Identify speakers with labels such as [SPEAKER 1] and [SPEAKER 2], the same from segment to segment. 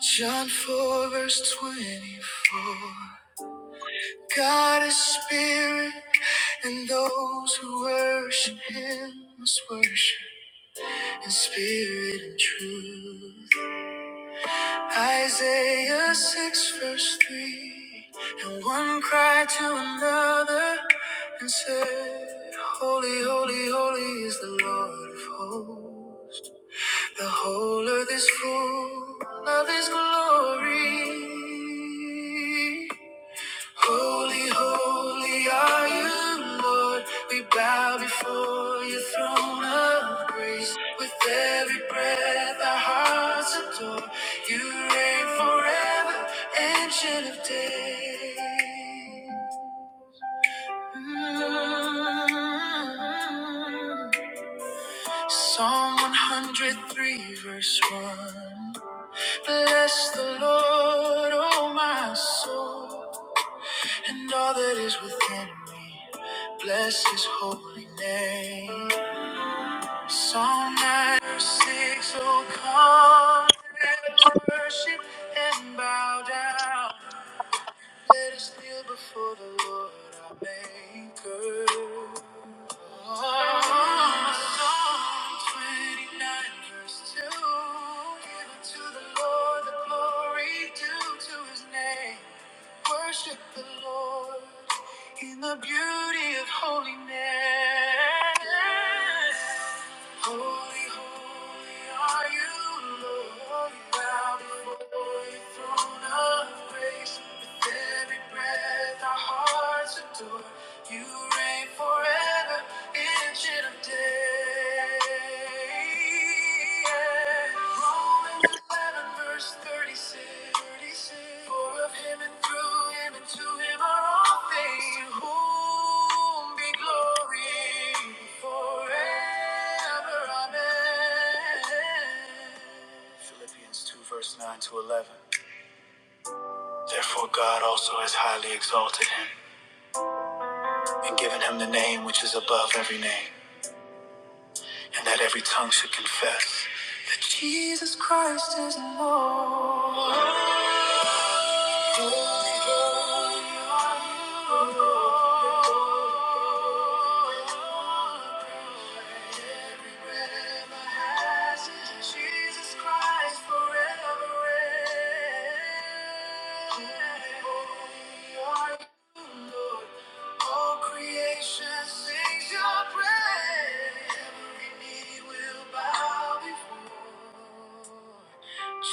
[SPEAKER 1] John 4, verse 24. God is spirit, and those who worship him must worship in spirit and truth. Isaiah 6, verse 3. And one cried to another and said, Holy, holy, holy is the Lord of hosts. The whole earth is full of His glory. Holy, holy are you, Lord. We bow before your throne of grace. With every breath, our hearts adore. You reign forever, ancient of days. Mm. Psalm 103, verse 1. Bless the Lord, oh my soul, and all that is within me. Bless his holy name. Psalm 96, oh come, let us worship and bow down. Let us kneel before the Lord our Maker. Give to the Lord the glory due to his name. Worship the Lord in the beauty of holiness. Holy, holy are you, Lord. We Bow before your throne of grace. With every breath our hearts adore. You reign forever, ancient of days. Romans 11, verse 36. For of him and through him and to him are all things, to whom be glory forever. Amen. Philippians 2, verse 9 to 11. Therefore, God also has highly exalted him and given him the name which is above every name and that every tongue should confess that Jesus Christ is Lord. Jesus Christ forever.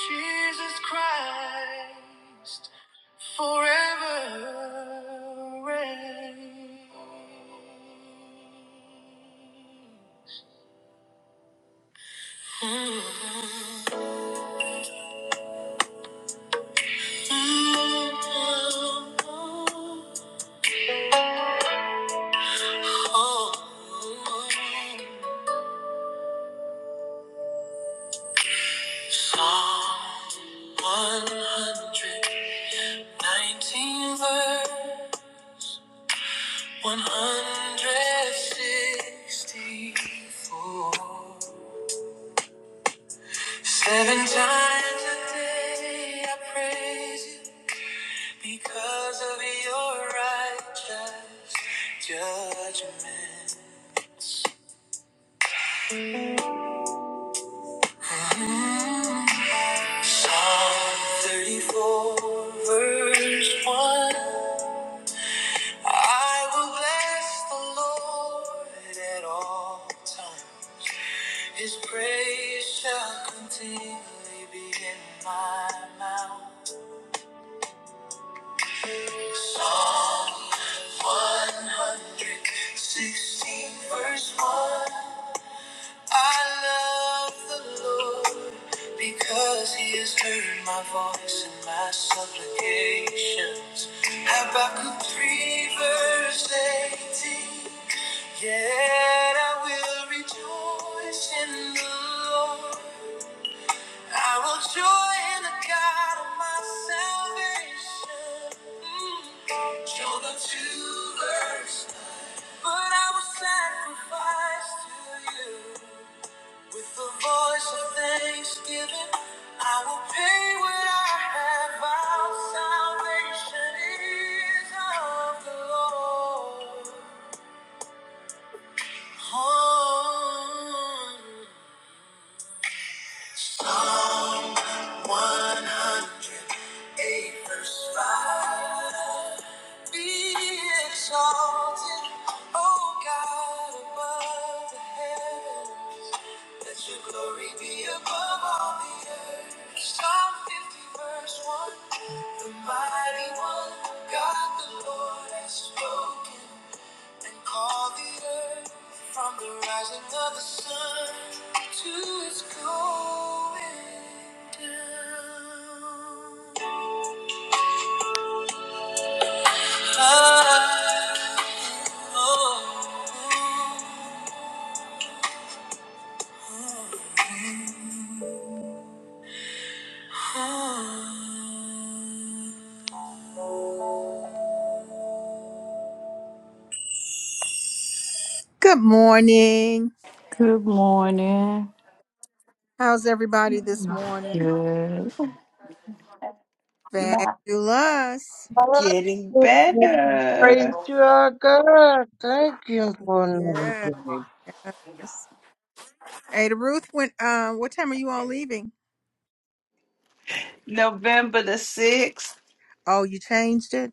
[SPEAKER 1] Jesus Christ forever reigns. Psalm 119 verse 164. Seven times a day I praise you because of your righteous judgment. Psalm 34 verse 1. I will bless the Lord at all times. His praise shall continually be in my mouth. Psalm 116, verse 1. I love the Lord because He has heard my voice and my supplications. Habakkuk 3, verse 18. Yet I will rejoice in the Lord. I will joy in the God of my salvation. Mm. Jonah 2, verse. But I will sacrifice to you. With the voice of thanksgiving, I will pay what I have vowed. Salvation is of the Lord. Oh. Psalm 108, verse 5. Be exalted, O God above the heavens. Let your glory be above all the earth. Psalm 50, verse 1. The mighty one, God the Lord, has spoken and called the earth from the rising of the sun to its going down. Good morning.
[SPEAKER 2] Good morning.
[SPEAKER 1] How's everybody this morning?
[SPEAKER 2] Good.
[SPEAKER 3] Not
[SPEAKER 1] Fabulous.
[SPEAKER 3] getting
[SPEAKER 4] Praise
[SPEAKER 3] better.
[SPEAKER 4] you, our God. Thank you for another
[SPEAKER 1] Yeah.
[SPEAKER 4] day.
[SPEAKER 1] Yes. Ada Ruth, when uh, what time are you all leaving?
[SPEAKER 3] November the 6th.
[SPEAKER 1] Oh, you changed it.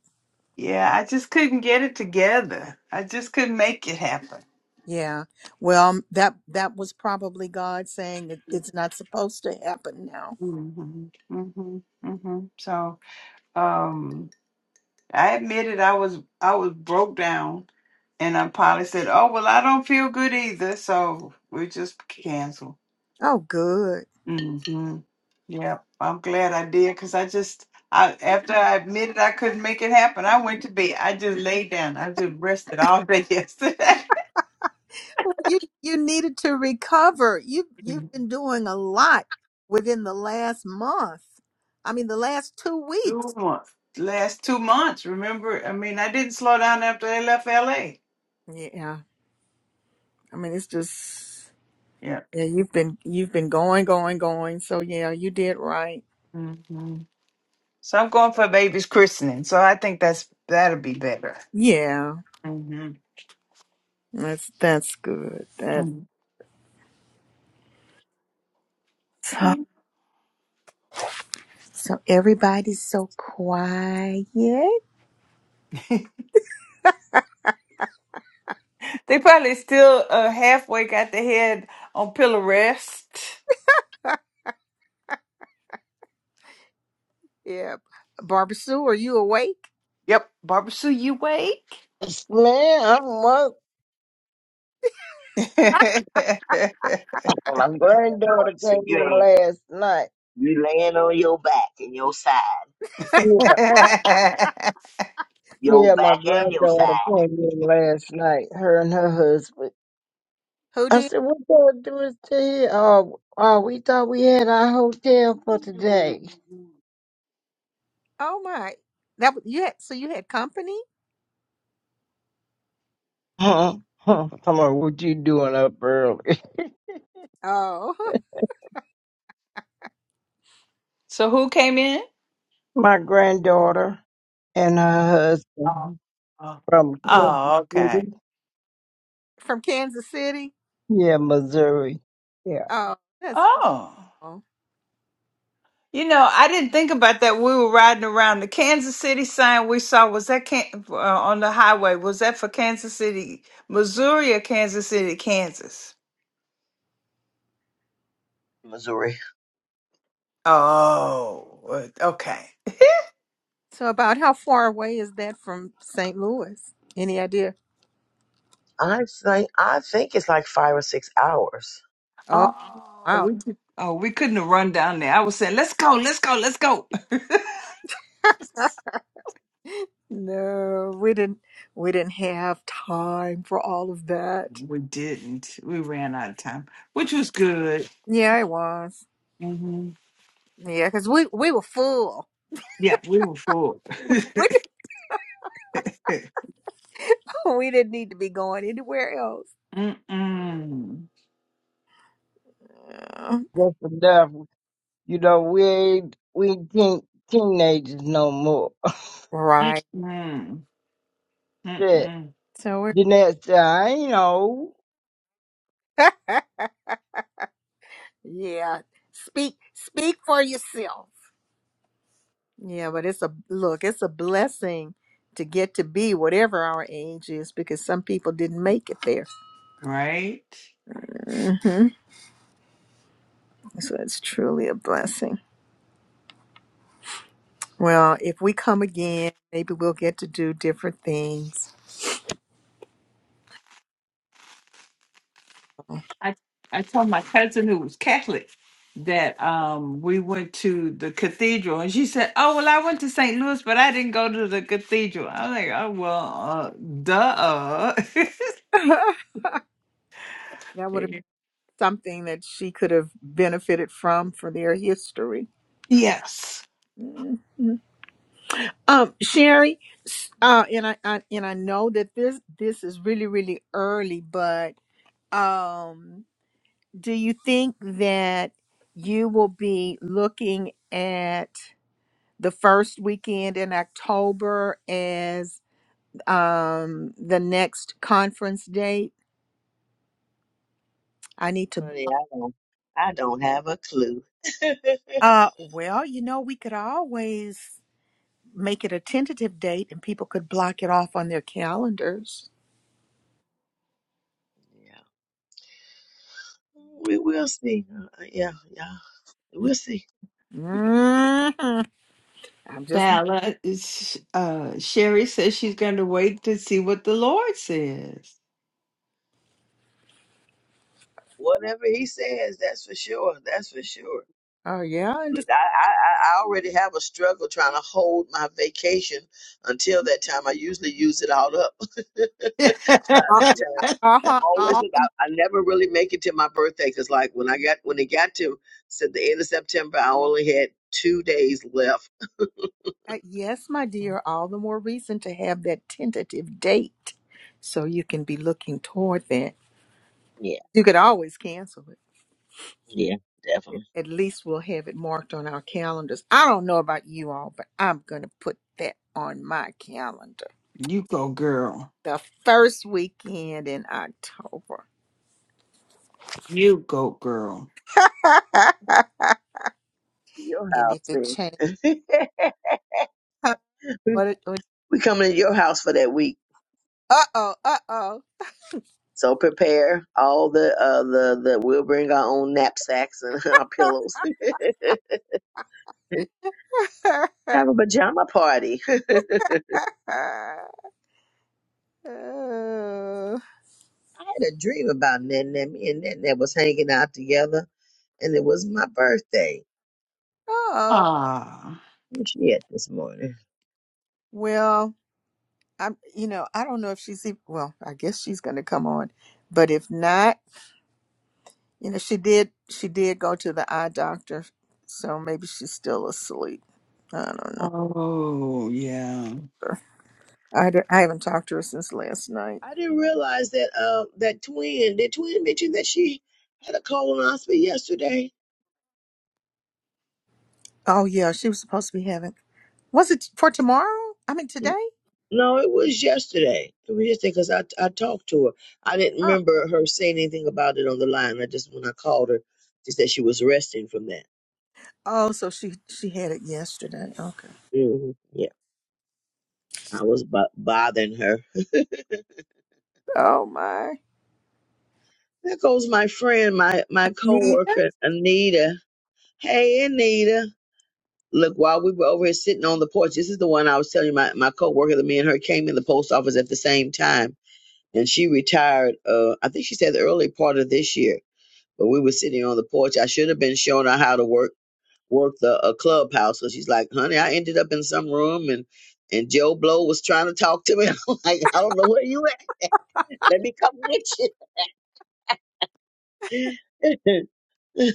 [SPEAKER 3] Yeah, I just couldn't get it together. I just couldn't make it happen.
[SPEAKER 1] Yeah. Well, that that was probably God saying it, it's not supposed to happen now.
[SPEAKER 3] hmm hmm hmm So, um, I admitted I was I was broke down, and I probably said, "Oh well, I don't feel good either." So we just canceled.
[SPEAKER 1] Oh, good.
[SPEAKER 3] Mm-hmm. Yeah, I'm glad I did because I just, I after I admitted I couldn't make it happen, I went to bed. I just laid down. I just rested all day yesterday.
[SPEAKER 1] Well, you you needed to recover. You you've been doing a lot within the last month. I mean, the last two weeks.
[SPEAKER 3] two months, last two months. Remember, I mean, I didn't slow down after I left LA.
[SPEAKER 1] Yeah. I mean, it's just
[SPEAKER 3] Yeah.
[SPEAKER 1] yeah. You've been you've been going, going, going. So yeah, you did right.
[SPEAKER 3] hmm So I'm going for a baby's christening. So I think that's that'll be better.
[SPEAKER 1] Yeah.
[SPEAKER 3] hmm
[SPEAKER 1] That's that's good.
[SPEAKER 3] hmm
[SPEAKER 1] So, so everybody's so quiet. Yeah.
[SPEAKER 3] they probably still uh, halfway got their head on pillow rest.
[SPEAKER 1] Barbara Sue, are you awake?
[SPEAKER 3] Yep, Barbara Sue, you wake?
[SPEAKER 4] Yes, man, I'm wonderful. My granddaughter
[SPEAKER 5] So
[SPEAKER 4] came
[SPEAKER 5] you
[SPEAKER 4] in
[SPEAKER 5] ain't
[SPEAKER 4] last night.
[SPEAKER 5] you laying on your back and your side,
[SPEAKER 4] Yeah,
[SPEAKER 5] your
[SPEAKER 4] yeah, my
[SPEAKER 5] back and your
[SPEAKER 4] granddaughter
[SPEAKER 5] side.
[SPEAKER 4] came in last night, her and her husband.
[SPEAKER 1] Who
[SPEAKER 4] I
[SPEAKER 1] did?
[SPEAKER 4] said, what going to do is to here? Oh, oh, we thought we had our hotel for today.
[SPEAKER 1] Oh my. That was- you had so you had company?
[SPEAKER 4] Huh? Huh. Come on, what you doing up early?
[SPEAKER 1] Oh,
[SPEAKER 3] so who came in?
[SPEAKER 4] My granddaughter and her
[SPEAKER 3] Oh,
[SPEAKER 4] husband
[SPEAKER 3] oh.
[SPEAKER 4] from Kansas
[SPEAKER 3] Oh,
[SPEAKER 4] City.
[SPEAKER 3] okay.
[SPEAKER 1] from Kansas City?
[SPEAKER 4] Yeah, Missouri. Yeah,
[SPEAKER 1] Oh, that's
[SPEAKER 3] Oh,
[SPEAKER 1] cool.
[SPEAKER 3] you know, I didn't think about that. We were riding around the Kansas City sign we saw was that can- uh, on the highway. Was that for Kansas City, Missouri, or Kansas City, Kansas?
[SPEAKER 5] Missouri.
[SPEAKER 3] Oh, uh, okay.
[SPEAKER 1] So about how far away is that from St. Louis? Any idea?
[SPEAKER 5] I think I think it's like five or six hours.
[SPEAKER 1] Oh,
[SPEAKER 3] Oh,
[SPEAKER 1] wow.
[SPEAKER 3] we did- oh we couldn't have run down there. I was saying, let's go, let's go, let's go.
[SPEAKER 1] No, we didn't we didn't have time for all of that.
[SPEAKER 3] we didn't. We ran out of time, which was good.
[SPEAKER 1] Yeah, it was.
[SPEAKER 3] hmm
[SPEAKER 1] Yeah, cuz we we were full.
[SPEAKER 3] Yeah, we were full.
[SPEAKER 1] we didn't need to be going anywhere else.
[SPEAKER 3] Mm-mm.
[SPEAKER 1] Uh,
[SPEAKER 4] that's enough. You know, we ain't we ain't teen, teenagers no more.
[SPEAKER 1] right.
[SPEAKER 3] Mm-mm.
[SPEAKER 4] Shit.
[SPEAKER 3] Mm-mm.
[SPEAKER 1] So we're
[SPEAKER 4] Jeanette said, I ain't old.
[SPEAKER 1] Yeah. Speak speak for yourself. Yeah, but it's a look, it's a blessing to get to be whatever our age is because some people didn't make it there.
[SPEAKER 3] Right?
[SPEAKER 1] hmm So it's truly a blessing. Well, if we come again, maybe we'll get to do different things. Oh,
[SPEAKER 3] I I told my cousin who was Catholic that um we went to the cathedral and she said, Oh well I went to St. Louis but I didn't go to the cathedral. I was like, Oh well uh duh
[SPEAKER 1] that would have been something that she could have benefited from for their history.
[SPEAKER 3] Yes.
[SPEAKER 1] Mhm. Um, Sherry, s- uh, and I, I and I know that this this is really really early, but um. do you think that you will be looking at the first weekend in October as um, the next conference date? I need to.
[SPEAKER 5] Honey, I don't, I don't have a clue. Yeah.
[SPEAKER 1] Uh, well, you know, we could always make it a tentative date and people could block it off on their calendars.
[SPEAKER 5] we will see. Uh, Yeah, yeah, we'll see.
[SPEAKER 1] Mhm. I'm just.
[SPEAKER 3] Vala is uh Sherry says she's gonna wait to see what the Lord says.
[SPEAKER 5] Whatever he says, that's for sure. That's for sure.
[SPEAKER 1] Oh, yeah. And just,
[SPEAKER 5] Look, I, I, I I already have a struggle trying to hold my vacation until that time. I usually use it all up by
[SPEAKER 1] uh,
[SPEAKER 5] that time.
[SPEAKER 1] uh-huh.
[SPEAKER 5] always
[SPEAKER 1] all
[SPEAKER 5] look
[SPEAKER 1] the
[SPEAKER 5] out. I never really make it to my birthday because, like, when I got when it got to said the end of September, I only had two days left.
[SPEAKER 1] Uh, yes, my dear, all the more reason to have that tentative date so you can be looking toward that.
[SPEAKER 5] Yeah,
[SPEAKER 1] You could always cancel it.
[SPEAKER 5] yeah,
[SPEAKER 1] At
[SPEAKER 5] definitely.
[SPEAKER 1] at least we'll have it marked on our calendars. I don't know about you all, but I'm going to put that on my calendar.
[SPEAKER 3] You go girl.
[SPEAKER 1] The first weekend in October.
[SPEAKER 3] You go, girl.
[SPEAKER 5] Your
[SPEAKER 1] and if
[SPEAKER 5] house,
[SPEAKER 1] it
[SPEAKER 5] man.
[SPEAKER 1] changes, huh, what it, what,
[SPEAKER 5] we coming to your house for that week,
[SPEAKER 1] uh-oh, uh-oh.
[SPEAKER 5] so prepare all the uh the the. We'll bring our own knapsacks and our pillows. Have a pajama party. I had
[SPEAKER 1] oh,
[SPEAKER 5] a dream about Nan Nan. Me and Nan Nan was hanging out together, and it was my birthday.
[SPEAKER 1] oh.
[SPEAKER 3] Ah.
[SPEAKER 5] Where she at this morning?
[SPEAKER 1] Well, I'm, you know, I don't know if she's even, well, I guess she's going to come on, but if not, you know, she did, she did go to the eye doctor, so maybe she's still asleep. I don't know.
[SPEAKER 3] Oh, yeah.
[SPEAKER 1] sir. I, d- I haven't talked to her since last night.
[SPEAKER 5] I didn't realize that uh that twin, the twin mentioned that she had a colonoscopy yesterday.
[SPEAKER 1] Oh yeah, she was supposed to be having. Was it for tomorrow? I mean today?
[SPEAKER 5] No, it was yesterday. It was yesterday because I I talked to her. I didn't
[SPEAKER 1] Oh,
[SPEAKER 5] remember her saying anything about it on the line. I just when I called her, she said she was resting from that.
[SPEAKER 1] oh, so she she had it yesterday. Okay.
[SPEAKER 5] hmm Yeah, I was bo- bothering her.
[SPEAKER 1] Oh my,
[SPEAKER 5] There goes my friend, my my
[SPEAKER 1] Nita,
[SPEAKER 5] coworker Anita. Hey, Anita. Look, while we were over here sitting on the porch, this is the one I was telling you my my coworker that me and her came in the post office at the same time and she retired. Uh, I think she said the early part of this year, but we were sitting on the porch. I should have been showing her how to work work the uh, clubhouse. So she's like, "Honey, I ended up in some room and." And Joe Blow was trying to talk to me. I'm like, I don't know where you at. Let me come get you.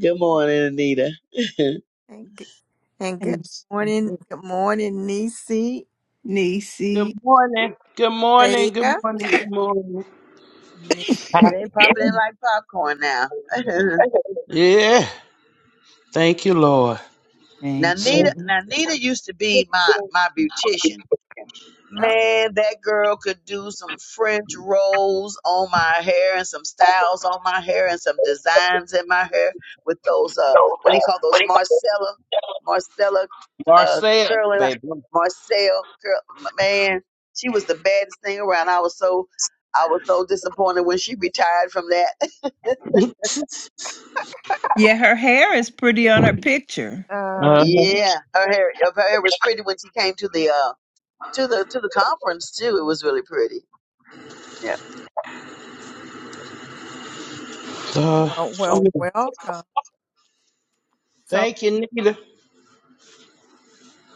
[SPEAKER 5] Good morning, Anita. yeah,
[SPEAKER 1] and g- and good
[SPEAKER 3] Thanks,
[SPEAKER 1] morning, good morning, Nisi,
[SPEAKER 6] Good
[SPEAKER 3] Niecy.
[SPEAKER 6] morning. Good morning. Good
[SPEAKER 1] Thea,
[SPEAKER 6] morning. Good morning.
[SPEAKER 1] Millie.
[SPEAKER 5] they popping in like popcorn now.
[SPEAKER 6] Yeah. Thank you, Lord.
[SPEAKER 5] now,
[SPEAKER 3] Thank
[SPEAKER 6] So
[SPEAKER 5] Nita,
[SPEAKER 3] you.
[SPEAKER 5] now Nita used to be my my beautician
[SPEAKER 1] Oh,
[SPEAKER 5] Man, that girl could do some French rolls on my hair and some styles on my hair and some designs in my hair with those uh what do you call those Marcella Marcella uh
[SPEAKER 6] Marcel,
[SPEAKER 5] curling
[SPEAKER 6] baby.
[SPEAKER 5] Marcel curl man, she was the baddest thing around. I was so I was so disappointed when she retired from that.
[SPEAKER 6] Uh,
[SPEAKER 3] Yeah, her hair is pretty on her picture.
[SPEAKER 1] uh,
[SPEAKER 5] yeah, her hair her hair was pretty when she came to the uh to the to the conference too. It was really pretty. Yeah.
[SPEAKER 1] well,
[SPEAKER 6] so
[SPEAKER 1] well,
[SPEAKER 6] many-
[SPEAKER 1] welcome. So,
[SPEAKER 6] Thank you, Nita.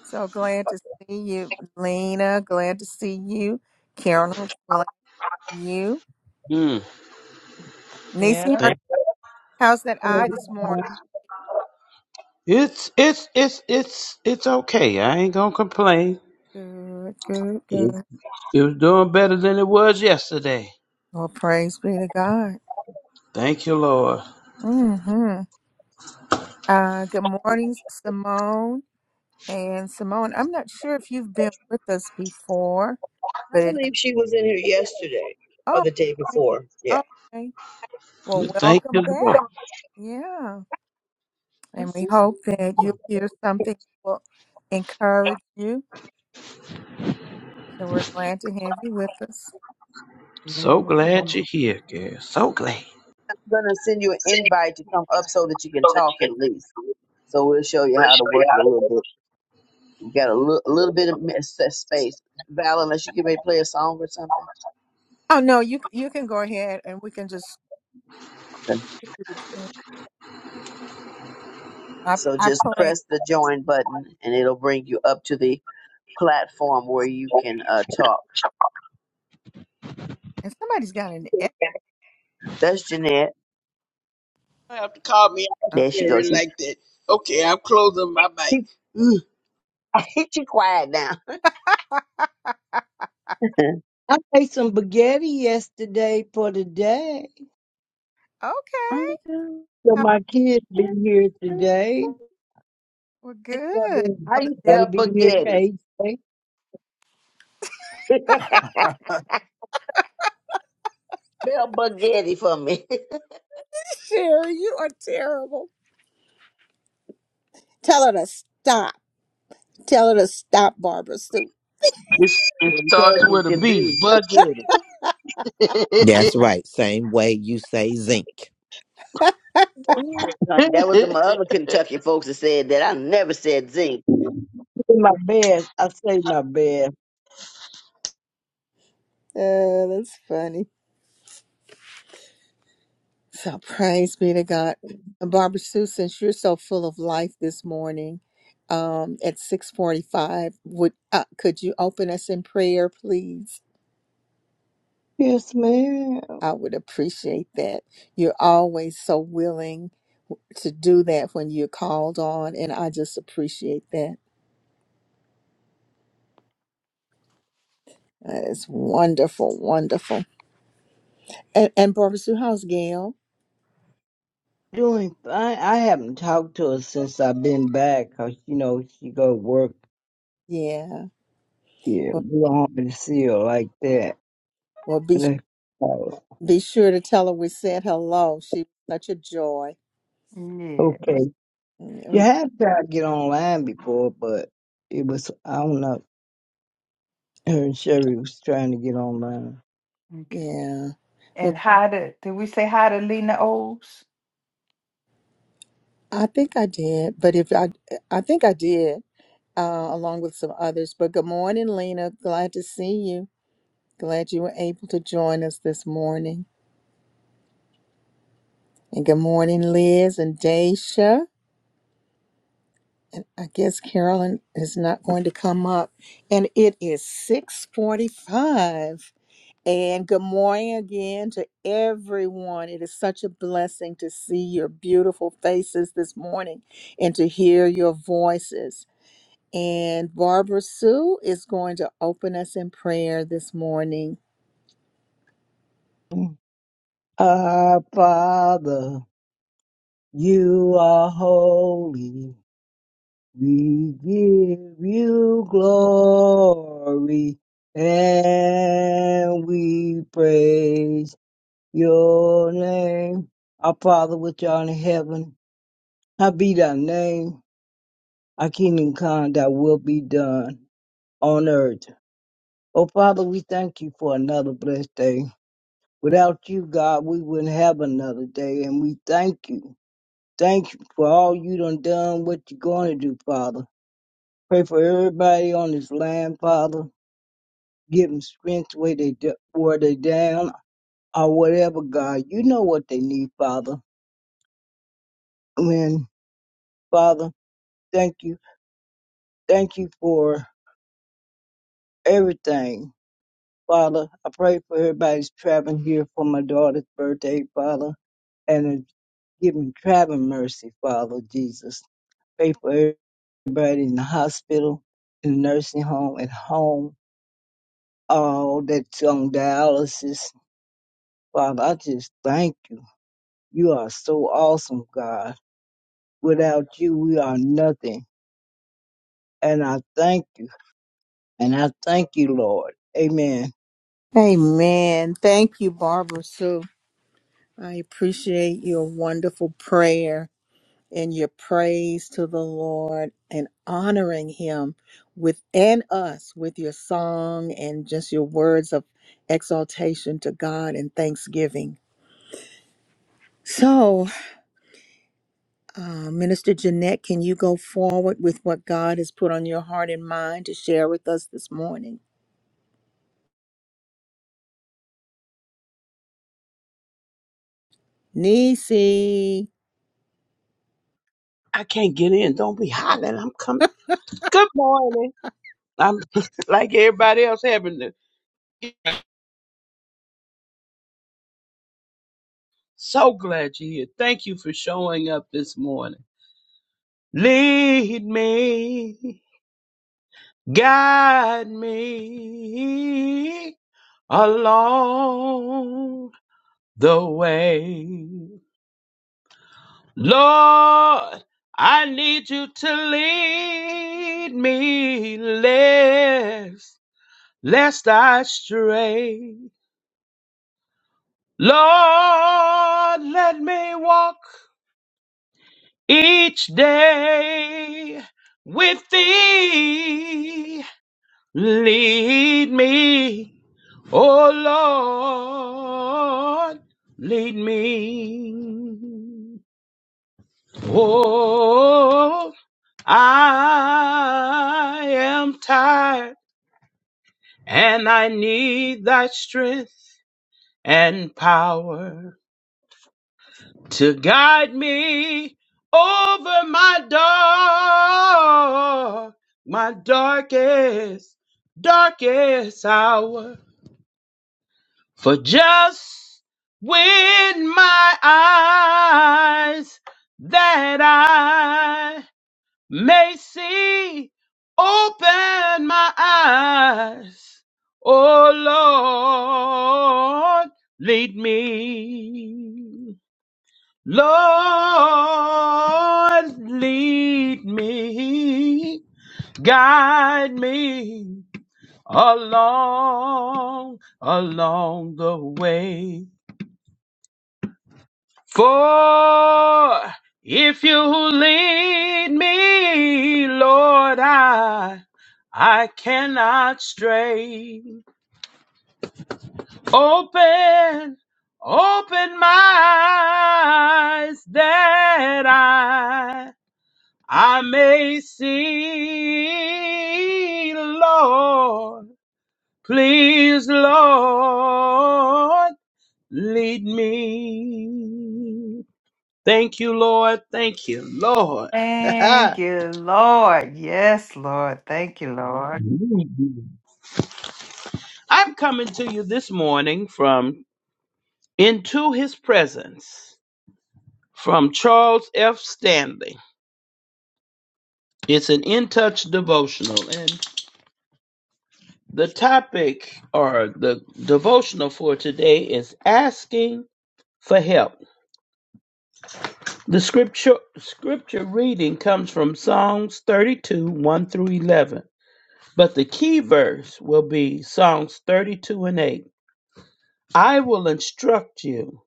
[SPEAKER 1] so glad to see you, Lena. Glad to see you, Carolyn. Glad to see you,
[SPEAKER 6] Mm,
[SPEAKER 1] Nisi.
[SPEAKER 3] Yeah.
[SPEAKER 1] How,
[SPEAKER 6] thank
[SPEAKER 1] how's that eye
[SPEAKER 4] Mhm.
[SPEAKER 1] this morning?
[SPEAKER 6] It's it's it's it's it's okay. I ain't gonna complain.
[SPEAKER 1] Good, good,
[SPEAKER 6] It,
[SPEAKER 1] good.
[SPEAKER 6] it was doing better than it was yesterday.
[SPEAKER 1] Well, praise be to God.
[SPEAKER 6] Thank you, Lord.
[SPEAKER 1] Mm-hmm. Uh, good morning, Simone. And Simone, I'm not sure if you've been with us before,
[SPEAKER 5] I
[SPEAKER 1] but it
[SPEAKER 5] believe she was in here yesterday or
[SPEAKER 1] oh
[SPEAKER 5] the day
[SPEAKER 1] okay.
[SPEAKER 5] before. Yeah.
[SPEAKER 1] okay. Well,
[SPEAKER 6] Thank
[SPEAKER 1] welcome
[SPEAKER 6] you,
[SPEAKER 1] back.
[SPEAKER 6] Lord.
[SPEAKER 1] Yeah. And
[SPEAKER 7] Is
[SPEAKER 1] we
[SPEAKER 7] this
[SPEAKER 1] hope that you'll hear something that will encourage you. So we're glad to have you with us.
[SPEAKER 6] So
[SPEAKER 7] Lord?
[SPEAKER 6] glad you're here, girl. So glad.
[SPEAKER 5] I'm gonna send you an invite to come up so that you can talk at least. So we'll show you how to work it a little bit. We got a little, a little bit of miss- uh, space. Val, unless you can maybe play a song or something.
[SPEAKER 1] Oh no, you you can go ahead and we can just
[SPEAKER 5] Okay.
[SPEAKER 1] I
[SPEAKER 5] So
[SPEAKER 1] I
[SPEAKER 5] just
[SPEAKER 1] played
[SPEAKER 5] press the join button and it'll bring you up to the platform where you can uh, talk.
[SPEAKER 1] and somebody's got an echo.
[SPEAKER 5] That's Jeanette.
[SPEAKER 6] I have to call me out
[SPEAKER 5] There she
[SPEAKER 6] here
[SPEAKER 5] goes. She
[SPEAKER 6] like that. Okay, I'm closing my mic.
[SPEAKER 5] she
[SPEAKER 6] Ooh,
[SPEAKER 5] she quiet now.
[SPEAKER 4] I made some spaghetti yesterday for today.
[SPEAKER 1] okay.
[SPEAKER 7] I'm down.
[SPEAKER 4] So my kids be
[SPEAKER 7] Yes,
[SPEAKER 4] here
[SPEAKER 7] and
[SPEAKER 4] today.
[SPEAKER 1] We're
[SPEAKER 4] Yeah,
[SPEAKER 1] good.
[SPEAKER 5] how you
[SPEAKER 1] They'll they'll
[SPEAKER 4] gotta
[SPEAKER 5] spell
[SPEAKER 4] be here at
[SPEAKER 5] spaghetti?
[SPEAKER 4] eight. eight.
[SPEAKER 5] spell spaghetti for me.
[SPEAKER 1] share you are terrible. Tell her to stop. Tell her to stop, Barbara Sue.
[SPEAKER 6] It, it
[SPEAKER 5] And
[SPEAKER 6] starts
[SPEAKER 5] cousin
[SPEAKER 6] with a
[SPEAKER 5] can
[SPEAKER 6] B.
[SPEAKER 5] do.
[SPEAKER 6] Bugging it.
[SPEAKER 8] That's right. Same way you say zinc.
[SPEAKER 5] Um, That was some other Kentucky folks that said that. I never said zinc.
[SPEAKER 4] Do My best. I say my best.
[SPEAKER 1] Uh, that's funny. So praise be to God.
[SPEAKER 7] Lord.
[SPEAKER 1] And Barbara Sue, since you're so full of life this morning, um, at six forty-five, would uh, could you open us in prayer, please?
[SPEAKER 4] Yes, ma'am.
[SPEAKER 1] I would appreciate that. You're always so willing to do that when you're called on, and I just appreciate that. That is wonderful, wonderful. And, and Barbara Sue, how's Gail?
[SPEAKER 4] Doing fine. I haven't talked to her since I've been back 'cause you know, she go to work
[SPEAKER 1] Yeah.
[SPEAKER 4] Yeah, we
[SPEAKER 1] Well,
[SPEAKER 4] don't want me to see her like that.
[SPEAKER 1] well, be
[SPEAKER 4] Oh,
[SPEAKER 1] Be sure to tell her we said hello. She was such a joy.
[SPEAKER 3] Yeah.
[SPEAKER 4] Okay.
[SPEAKER 1] Mm, and
[SPEAKER 4] You
[SPEAKER 1] we-
[SPEAKER 4] have tried to get online before, but it was, I don't know, her and Sherry was trying to get online.
[SPEAKER 3] Okay.
[SPEAKER 1] Yeah. Well,
[SPEAKER 3] And how to, did we say hi to Lena Oles?
[SPEAKER 1] I think I did, but if I, I think I did, uh, along with some others. But good morning, Lena. Glad to see you. Glad you were able to join us this morning. And good morning, Liz and Daisha. And I guess Carolyn is not going to come up. And it is six forty-five. And good morning again to everyone. It is such a blessing to see your beautiful faces this morning and to hear your voices. And Barbara Sue is going to open us in prayer this morning.
[SPEAKER 4] Our Father, you are holy. We give you glory and we praise your name. Our Father which art in heaven, hallowed be thy name our kingdom come, that will be done on earth. Oh, Father, we thank you for another blessed day. Without you, God, we wouldn't have another day, and we thank you. Thank you for all you done done, what you're going to do, Father. Pray for everybody on this land, Father. Give them strength where they, d- where they down or whatever, God. You know what they need, Father. When, Father, thank you. Thank you for everything. Father, I pray for everybody's traveling here for my daughter's birthday, Father, and uh, give me traveling mercy, Father Jesus. Pray for everybody in the hospital, in the nursing home, at home, all that's on dialysis. Father, I just thank you. You are so awesome, God. Without you, we are nothing. And I thank you. And I thank you, Lord. Amen.
[SPEAKER 1] Amen. Thank you, Barbara Sue. I appreciate your wonderful prayer. in your praise to the Lord and honoring Him within us with your song and just your words of exaltation to God and thanksgiving. So, uh, Minister Jeanette, can you go forward with what God has put on your heart and mind to share with us this morning? Nisi.
[SPEAKER 6] I can't get in. Don't be hollering. I'm coming. Good morning. I'm like everybody else having to. So glad you're here. Thank you for showing up this morning. Lead me, guide me. along the way. Lord, I need you to lead me lest, lest I stray. Lord, let me walk each day with thee. Lead me, oh Lord, lead me. Oh, I am tired and I need thy strength and power to guide me over my dark, my darkest, darkest hour. For just with my eyes that I. Macy, open my eyes. Oh Lord, lead me. Lord, lead me. Guide me along, along the way. For if you lead me, Lord, I, I cannot stray. Open, open my eyes that I, I may see, Lord. Please, Lord, lead me. Thank you, Lord. Thank you, Lord.
[SPEAKER 3] Thank you, Lord. Yes, Lord. Thank you, Lord.
[SPEAKER 6] I'm coming to you this morning from Into His Presence from Charles F. Stanley. It's an In Touch devotional, and the topic or the devotional for today is asking for help. The scripture scripture reading comes from Psalms 32, 1 through 11, but the key verse will be Psalms 32 and 8. I will instruct you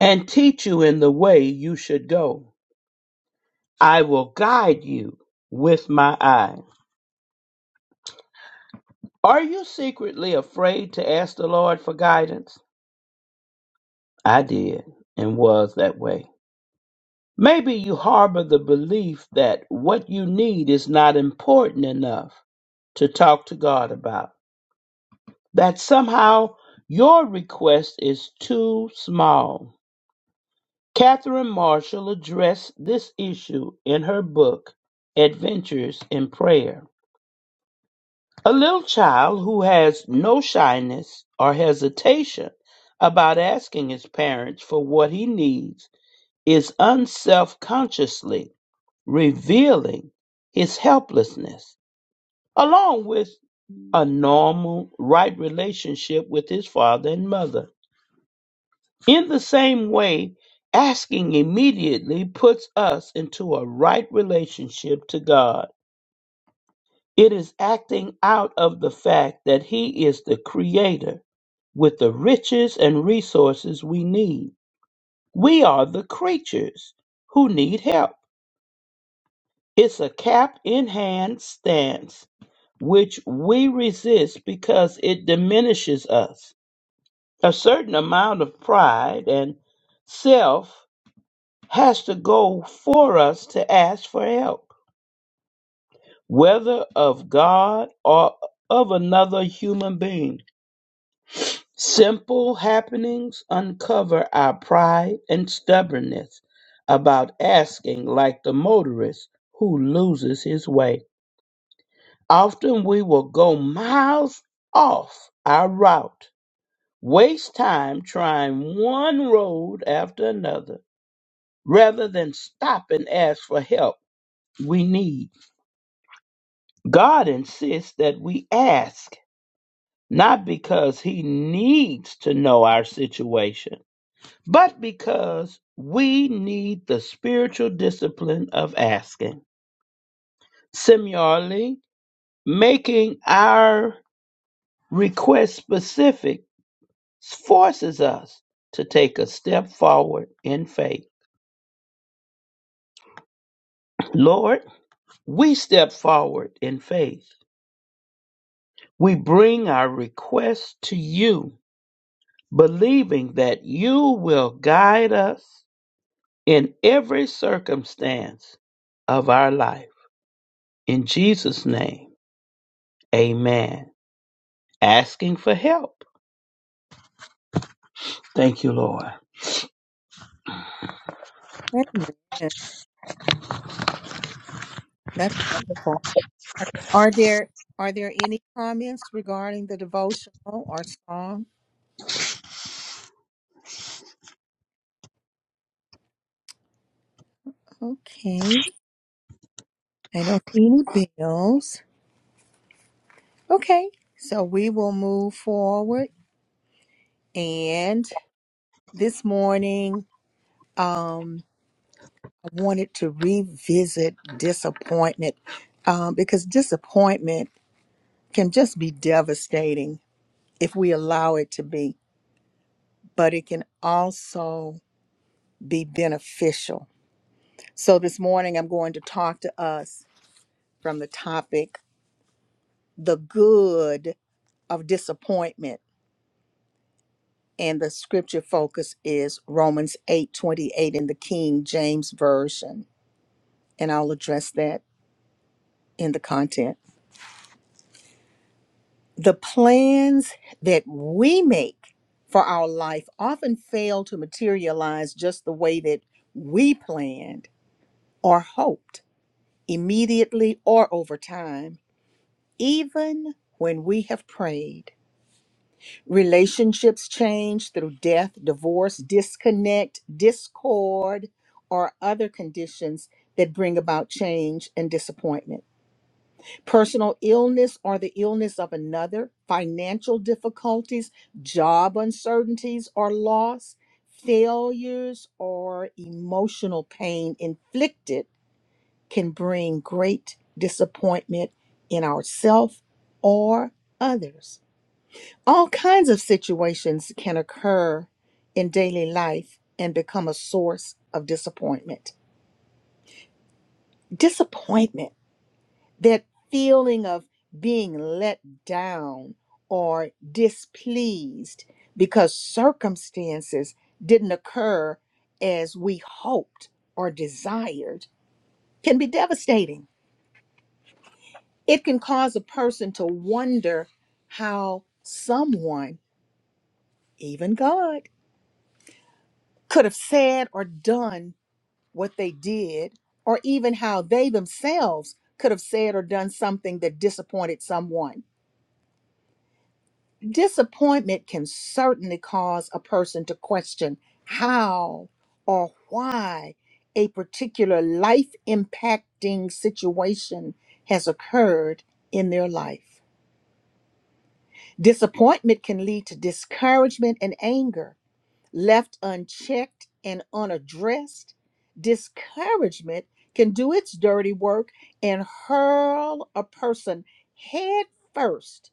[SPEAKER 6] and teach you in the way you should go. I will guide you with my eye. Are you secretly afraid to ask the Lord for guidance? I did and was that way. Maybe you harbor the belief that what you need is not important enough to talk to God about, that somehow your request is too small. Catherine Marshall addressed this issue in her book, Adventures in Prayer. A little child who has no shyness or hesitation about asking his parents for what he needs is unselfconsciously revealing his helplessness, along with a normal, right relationship with his father and mother. In the same way, asking immediately puts us into a right relationship to God. It is acting out of the fact that He is the Creator with the riches and resources we need. We are the creatures who need help. It's a cap in hand stance which we resist because it diminishes us. A certain amount of pride and self has to go for us to ask for help, whether of God or of another human being. Simple happenings uncover our pride and stubbornness about asking, like the motorist who loses his way. Often we will go miles off our route, waste time trying one road after another, rather than stop and ask for help we need. God insists that we ask, not because He needs to know our situation, but because we need the spiritual discipline of asking. Similarly, making our request specific forces us to take a step forward in faith. Lord, we step forward in faith. We bring our request to you believing that you will guide us in every circumstance of our life. In Jesus' name, amen. Asking for help. Thank you, Lord.
[SPEAKER 1] Amen. That's wonderful. Are, are there are there any comments regarding the devotional or song? Okay. I don't see any bills. Okay, so we will move forward. And this morning, um, I wanted to revisit disappointment um, because disappointment can just be devastating if we allow it to be, but it can also be beneficial. So this morning, I'm going to talk to us from the topic the good of disappointment and the scripture focus is Romans 8 28 in the King James Version. And I'll address that in the content. The plans that we make for our life often fail to materialize just the way that we planned or hoped, immediately or over time, even when we have prayed. Relationships change through death, divorce, disconnect, discord, or other conditions that bring about change and disappointment. Personal illness or the illness of another, financial difficulties, job uncertainties or loss, failures, or emotional pain inflicted can bring great disappointment in ourself or others. All kinds of situations can occur in daily life and become a source of disappointment. Disappointment, that feeling of being let down or displeased because circumstances didn't occur as we hoped or desired, can be devastating. It can cause a person to wonder how someone, even God, could have said or done what they did, or even how they themselves could have said or done something that disappointed someone. Disappointment can certainly cause a person to question how or why a particular life impacting situation has occurred in their life. Disappointment can lead to discouragement and anger Left unchecked and unaddressed, discouragement can do its dirty work and hurl a person headfirst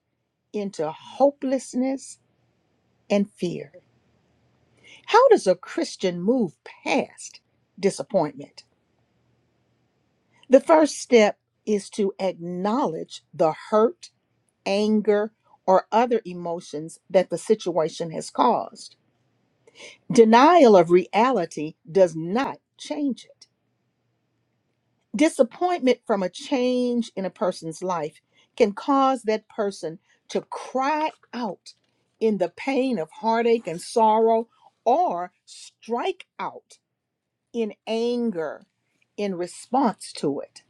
[SPEAKER 1] into hopelessness and fear. How does a Christian move past disappointment? The first step is to acknowledge the hurt, anger, or other emotions that the situation has caused. Denial of reality does not change it. Disappointment from a change in a person's life can cause that person to cry out in the pain of heartache and sorrow or strike out in anger in response to it.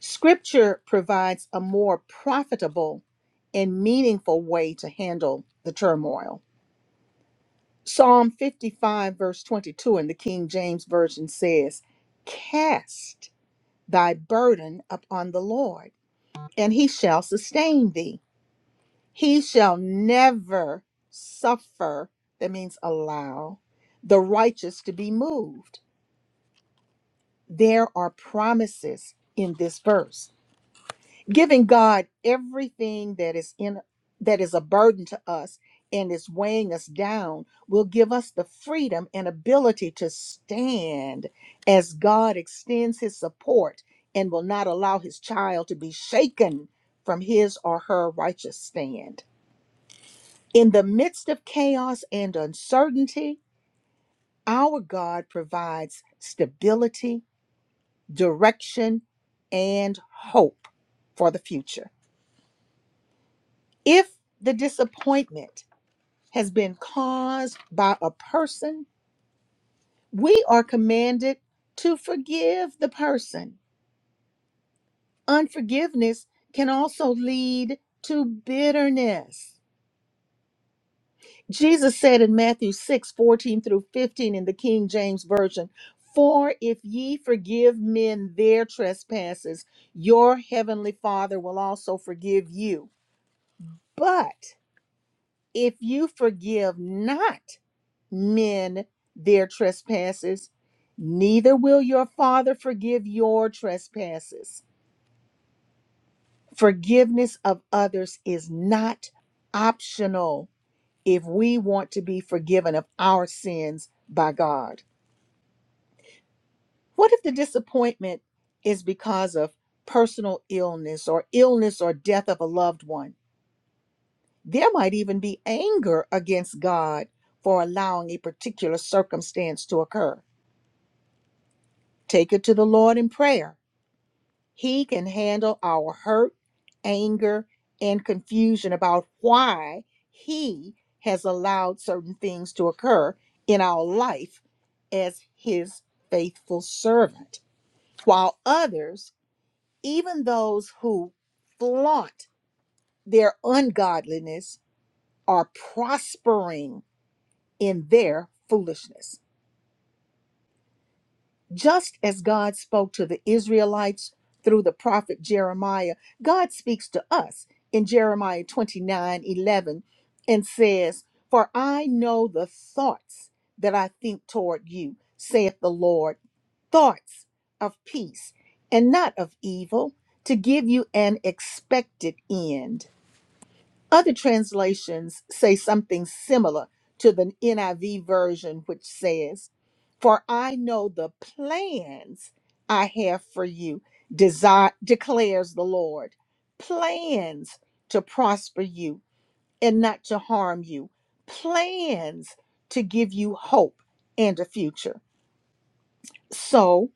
[SPEAKER 1] Scripture provides a more profitable and meaningful way to handle the turmoil. Psalm 55, verse 22 in the King James Version says, Cast thy burden upon the Lord and he shall sustain thee. He shall never suffer, that means allow, the righteous to be moved. There are promises in this verse giving God everything that is in that is a burden to us and is weighing us down will give us the freedom and ability to stand as God extends his support and will not allow his child to be shaken from his or her righteous stand. In the midst of chaos and uncertainty, our God provides stability, direction, and hope for the future. If the disappointment has been caused by a person, we are commanded to forgive the person. Unforgiveness can also lead to bitterness. Jesus said in Matthew 6 14 through 15 in the King James Version, For if ye forgive men their trespasses, your heavenly Father will also forgive you. But if you forgive not men their trespasses, neither will your Father forgive your trespasses. Forgiveness of others is not optional if we want to be forgiven of our sins by God. What if the disappointment is because of personal illness or illness or death of a loved one? There might even be anger against God for allowing a particular circumstance to occur. Take it to the Lord in prayer. He can handle our hurt, anger, and confusion about why He has allowed certain things to occur in our life as His faithful servant. While others, even those who flaunt their ungodliness, are prospering in their foolishness. Just as God spoke to the Israelites through the prophet Jeremiah, God speaks to us in Jeremiah 29 11, and says, For I know the thoughts that I think toward you, saith the Lord, thoughts of peace and not of evil, to give you an expected end. Other translations say something similar to the NIV version, which says, For I know the plans I have for you, desire, declares the Lord. Plans to prosper you and not to harm you, plans to give you hope and a future. So,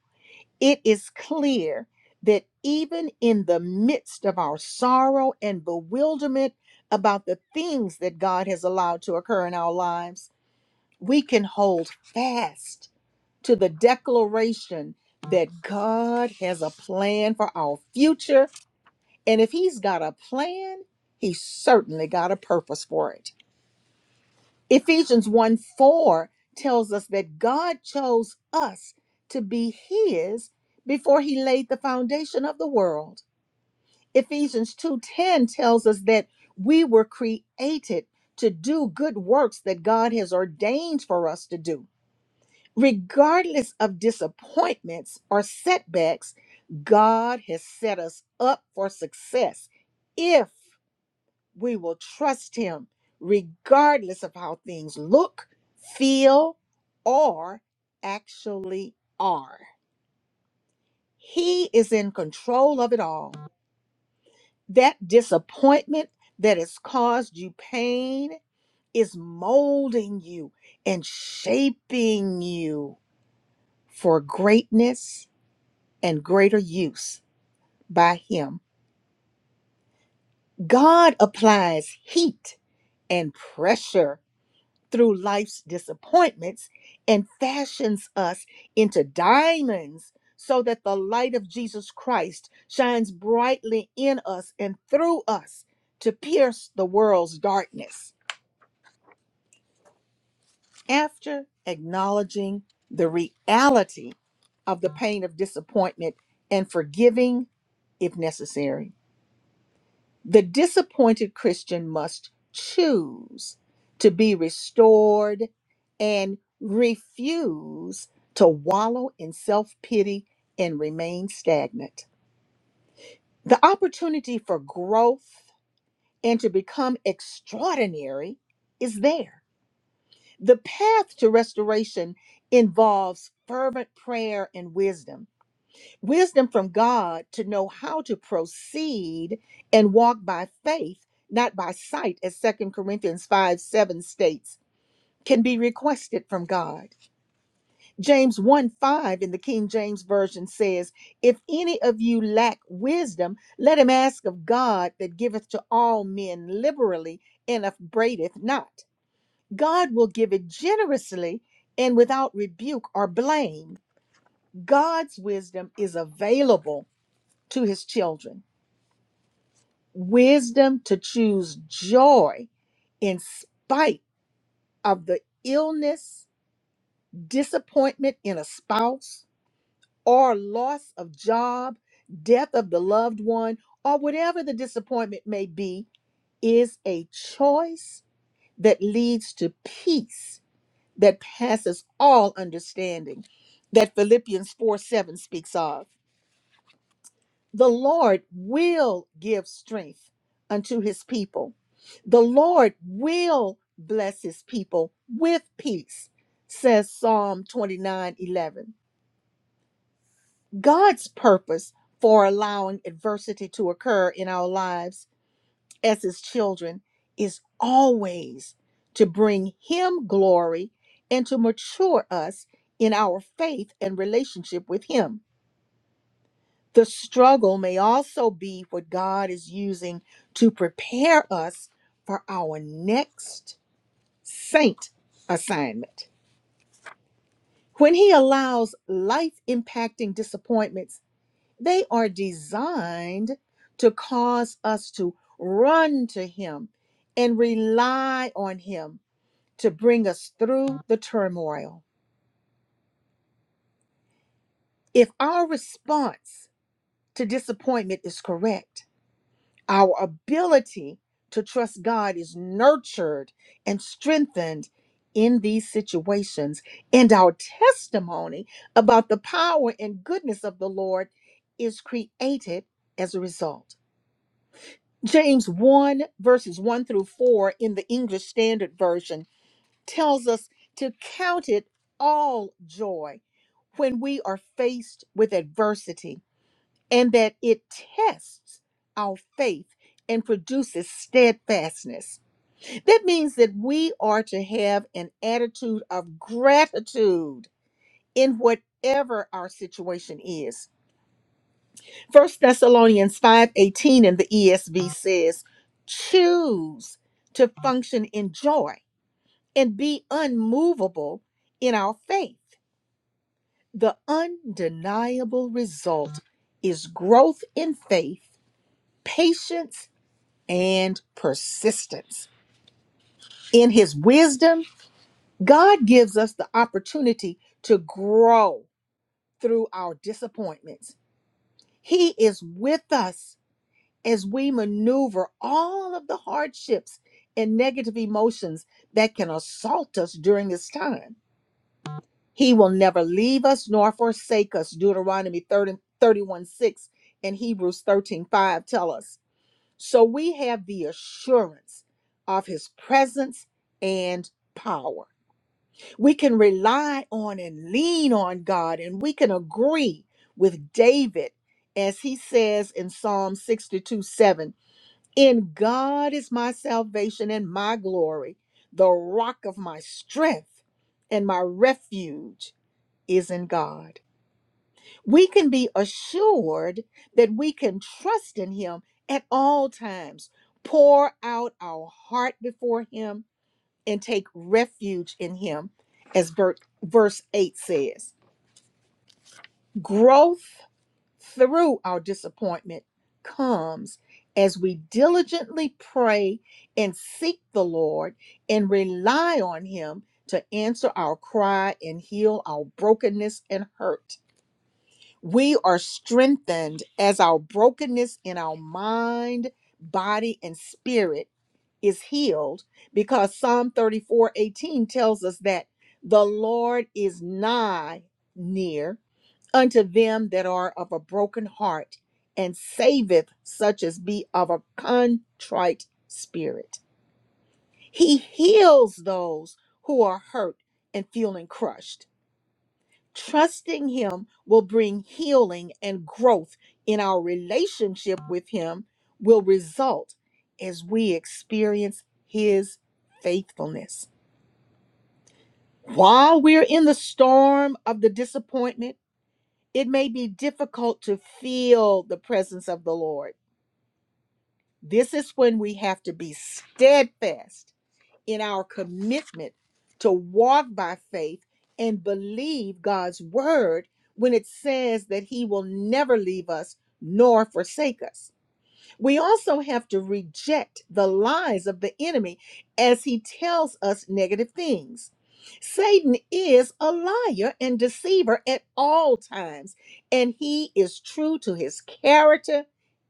[SPEAKER 1] it is clear that even in the midst of our sorrow and bewilderment about the things that God has allowed to occur in our lives, we can hold fast to the declaration that God has a plan for our future. And if He's got a plan, He's certainly got a purpose for it. Ephesians 1 4 tells us that God chose us to be His before He laid the foundation of the world. Ephesians 2:10 tells us that we were created to do good works that God has ordained for us to do. Regardless of disappointments or setbacks, God has set us up for success If we will trust him regardless of how things look, feel, or actually are. He is in control of it all. That disappointment that has caused you pain is molding you and shaping you for greatness and greater use by Him. God applies heat and pressure through life's disappointments and fashions us into diamonds so that the light of Jesus Christ shines brightly in us and through us to pierce the world's darkness. After acknowledging the reality of the pain of disappointment and forgiving if necessary The disappointed Christian must choose to be restored and refuse to wallow in self pity and remain stagnant. The opportunity for growth and to become extraordinary is there. The path to restoration involves fervent prayer and wisdom wisdom from God to know how to proceed and walk by faith, not by sight, as Second Corinthians 5 7 states, can be requested from God. James 1 5 in the King James Version says, If any of you lack wisdom, let him ask of God that giveth to all men liberally and upbraideth not. God will give it generously and without rebuke or blame. God's wisdom is available to his children. wisdom to choose joy in spite of the illness, disappointment in a spouse, or loss of job, death of the loved one, or whatever the disappointment may be, is a choice that leads to peace that passes all understanding that Philippians 4 7 speaks of. The Lord will give strength unto his people. The Lord will bless his people with peace, says Psalm 29, 11. God's purpose for allowing adversity to occur in our lives as his children is always to bring him glory and to mature us in our faith and relationship with him. The struggle may also be what God is using to prepare us for our next saint assignment. When He allows life impacting disappointments, they are designed to cause us to run to Him and rely on Him to bring us through the turmoil. If our response to disappointment is correct, Our ability to trust God is nurtured and strengthened in these situations, and our testimony about the power and goodness of the Lord is created as a result. James 1, verses 1 through 4 in the English Standard Version tells us to count it all joy when we are faced with adversity and that it tests our faith and produces steadfastness. That means that we are to have an attitude of gratitude in whatever our situation is. First Thessalonians 5:18 in the ESV says, "Choose to function in joy and be unmovable in our faith." The undeniable result is growth in faith, patience, and persistence. In his wisdom, God gives us the opportunity to grow through our disappointments. He is with us as we maneuver all of the hardships and negative emotions that can assault us during this time. He will never leave us nor forsake us. Deuteronomy 30, 31 6 and Hebrews 13 5 tell us. So we have the assurance of his presence and power. We can rely on and lean on God, and we can agree with David as he says in Psalm 62 7 In God is my salvation and my glory, the rock of my strength, and my refuge is in God we can be assured that we can trust in him at all times, pour out our heart before him, and take refuge in him, as ver- verse 8 says. Growth through our disappointment comes as we diligently pray and seek the Lord and rely on him to answer our cry and heal our brokenness and hurt. We are strengthened as our brokenness in our mind, body, and spirit is healed because Psalm 34 18 tells us that the Lord is nigh near unto them that are of a broken heart and saveth such as be of a contrite spirit. He heals those who are hurt and feeling crushed. Trusting Him will bring healing and growth in our relationship with Him, will result as we experience His faithfulness. While we're in the storm of the disappointment, it may be difficult to feel the presence of the Lord. This is when we have to be steadfast in our commitment to walk by faith and believe God's word when it says that he will never leave us nor forsake us. We also have to reject the lies of the enemy as he tells us negative things. Satan is a liar and deceiver at all times, and he is true to his character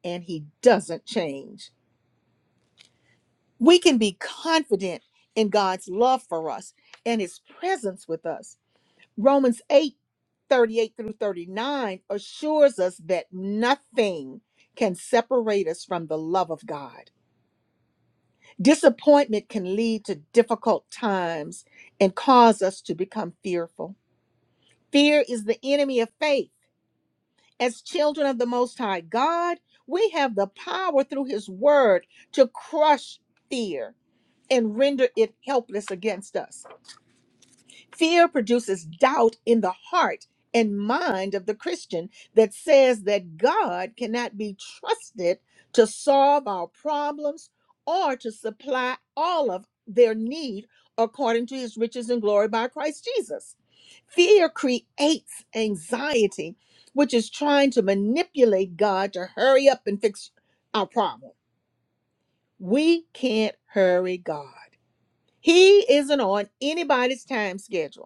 [SPEAKER 1] and he doesn't change we can be confident in God's love for us and his presence with us. Romans 8 38 through 39 assures us that nothing can separate us from the love of God. Disappointment can lead to difficult times and cause us to become fearful. Fear is the enemy of faith. As children of the Most High God, we have the power through His Word to crush fear and render it helpless against us. Fear produces doubt in the heart and mind of the Christian that says that God cannot be trusted to solve our problems or to supply all of their need according to his riches and glory by Christ Jesus. Fear creates anxiety, which is trying to manipulate God to hurry up and fix our problem. We can't hurry God. He isn't on anybody's time schedule.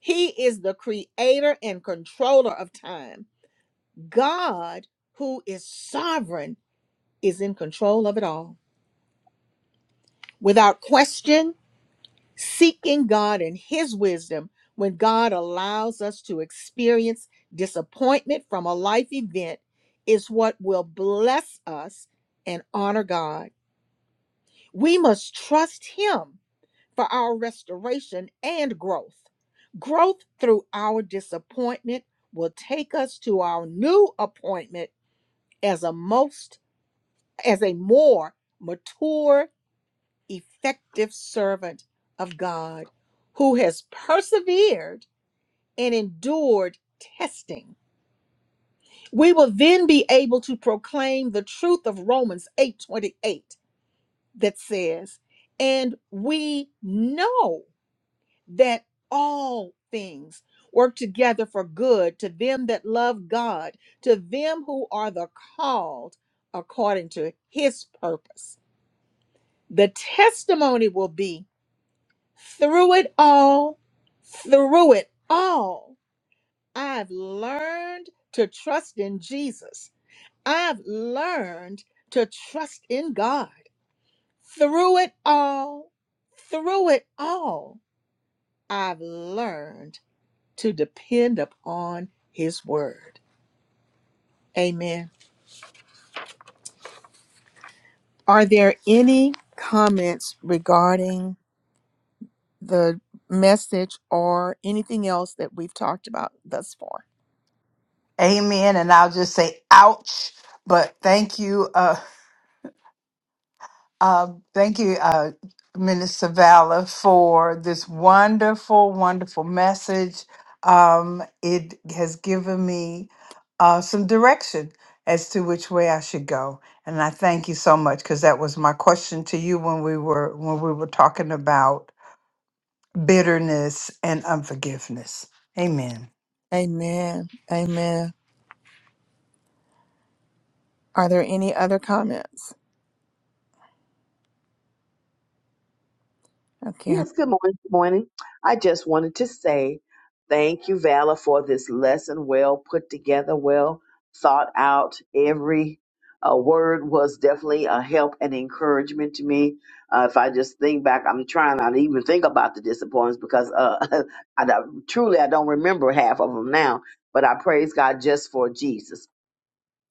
[SPEAKER 1] He is the creator and controller of time. God, who is sovereign, is in control of it all. Without question, seeking God and his wisdom when God allows us to experience disappointment from a life event is what will bless us and honor God. We must trust him for our restoration and growth. Growth through our disappointment will take us to our new appointment as a most as a more mature, effective servant of God who has persevered and endured testing. We will then be able to proclaim the truth of Romans 8:28 that says, "And we know that all things work together for good to them that love God, to them who are the called according to his purpose. The testimony will be through it all, through it all, I've learned to trust in Jesus. I've learned to trust in God. Through it all, through it all, I've learned to depend upon His Word. Amen. Are there any comments regarding the message or anything else that we've talked about thus far?
[SPEAKER 3] Amen. And I'll just say, ouch. But thank you. Uh, thank you, uh, Minister Vala, for this wonderful, wonderful message. Um, it has given me uh, some direction as to which way I should go, and I thank you so much because that was my question to you when we were when we were talking about bitterness and unforgiveness. Amen.
[SPEAKER 1] Amen. Amen. Are there any other comments? Okay.
[SPEAKER 5] Yes, good morning. Good morning. I just wanted to say thank you, Vala, for this lesson. Well put together, well thought out. Every uh, word was definitely a help and encouragement to me. Uh, if I just think back, I'm trying not to even think about the disappointments because uh, I, don't- truly I don't remember half of them now. But I praise God just for Jesus.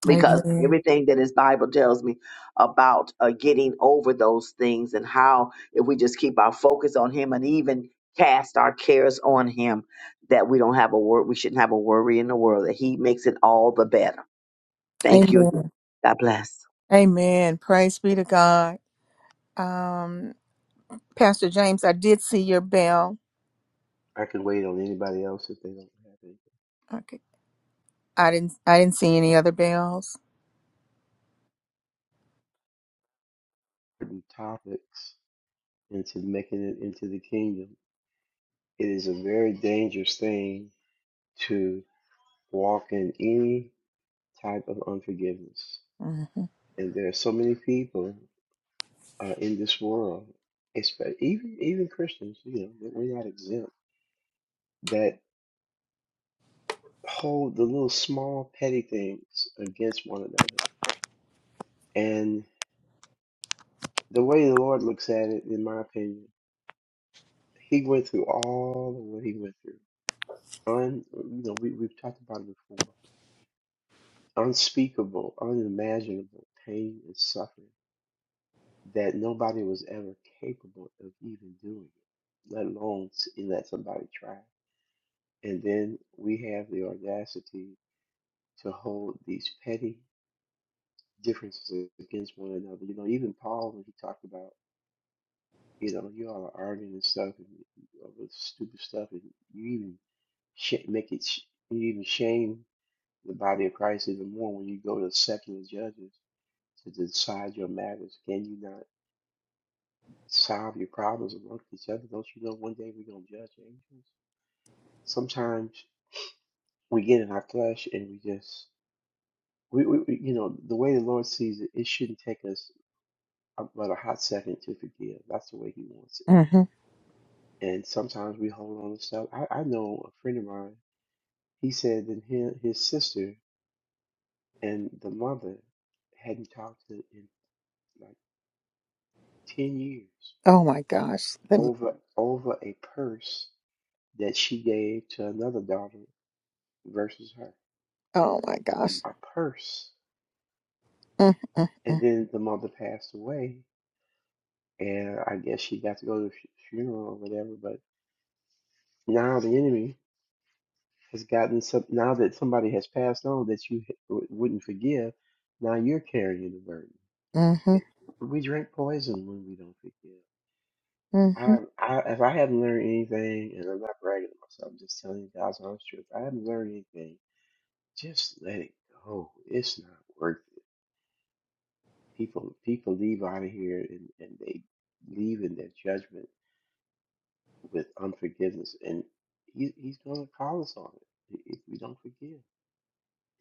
[SPEAKER 5] because
[SPEAKER 1] Amen.
[SPEAKER 5] everything that his Bible tells me about uh, getting over those things and how if we just keep our focus on him and even cast our cares on him, that we don't have a wor we shouldn't have a worry in the world, that he makes it all the better. Thank you again.
[SPEAKER 1] Amen.
[SPEAKER 5] God bless.
[SPEAKER 1] Amen. Praise be to God. Um, Pastor James, I did see your bell.
[SPEAKER 9] I could wait on anybody else if they don't have any
[SPEAKER 1] Okay. I didn't I didn't see any other bells.
[SPEAKER 9] important topics into making it into the kingdom. It is a very dangerous thing to walk in any type of unforgiveness,
[SPEAKER 1] hmm
[SPEAKER 9] and there are so many people uh, in this world, especially even even Christians. You know, we're not exempt. That hold the little small petty things against one another, and the way the Lord looks at it, in my opinion, He went through all of what He went through un you know we, we've talked about it before unspeakable unimaginable pain and suffering that nobody was ever capable of even doing it let alone s- let somebody try and then we have the audacity to hold these petty differences against one another you know even paul when he talked about you know you all are arguing and stuff and over stupid stuff and you even sh- make it sh- you even shame the body of Christ even more when you go to secular judges to decide your matters. Can you not solve your problems amongst each other? Don't you know one day we're gonna judge angels? Sometimes we get in our flesh and we just we, we we- you know the way the Lord sees it, it shouldn't take us but a hot second to forgive. That's the way He wants it.
[SPEAKER 1] hmm
[SPEAKER 9] And sometimes we hold on to stuff. I, I know a friend of mine. He said that his, his sister and the mother hadn't talked to in like ten years
[SPEAKER 1] Oh my gosh. Let me,
[SPEAKER 9] over over a purse that she gave to another daughter versus her.
[SPEAKER 1] oh my gosh.
[SPEAKER 9] A purse.
[SPEAKER 1] Mm, mm,
[SPEAKER 9] And
[SPEAKER 1] mm.
[SPEAKER 9] then the mother passed away, and I guess she got to go to the fu- funeral or whatever. But now the enemy has gotten some. Now that somebody has passed on that you h- w- wouldn't forgive, now you're carrying the burden.
[SPEAKER 1] Mhm,
[SPEAKER 9] It, we drink poison when we don't forgive.
[SPEAKER 1] mhm.
[SPEAKER 9] I, I, if I haven't learned anything, and I'm not bragging on myself, I'm just telling you guys honest truth. I haven't learned anything Just let it go. It's not worth it. People people leave out of here and, and they leave in their judgment with unforgiveness. And he, he's going to call us on it if we don't forgive.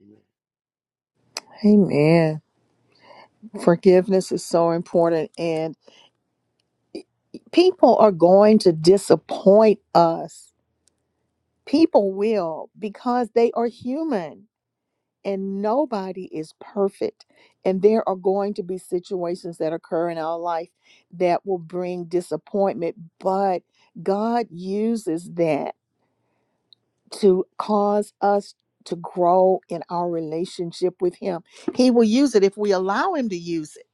[SPEAKER 9] Amen.
[SPEAKER 1] Amen. Forgiveness is so important, and people are going to disappoint us. People will because they are human. and nobody is perfect. And there are going to be situations that occur in our life that will bring disappointment, but God uses that to cause us to grow in our relationship with Him. He will use it if we allow Him to use it.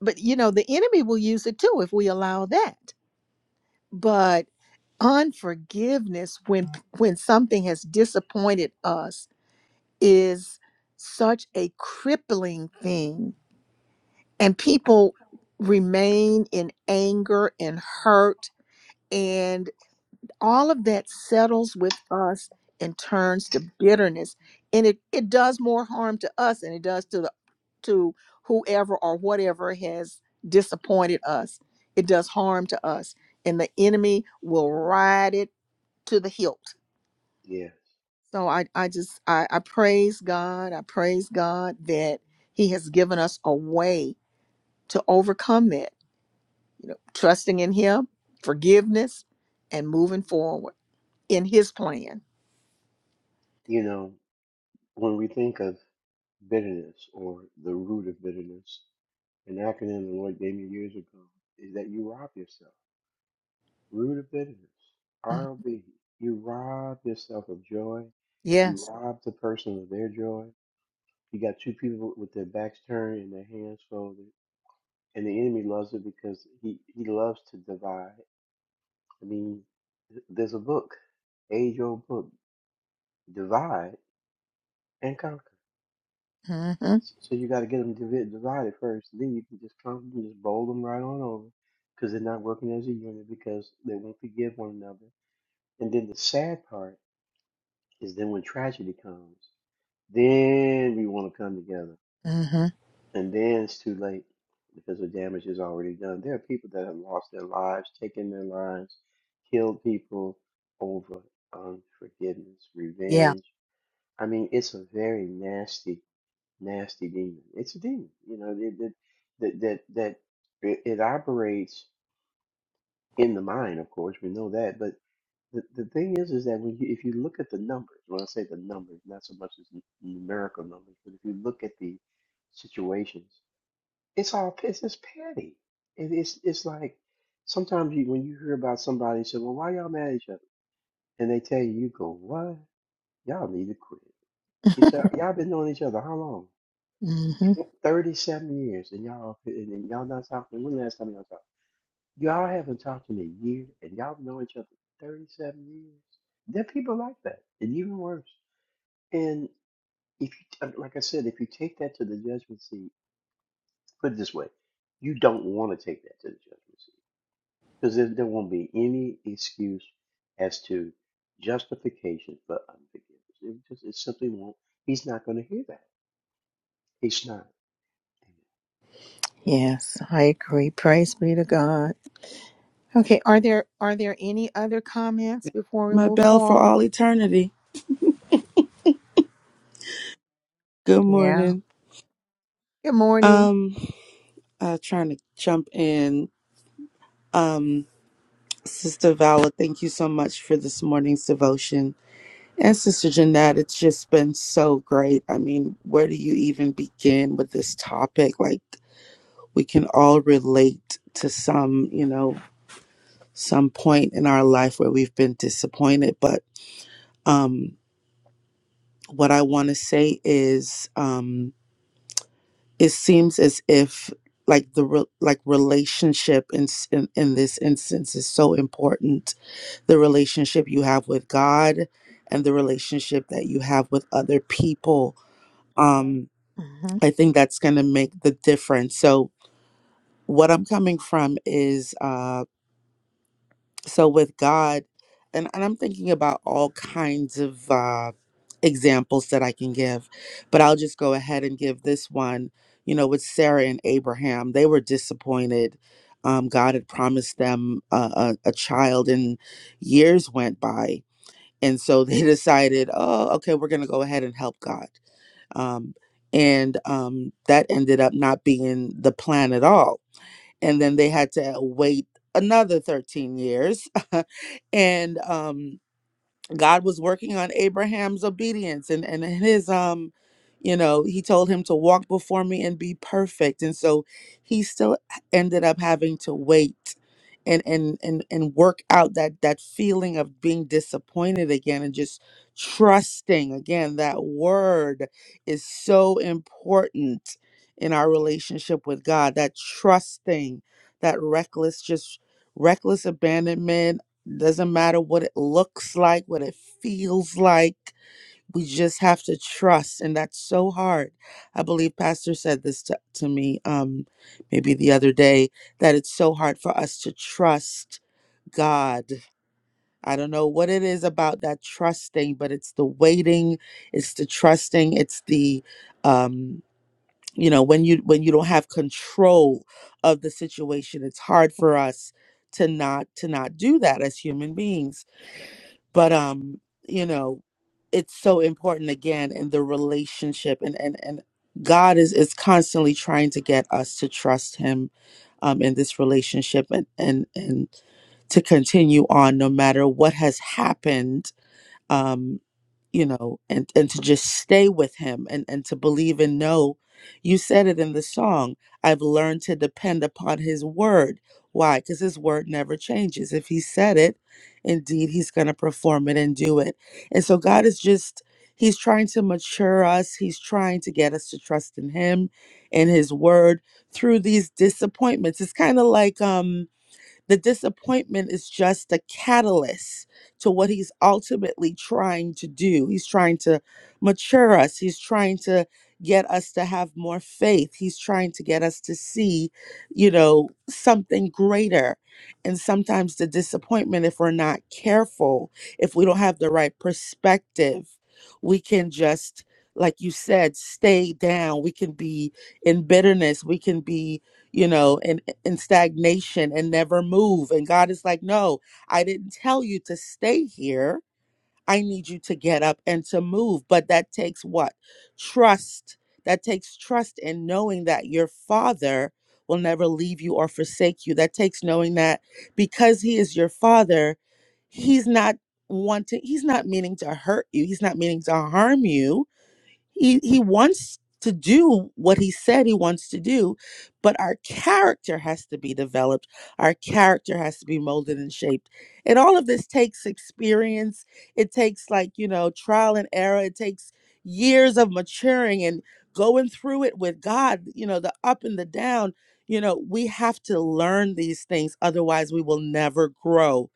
[SPEAKER 1] But, you know, the enemy will use it too if we allow that. But unforgiveness when when something has disappointed us is such a crippling thing and people remain in anger and hurt and all of that settles with us and turns to bitterness and it it does more harm to us than it does to the to whoever or whatever has disappointed us it does harm to us and the enemy will ride it to the hilt
[SPEAKER 9] Yes.
[SPEAKER 1] so i i just i, I praise god i praise god that he has given us a way to overcome that you know, trusting in Him, forgiveness, and moving forward in His plan.
[SPEAKER 9] You know, when we think of bitterness or the root of bitterness, an acronym the Lord gave me years ago is that you rob yourself. Root of bitterness,
[SPEAKER 1] Mhm.
[SPEAKER 9] ROB. You rob yourself of joy. You
[SPEAKER 1] Yes.
[SPEAKER 9] rob the person of their joy. You got two people with their backs turned and their hands folded, and the enemy loves it because he he loves to divide. I mean, th- there's a book, age-old book, divide and conquer.
[SPEAKER 1] Mm-hmm.
[SPEAKER 9] S- So you got to get them divided first. Then you can just conquer, and just bowl them right on over because they're not working as a unit because they won't forgive one another. And then the sad part is then when tragedy comes, then we want to come together
[SPEAKER 1] Mm-hmm.
[SPEAKER 9] And then it's too late because the damage is already done. There are people that have lost their lives, taken their lives, killed people over unforgiveness,
[SPEAKER 1] Yeah.
[SPEAKER 9] revenge. I mean, it's a very nasty, nasty demon. It's a demon, you know, that that that that, that it, it operates in the mind, of course, we know that. But the, the thing is, is that when you, if you look at the numbers, when I say the numbers, not so much as n- numerical numbers, but if you look at the situations, it's all it's just petty. It, it's it's like sometimes you, when you hear about somebody and say, "Well, why y'all mad at each other?" and they tell you, "You go what? Y'all need to quit." It's uh, y'all been knowing each other how long?
[SPEAKER 1] Mm-hmm.
[SPEAKER 9] Thirty-seven years, and y'all and, and y'all not talking. When last time y'all talked? Y'all haven't talked in a year, and y'all know each other thirty-seven years. There are people like that, and even worse. And if you, uh, like I said, if you take that to the judgment seat, put it this way, you don't want to take that to the judgment seat Because there, there won't be any excuse as to justification for unforgiveness. It just it simply won't. He's not going to hear that. He's not.
[SPEAKER 1] Yes, I agree. Praise be to God. Okay, are there are there any other comments before we
[SPEAKER 10] my
[SPEAKER 1] move
[SPEAKER 10] bell for
[SPEAKER 1] forward?
[SPEAKER 10] all eternity. Good
[SPEAKER 1] Yeah.
[SPEAKER 10] morning.
[SPEAKER 1] Good morning.
[SPEAKER 10] Um, uh, trying to jump in. Um, Sister Vala, thank you so much for this morning's devotion. And Sister Jeanette, it's just been so great. I mean, where do you even begin with this topic? Like, we can all relate to some, you know, some point in our life where we've been disappointed. But um, what I want to say is, um, it seems as if like the re- like relationship in, s- in in this instance is so important the relationship you have with god and the relationship that you have with other people um
[SPEAKER 1] hmm
[SPEAKER 10] i think that's going to make the difference so what i'm coming from is uh, so with god and, and i'm thinking about all kinds of uh, examples that i can give but i'll just go ahead and give this one you know with sarah and abraham they were disappointed um, god had promised them a, a, a child and years went by and so they decided oh okay we're going to go ahead and help god um, and um, that ended up not being the plan at all and then they had to wait another 13 years and um God was working on Abraham's obedience and and his um you know he told him to walk before me and be perfect and so he still ended up having to wait and and and and work out that that feeling of being disappointed again and just trusting again that word is so important in our relationship with God that trusting that reckless just reckless abandonment doesn't matter what it looks like, what it feels like. We just have to trust. And that's so hard. I believe Pastor said this to, to me um, maybe the other day that it's so hard for us to trust God. I don't know what it is about that trusting, but it's the waiting, it's the trusting, it's the um you know when you when you don't have control of the situation it's hard for us to not to not do that as human beings but um you know it's so important again in the relationship and and and god is is constantly trying to get us to trust him um in this relationship and and and to continue on no matter what has happened um you know and and to just stay with him and and to believe and know you said it in the song i've learned to depend upon his word why because his word never changes if he said it indeed he's going to perform it and do it and so god is just he's trying to mature us he's trying to get us to trust in him and his word through these disappointments it's kind of like um the disappointment is just a catalyst to what he's ultimately trying to do. He's trying to mature us, he's trying to get us to have more faith, he's trying to get us to see, you know, something greater. And sometimes the disappointment, if we're not careful, if we don't have the right perspective, we can just like you said, stay down. We can be in bitterness. We can be you know, in, in stagnation and never move. And God is like, no, I didn't tell you to stay here. I need you to get up and to move. But that takes what? Trust. That takes trust in knowing that your father will never leave you or forsake you. That takes knowing that because he is your father, he's not wanting, he's not meaning to hurt you, he's not meaning to harm you he he wants to do what he said he wants to do but our character has to be developed our character has to be molded and shaped and all of this takes experience it takes like you know trial and error it takes years of maturing and going through it with god you know the up and the down you know we have to learn these things otherwise we will never grow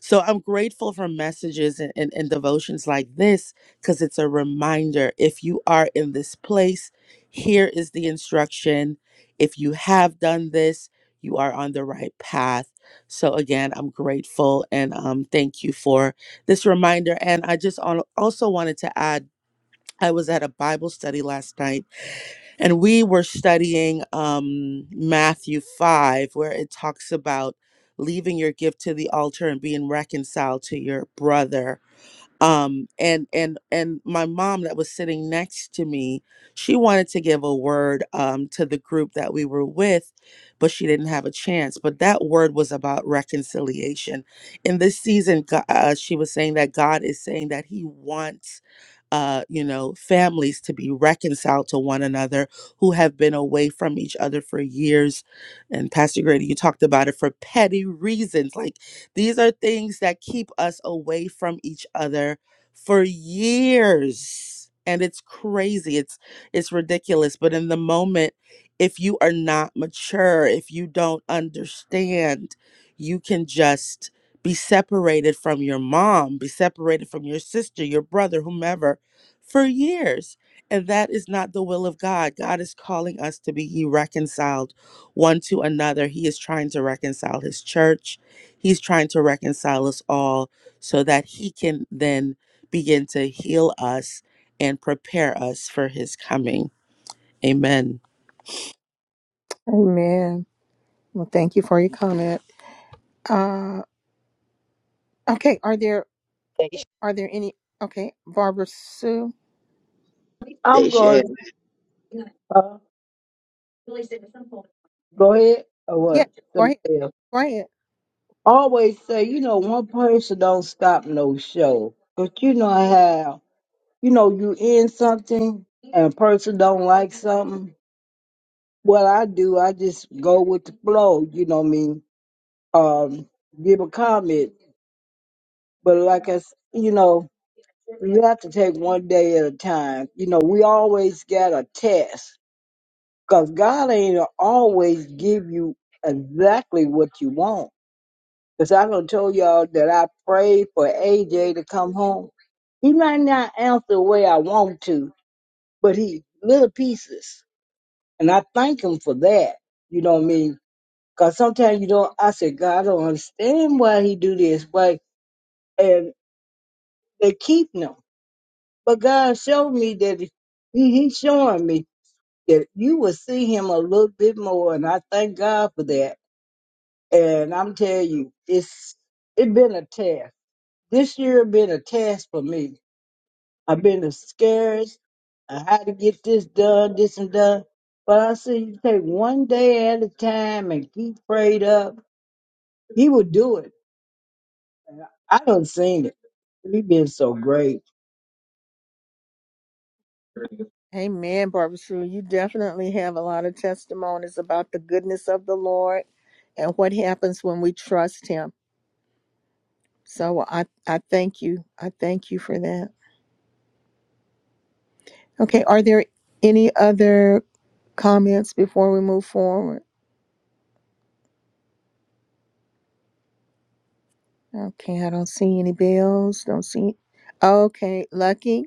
[SPEAKER 10] so i'm grateful for messages and, and, and devotions like this because it's a reminder. If you are in this place, here is the instruction. If you have done this, you are on the right path. So, again, I'm grateful and um, thank you for this reminder. And I just al- also wanted to add I was at a Bible study last night and we were studying um, Matthew 5, where it talks about leaving your gift to the altar and being reconciled to your brother um and and and my mom that was sitting next to me she wanted to give a word um to the group that we were with but she didn't have a chance but that word was about reconciliation in this season Go- uh, she was saying that god is saying that he wants uh, you know, families to be reconciled to one another who have been away from each other for years. And Pastor Grady, you talked about it for petty reasons. Like these are things that keep us away from each other for years. And it's crazy. It's it's ridiculous. But in the moment, if you are not mature, if you don't understand, you can just be separated from your mom, be separated from your sister, your brother, whomever, for years. And that is not the will of God. God is calling us to be ye reconciled one to another. He is trying to reconcile his church. He's trying to reconcile us all so that he can then begin to heal us and prepare us for his coming. Amen.
[SPEAKER 1] Amen. Well, thank you for your comment. Uh, okay, are there are there any? Okay, Barbara Sue.
[SPEAKER 4] I'm
[SPEAKER 5] Thank you.
[SPEAKER 4] going to uh, go ahead or
[SPEAKER 1] Yeah,
[SPEAKER 4] what?
[SPEAKER 1] go
[SPEAKER 4] Somebody
[SPEAKER 1] ahead.
[SPEAKER 4] else.
[SPEAKER 1] Go ahead.
[SPEAKER 4] always say, you know, one person don't stop no show. But you know how, you know, you in something and a person don't like something. What I do, I just go with the flow, you know what I mean? Um, give a comment. But like I, s- you know, you have to take one day at a time. You know, we always got a test because God ain't always give you exactly what you want Because I done told y'all that I prayed for AJ to come home. He might not answer the way I want to, but he little pieces. And I thank him for that. You know what I mean? Because sometimes you don't, I said, God, I don't understand why he do this. But, and they keep him. But God showed me that he, he's showing me that you will see him a little bit more. And I thank God for that. And I'm telling you, it's, it been a test. This year been a test for me I've been discouraged. I had to get this done, this and done. But I said, you take one day at a time and keep prayed up. He will do it. I done seen it. He been so great.
[SPEAKER 1] Amen, Barbara Sue. You definitely have a lot of testimonies about the goodness of the Lord and what happens when we trust Him. So I, I thank you. I thank you for that. Okay, are there any other comments before we move forward? Okay, I don't see any bills. Don't see. Okay, Lucky.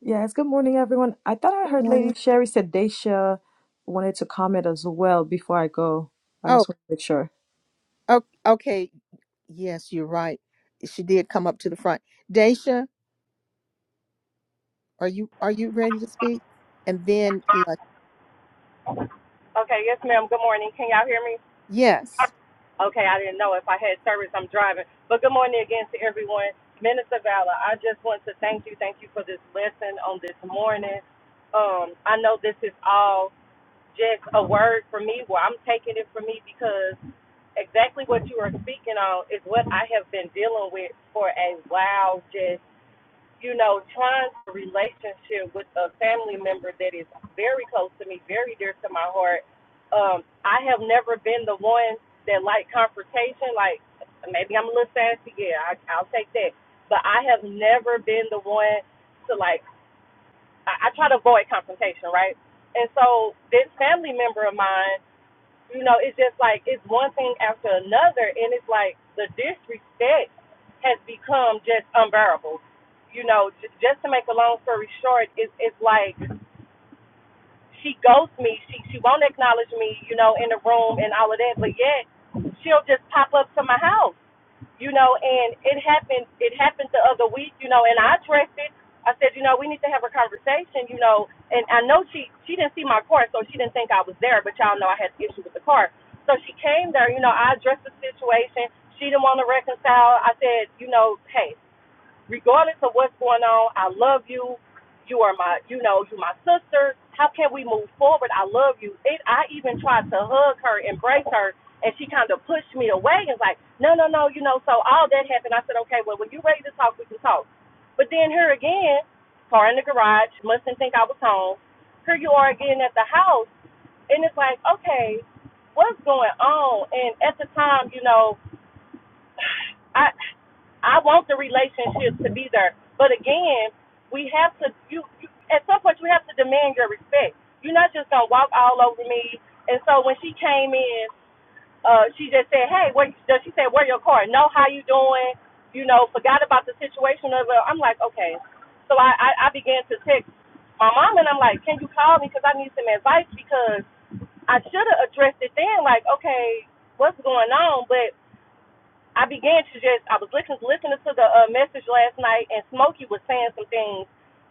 [SPEAKER 11] Yes, good morning, everyone. I thought I
[SPEAKER 1] Good
[SPEAKER 11] heard
[SPEAKER 1] morning.
[SPEAKER 11] Lady Sherry said Daisha wanted to comment as well before I go. I
[SPEAKER 1] Oh,
[SPEAKER 11] just want to make sure.
[SPEAKER 1] oh, okay. Yes, you're right. She did come up to the front. Daisha, are you are you ready to speak? And then Lucky.
[SPEAKER 12] Okay, yes, ma'am. Good morning. Can y'all hear me?
[SPEAKER 1] Yes.
[SPEAKER 12] Okay, I didn't know if I had service. I'm driving. But good morning again to everyone. Minister Valor, I just want to thank you. Thank you for this lesson on this morning. Um, I know this is all just a word for me. Well, I'm taking it for me because exactly what you are speaking on is what I have been dealing with for a while, just you know, trying to relationship with a family member that is very close to me, very dear to my heart. Um, I have never been the one that like confrontation. Like maybe I'm a little sassy, yeah, I, I'll take that. But I have never been the one to like. I, I try to avoid confrontation, right? And so this family member of mine you know, it's just like it's one thing after another, and it's like the disrespect has become just unbearable. You know, j- just to make a long story short, it's it's like she ghosts me. She she won't acknowledge me, you know, in the room and all of that, but yet she'll just pop up to my house you know, and it happened it happened the other week, you know, and I addressed it. I said, you know, we need to have a conversation, you know, and I know she she didn't see my car, so she didn't think I was there, but y'all know I had an issue with the car. So she came there, you know, I addressed the situation. She didn't want to reconcile. I said, you know, hey, regardless of what's going on, I love you. You are my, you know, you my sister. How can we move forward? I love you. It, I even tried to hug her, embrace her, and she kind of pushed me away and was like, no, no, no, you know. So all that happened. I said, okay, well, when you're ready to talk, we can talk. But then here again, car in the garage, mustn't think I was home. Here you are again at the house, and it's like, okay, what's going on? And at the time, you know, I I want the relationship to be there, but again, we have to you, you at some point you have to demand your respect. You're not just gonna walk all over me. And so when she came in, uh, she just said, "Hey, where?" you- She said, "Where your car? No, how you doing? You know, forgot about the situation of it." I'm like, okay. So I I, I began to text my mom and I'm like, "Can you call me? Because I need some advice because I should have addressed it then. Like, okay, what's going on?" But I began to just I was listening listening to the uh, message last night, and Smokey was saying some things,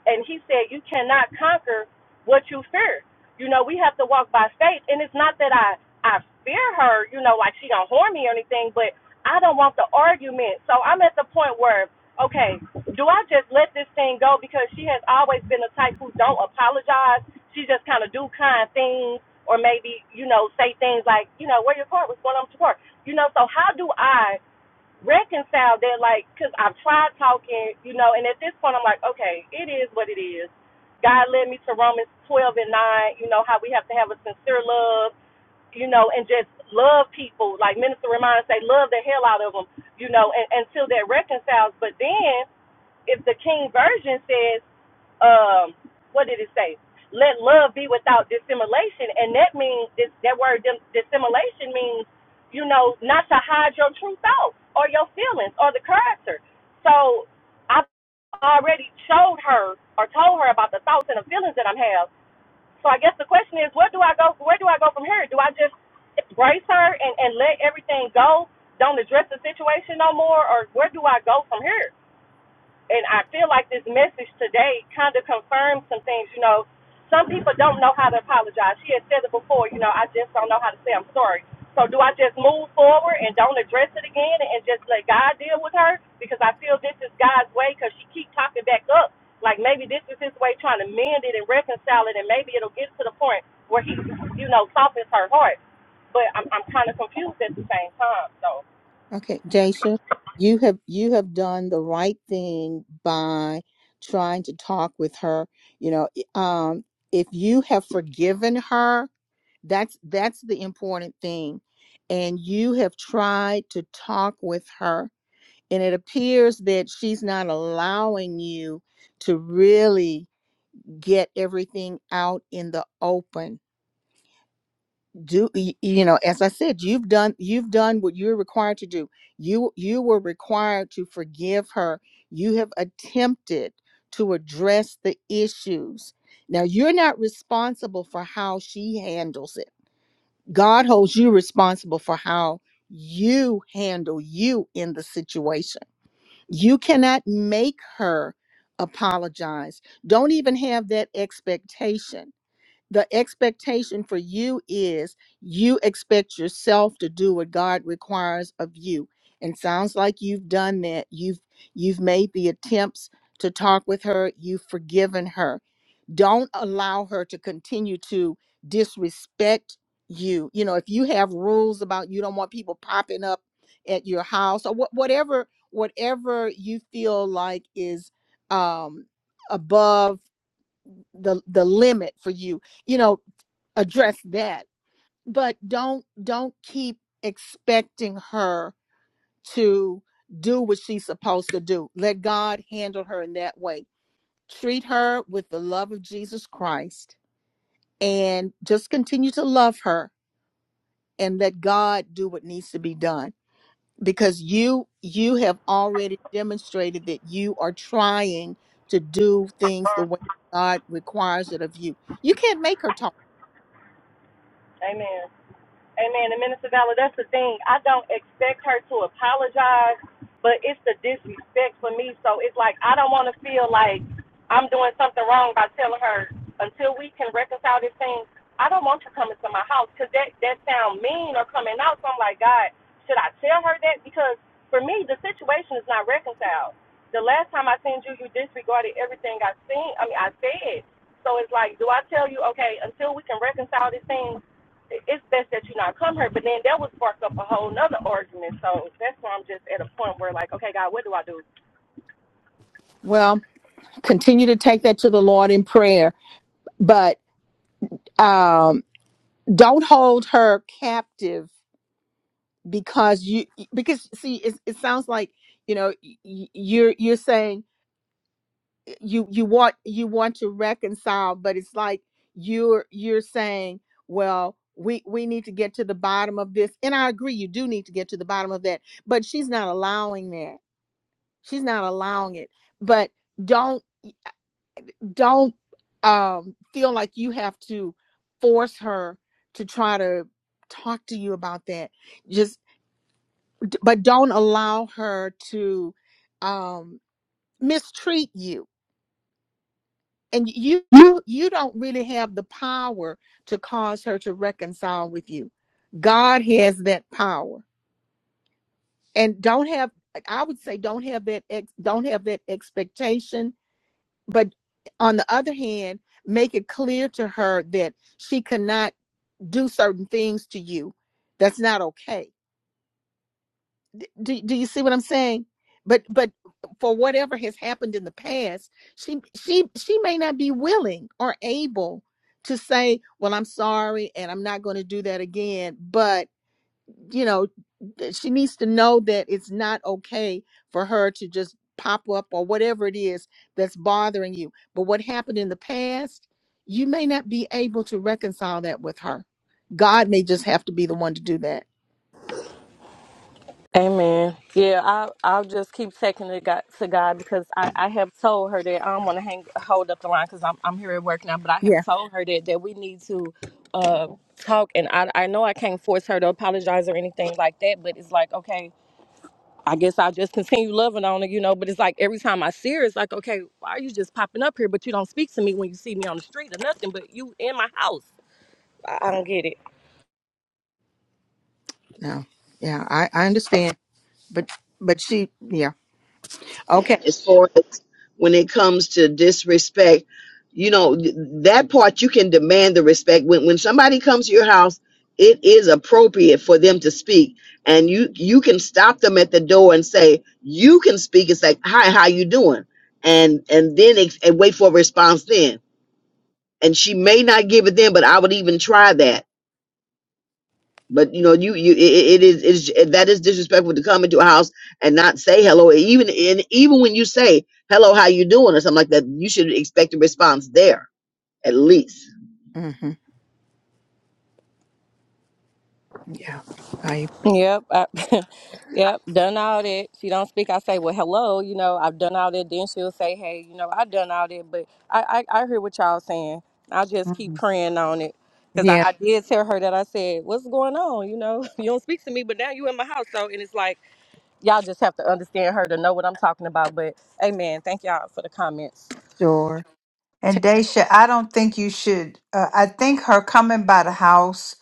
[SPEAKER 12] and he said you cannot conquer what you fear. You know, we have to walk by faith, and it's not that I I fear her, you know, like she gonna harm me or anything, but I don't want the argument. So I'm at the point where okay, do I just let this thing go because she has always been the type who don't apologize. She just kind of do kind things, or maybe you know say things like you know where your car was going on to work. You know, so how do I? reconcile that, like, because I've tried talking, you know, and at this point, I'm like, okay, it is what it is. God led me to Romans 12 and 9, you know, how we have to have a sincere love, you know, and just love people. Like Minister Reminder say, love the hell out of them, you know, and, until that reconciles. But then if the King Version says, um what did it say let love be without dissimulation and that means this that word dim, dissimulation means you know not to hide your true thoughts or your feelings or the character so i already showed her or told her about the thoughts and the feelings that i'm have so i guess the question is where do i go where do i go from here do i just embrace her and and let everything go don't address the situation no more or where do i go from here and I feel like this message today kind of confirms some things. You know, some people don't know how to apologize. She had said it before. You know, I just don't know how to say I'm sorry. So do I just move forward and don't address it again and just let God deal with her because I feel this is God's way because she keep talking back up. Like maybe this is his way trying to mend it and reconcile it and maybe it'll get to the point where he, you know, softens her heart. But I'm I'm kind of confused at the same time. So,
[SPEAKER 1] Okay, Daisha, you have you have done the right thing by trying to talk with her. You know, i- um, if you have forgiven her, that's that's the important thing, and you have tried to talk with her, and it appears that she's not allowing you to really get everything out in the open do y- you know as i said you've done you've done what you're required to do you you were required to forgive her you have attempted to address the issues now you're not responsible for how she handles it god holds you responsible for how you handle you in the situation you cannot make her apologize don't even have that expectation the expectation for you is you expect yourself to do what God requires of you. And sounds like you've done that. You've you've made the attempts to talk with her, you've forgiven her. Don't allow her to continue to disrespect you. You know, if you have rules about you don't want people popping up at your house or what whatever whatever you feel like is um above the the limit for you you know address that but don't don't keep expecting her to do what she's supposed to do let god handle her in that way treat her with the love of jesus christ and just continue to love her and let god do what needs to be done because you you have already demonstrated that you are trying to do things the way god requires it of you you can't make her talk
[SPEAKER 12] Amen. Amen. And Minister Valor, that's the thing. I don't expect her to apologize, but it's the disrespect for me. So it's like I don't want to feel like I'm doing something wrong by telling her until we can reconcile this thing. I don't want you coming to my house because that that sound mean or coming out. So I'm like, God, should I tell her that? Because for me, the situation is not reconciled. The last time I seen you, you disregarded everything I seen. I mean, I said. So it's like, do I tell you, okay, until we can reconcile this thing, it's best that you not come here. But then that would spark up a whole nother argument. So that's why I'm just at a point where like, okay, God, what do I do?
[SPEAKER 1] well continue to take that to the lord in prayer but um don't hold her captive because you because see it, it sounds like you know y- y- you're you're saying you you want you want to reconcile but it's like you're you're saying well we we need to get to the bottom of this and i agree you do need to get to the bottom of that but she's not allowing that she's not allowing it but don't. don't um, feel like you have to force her to try to talk to you about that. Just, but don't allow her to um, mistreat you. And you, you, you don't really have the power to cause her to reconcile with you. God has that power, and don't have. like, I would say don't have that ex, don't have that expectation. But on the other hand, make it clear to her that she cannot do certain things to you that's not okay do, do you see what i'm saying but but for whatever has happened in the past she she she may not be willing or able to say well i'm sorry and i'm not going to do that again But you know, that she needs to know that it's not okay for her to just pop up or whatever it is that's bothering you. But what happened in the past, you may not be able to reconcile that with her. God may just have to be the one to do that.
[SPEAKER 12] Amen. Yeah, I I'll just keep taking it God, to God because I, I have told her that I don't want to hang hold up the line because I'm I'm here at work now. But I
[SPEAKER 1] Yeah.
[SPEAKER 12] have told her that that we need to uh, talk, and I I know I can't force her to apologize or anything like that. But it's like okay. I guess I'll just continue loving on her, you know. But it's like every time I see her, it's like, okay, why are you just popping up here? But you don't speak to me when you see me on the street or nothing, but you in my house. I, I don't get it.
[SPEAKER 1] No. Yeah, I, I understand. But but she yeah. Okay.
[SPEAKER 5] as far as when it comes to disrespect you know th- that part you can demand the respect when when somebody comes to your house it is appropriate for them to speak and you you can stop them at the door and say you can speak it's like hi how you doing and and then ex- and wait for a response then and she may not give it then but i would even try that but you know, you you it, it is it is that is disrespectful to come into a house and not say hello. Even in even when you say hello, how you doing or something like that, you should expect a response there at least.
[SPEAKER 1] hmm Yeah. I
[SPEAKER 12] Yep. I, yep. Done all that. She don't speak. I say, well, hello, you know, I've done all that. Then she'll say, hey, you know, I've done all that. But I, I, I hear what y'all saying. i just keep
[SPEAKER 3] Mhm.
[SPEAKER 12] praying on it. Because
[SPEAKER 1] yeah,
[SPEAKER 12] I, I did tell her that I said, what's going on? You know, you don't speak to me, but now you in my house. So, and it's like, y'all just have to understand her to know what I'm talking about. But amen. Thank y'all for the comments.
[SPEAKER 1] sure.
[SPEAKER 3] And Daisha, I don't think you should. Uh, I think her coming by the house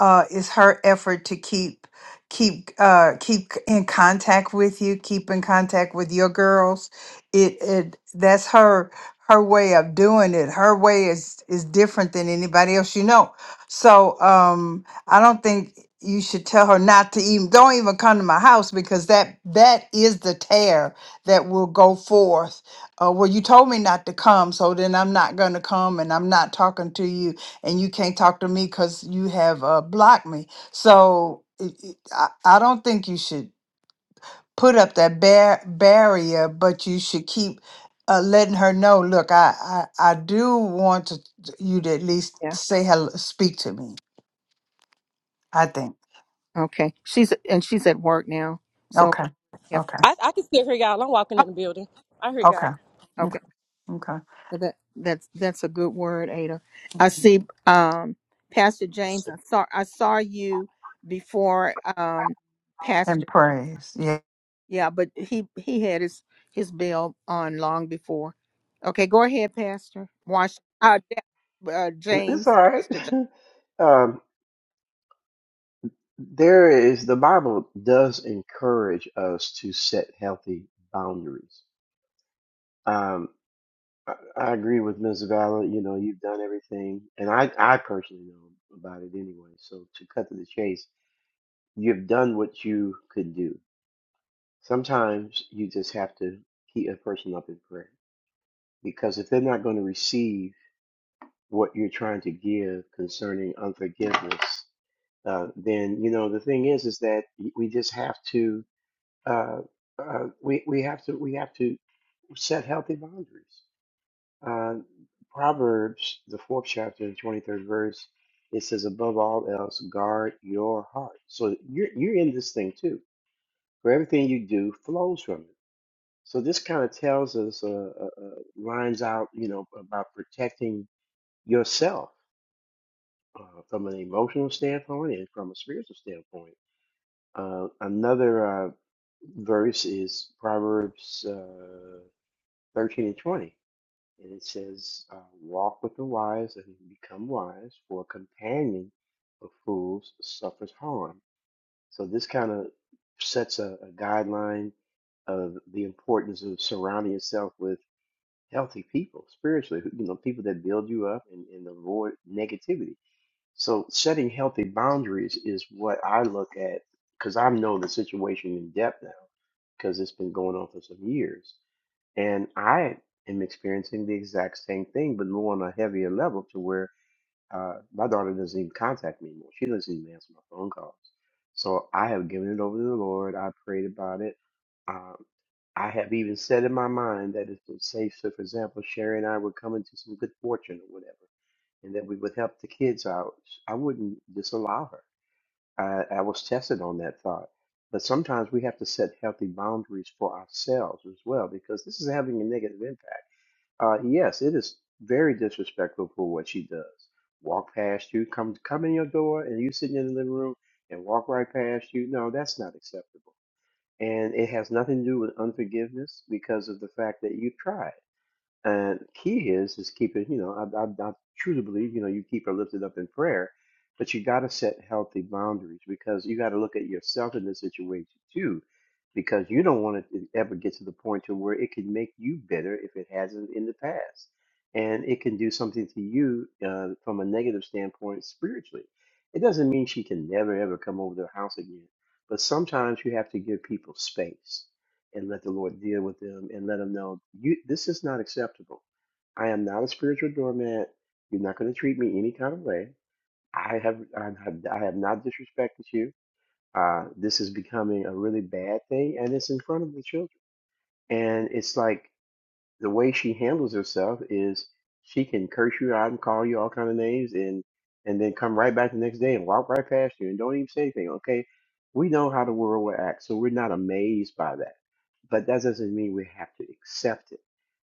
[SPEAKER 3] uh, is her effort to keep keep uh, keep in contact with you, keep in contact with your girls. It it that's her her way of doing it. Her way is is different than anybody else you know. So um, I don't think you should tell her not to even don't even come to my house because that that is the tear that will go forth. Uh, well, you told me not to come, so then I'm not going to come, and I'm not talking to you and you can't talk to me because you have uh, blocked me. So it, it, I, I don't think you should put up that bar- barrier, but you should keep uh, letting her know. Look, I, I, I do want to, you to at least
[SPEAKER 1] Yeah.
[SPEAKER 3] say hello, speak to me. I think.
[SPEAKER 1] Okay. She's and she's at work now, so
[SPEAKER 3] Okay.
[SPEAKER 1] we have to.
[SPEAKER 3] Okay.
[SPEAKER 12] I, I can still hear y'all. I'm walking in the
[SPEAKER 1] Oh,
[SPEAKER 12] building. I hear y'all.
[SPEAKER 3] Okay. Okay.
[SPEAKER 1] okay.
[SPEAKER 3] okay.
[SPEAKER 1] So that that's that's a good word, Ada. I
[SPEAKER 3] Mhm.
[SPEAKER 1] see. Um, Pastor James, I saw I saw you before. Um, Pastor.
[SPEAKER 3] And praise. Yeah.
[SPEAKER 1] Yeah, but he he had his his bell on long before. Okay, go ahead, Pastor. Wash uh, Ja- uh
[SPEAKER 9] It's all
[SPEAKER 1] James,
[SPEAKER 9] right.
[SPEAKER 1] Pastor James.
[SPEAKER 9] um, there is the Bible does encourage us to set healthy boundaries. Um, I, I agree with Ms. Valor. You know, you've done everything, and I I personally know about it anyway. So to cut to the chase, you've done what you could do Sometimes you just have to keep a person up in prayer because if they're not going to receive what you're trying to give concerning unforgiveness, uh, then you know the thing is is that we just have to uh, uh, we we have to we have to set healthy boundaries. Uh, Proverbs, the fourth chapter and twenty third verse, it says, "Above all else, guard your heart." So you're you're in this thing too. For everything you do flows from it. So this kind of tells us, uh, uh, uh, lines out, you know, about protecting yourself uh, from an emotional standpoint and from a spiritual standpoint. Uh, another uh, verse is Proverbs uh, 13 and 20, and it says, uh, "Walk with the wise and become wise, for a companion of fools suffers harm." So this kind of sets a, a guideline of the importance of surrounding yourself with healthy people spiritually, who- you know, people that build you up and, and avoid negativity. So setting healthy boundaries is what I look at because I know the situation in depth now because it's been going on for some years. And I am experiencing the exact same thing, but more on a heavier level to where uh, my daughter doesn't even contact me anymore. She doesn't even answer my phone calls. So I have given it over to the Lord. I prayed about it. Um, I have even said in my mind that if, it's safe, so for example, Sherry and I were coming to some good fortune or whatever, and that we would help the kids out, I wouldn't disallow her. I, I was tested on that thought. But sometimes we have to set healthy boundaries for ourselves as well, because this is having a negative impact. Uh, yes, it is very disrespectful for what she does. Walk past you, come come in your door, and you sitting in the living room and walk right past you. No, that's not acceptable. And it has nothing to do with unforgiveness because of the fact that you tried. And key is is keep it, you know, I, I, I truly believe, you know, you keep her lifted up in prayer, but you got to set healthy boundaries because you got to look at yourself in this situation too, because you don't want it to ever get to the point to where it can make you bitter if it hasn't in the past, and it can do something to you uh, from a negative standpoint spiritually. It doesn't mean she can never ever come over to the house again, but sometimes you have to give people space and let the Lord deal with them and let them know you this is not acceptable. I am not a spiritual doormat. You're not going to treat me any kind of way. I have I have, I have not disrespected you. Uh, this is becoming a really bad thing, and it's in front of the children. And it's like the way she handles herself is she can curse you out and call you all kind of names and and then come right back the next day and walk right past you and don't even say anything. Okay, we know how the world will act, so we're not amazed by that. But that doesn't mean we have to accept it.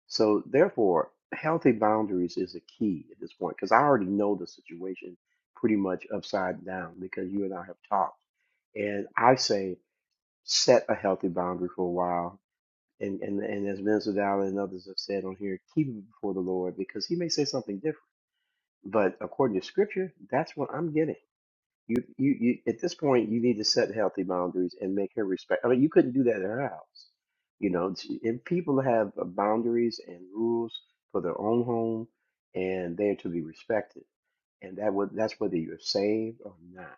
[SPEAKER 9] So therefore, healthy boundaries is a key at this point because I already know the situation pretty much upside down because you and I have talked. And I say set a healthy boundary for a while and and and as Vince Vidal and others have said on here, keep it before the Lord because He may say something different. But according to Scripture, that's what I'm getting. You you you at this point, you need to set healthy boundaries and make her respect. I mean, you couldn't do that at her house, you know. She- And people have uh, boundaries and rules for their own home, and they are to be respected. And that would that's whether you're saved or not.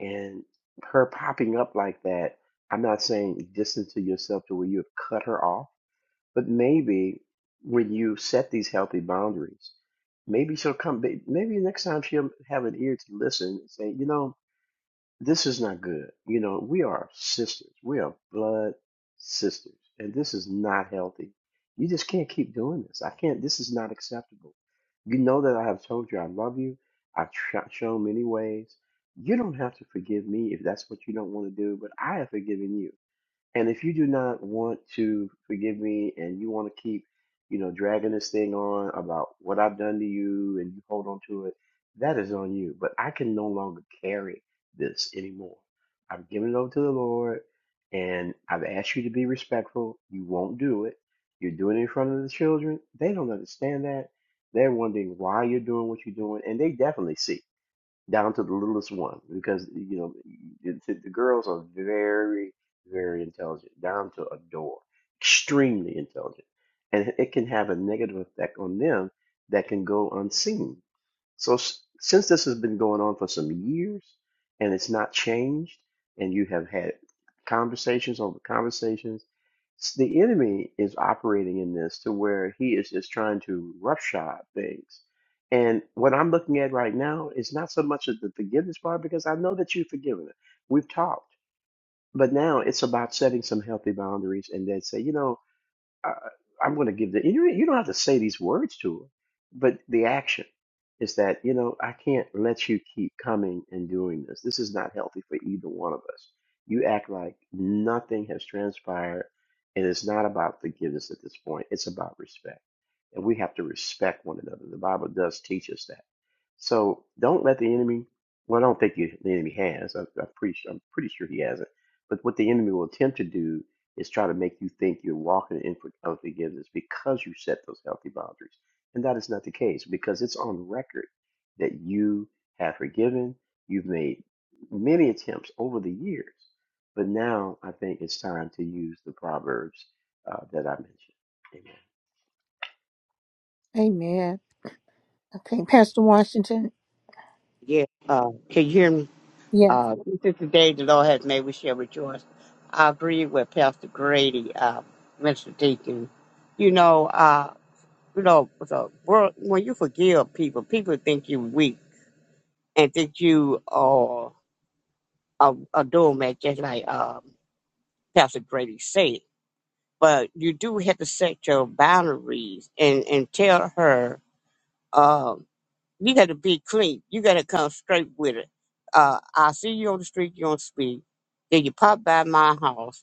[SPEAKER 9] And her popping up like that, I'm not saying distance to yourself to where you have cut her off but maybe when you set these healthy boundaries, maybe she'll come. may- Maybe next time she'll have an ear to listen and say, you know, this is not good. You know, we are sisters. We are blood sisters, and this is not healthy. You just can't keep doing this. I can't. This is not acceptable. You know that I have told you I love you. I've tr- shown many ways. You don't have to forgive me if that's what you don't want to do, but I have forgiven you. And if you do not want to forgive me and you want to keep, you know, dragging this thing on about what I've done to you and you hold on to it, that is on you. But I can no longer carry this anymore. I've given it over to the Lord and I've asked you to be respectful. You won't do it. You're doing it in front of the children. They don't understand that. They're wondering why you're doing what you're doing, and they definitely see down to the littlest one because you know the, the the girls are very very intelligent down to a door extremely intelligent and it can have a negative effect on them that can go unseen so s- since this has been going on for some years and it's not changed and you have had conversations over conversations s- the enemy is operating in this to where he is just trying to roughshod things and what I'm looking at right now is not so much of the forgiveness part because I know that you've forgiven it. We've talked, but now it's about setting some healthy boundaries and then say, you know, uh, I'm going to give the. You you don't have to say these words to her, but the action is that you know I can't let you keep coming and doing this. This is not healthy for either one of us. You act like nothing has transpired, and it's not about forgiveness at this point. It's about respect, and we have to respect one another. The Bible does teach us that so don't let the enemy. Well, I don't think you, the enemy has. I, I'm pretty sure. I'm pretty sure he hasn't. But what the enemy will attempt to do is try to make you think you're walking in for unforgiveness because you set those healthy boundaries, and that is not the case because it's on record that you have forgiven. You've made many attempts over the years, but now I think it's time to use the proverbs uh, that I mentioned. Amen.
[SPEAKER 1] Amen. Okay, Pastor Washington.
[SPEAKER 13] Yeah, uh, can you hear me?
[SPEAKER 1] Yeah.
[SPEAKER 13] Uh, this is the day the Lord has made. We shall rejoice. I agree with Pastor Grady, uh, Mr. Deacon. You know, uh, you know, the world, when you forgive people, people think you weak and think you are a, a doormat, just like uh, Pastor Grady said. But you do have to set your boundaries and, and tell her. um, You got to be clean. You got to come straight with it. Uh, I see you on the street. You on speed. Then you pop by my house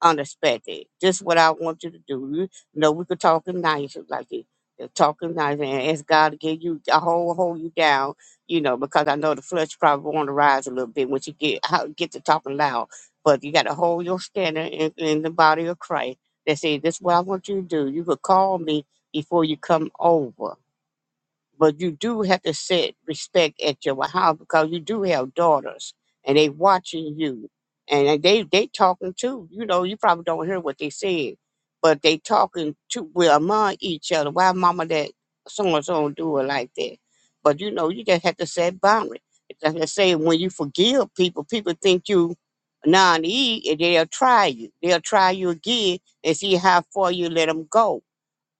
[SPEAKER 13] unexpected. This is what I want you to do. You know, we could talk it nice, like it, it talking nice, and ask God to give you a hold, hold you down. You know, because I know the flesh probably want to rise a little bit when you get how get to talking loud. But you got to hold your standard in, in the body of Christ. They say this is what I want you to do. You could call me before you come over but you do have to set respect at your house because you do have daughters and they watching you and they they talking too you know you probably don't hear what they saying but they talking to well among each other why mama that so and so do it like that but you know you just have to set boundaries like i say when you forgive people people think you naive and they'll try you they'll try you again and see how far you let them go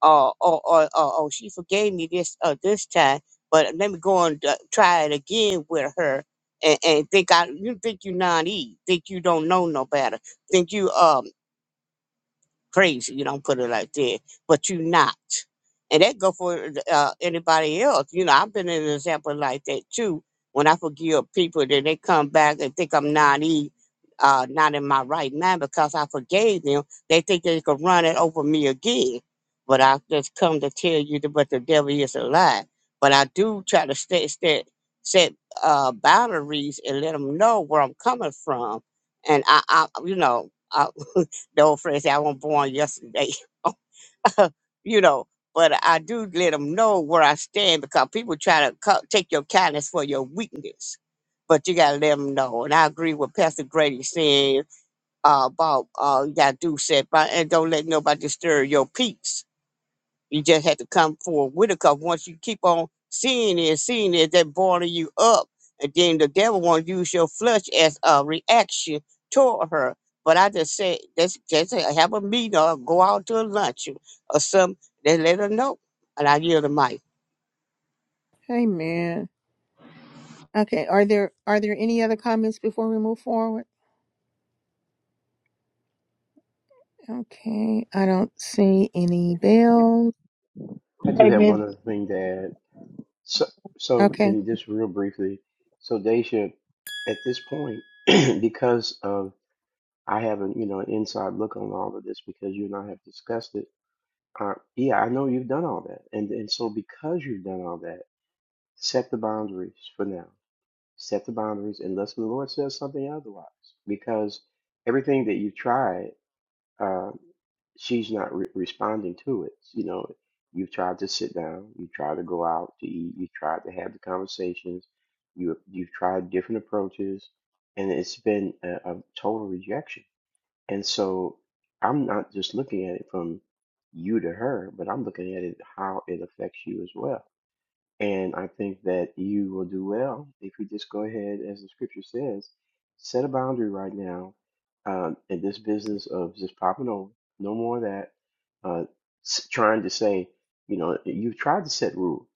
[SPEAKER 13] oh, oh, oh, oh, oh, she forgave me this uh, this time, but let me go and uh, try it again with her, and, and think I you think you naive, think you don't know no better, think you um crazy. You don't put it like that, but you not and that go for uh, anybody else. You know, I've been an example like that too. When I forgive people, then they come back and think I'm not e, uh, not in my right mind because I forgave them. They think they could run it over me again. But I just come to tell you that, but the devil is a lie. But I do try to set set set uh, boundaries and let them know where I'm coming from. And I, I you know, I, the old phrase, "I wasn't born yesterday." you know, but I do let them know where I stand because people try to co- take your kindness for your weakness. But you gotta let them know, and I agree with Pastor Grady saying uh, about uh, you gotta do set by and don't let nobody disturb your peace you just had to come forward with it because once you keep on seeing it, seeing it, that boiling you up. And then the devil won't use your flesh as a reaction toward her. But I just said, just, just have a meeting or go out to a lunch or some. They let her know. And I yield the mic.
[SPEAKER 1] Amen. Okay, are there are there any other comments before we move forward? Okay, I don't see any bells.
[SPEAKER 9] I do
[SPEAKER 4] Hey,
[SPEAKER 9] have
[SPEAKER 4] Miss,
[SPEAKER 9] one other thing to add. So, so
[SPEAKER 1] Okay.
[SPEAKER 9] and just real briefly, so Daisha, at this point, because of I haven't, you know, an inside look on all of this because you and I have discussed it. Uh, yeah, I know you've done all that, and and so because you've done all that, set the boundaries for now. Set the boundaries unless the Lord says something otherwise, because everything that you've tried uh, she's not re- responding to it. You know, you've tried to sit down, you tried to go out to eat, you tried to have the conversations, you you've tried different approaches, and it's been a, a total rejection. And so I'm not just looking at it from you to her, but I'm looking at it how it affects you as well. And I think that you will do well if you just go ahead, as the scripture says, set a boundary right now um, in this business of just popping over. No more of that. Uh, s- trying to say, you know, you've tried to set rules.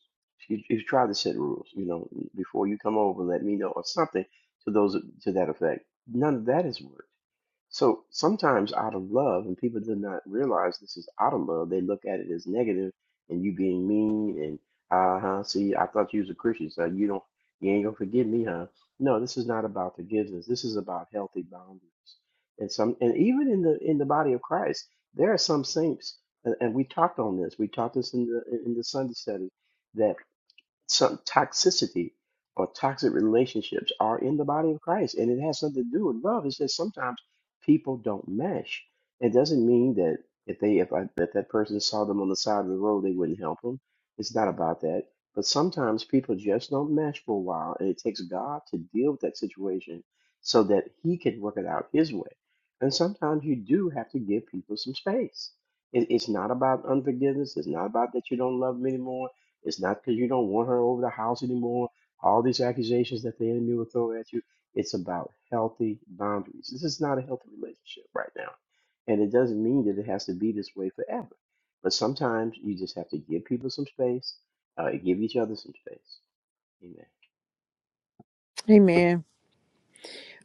[SPEAKER 9] You, you've tried to set rules. You know, before you come over, let me know or something to those to that effect. None of that has worked. So sometimes out of love, and people do not realize this is out of love, they look at it as negative and you being mean and uh huh, see, I thought you was a Christian, so you don't you ain't gonna forgive me, huh? No, this is not about forgiveness. This is about healthy boundaries. And some and even in the in the body of Christ, there are some saints and, and we talked on this. We taught this in the in the Sunday study that some toxicity or toxic relationships are in the body of Christ, and it has something to do with love. It's just sometimes people don't mesh. It doesn't mean that if they if I, if that person saw them on the side of the road, they wouldn't help them. It's not about that. But sometimes people just don't mesh for a while, and it takes God to deal with that situation so that He can work it out His way. And sometimes you do have to give people some space. It, it's not about unforgiveness. It's not about that you don't love them anymore it's not because you don't want her over the house anymore. All these accusations that the enemy will throw at you. It's about healthy boundaries. This is not a healthy relationship right now. And it doesn't mean that it has to be this way forever. But sometimes you just have to give people some space, uh, give each other some space. Amen.
[SPEAKER 1] Amen.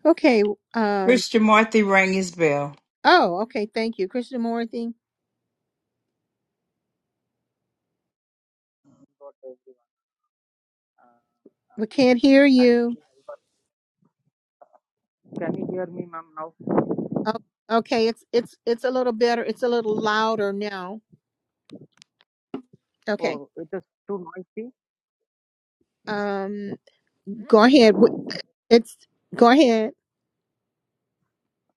[SPEAKER 1] Okay. Um.
[SPEAKER 3] Christian Marthy rang his bell.
[SPEAKER 1] Oh. Okay. Thank you, Christian Morthy.
[SPEAKER 14] got everyone. Uh, uh,
[SPEAKER 1] We can't hear you.
[SPEAKER 14] actually, I got. Can you hear me, ma'am? Now,
[SPEAKER 1] Oh, okay. It's it's it's a little better. It's a little louder now. Okay.
[SPEAKER 14] oh, it is too noisy.
[SPEAKER 1] Um. Go ahead. W- It's go ahead.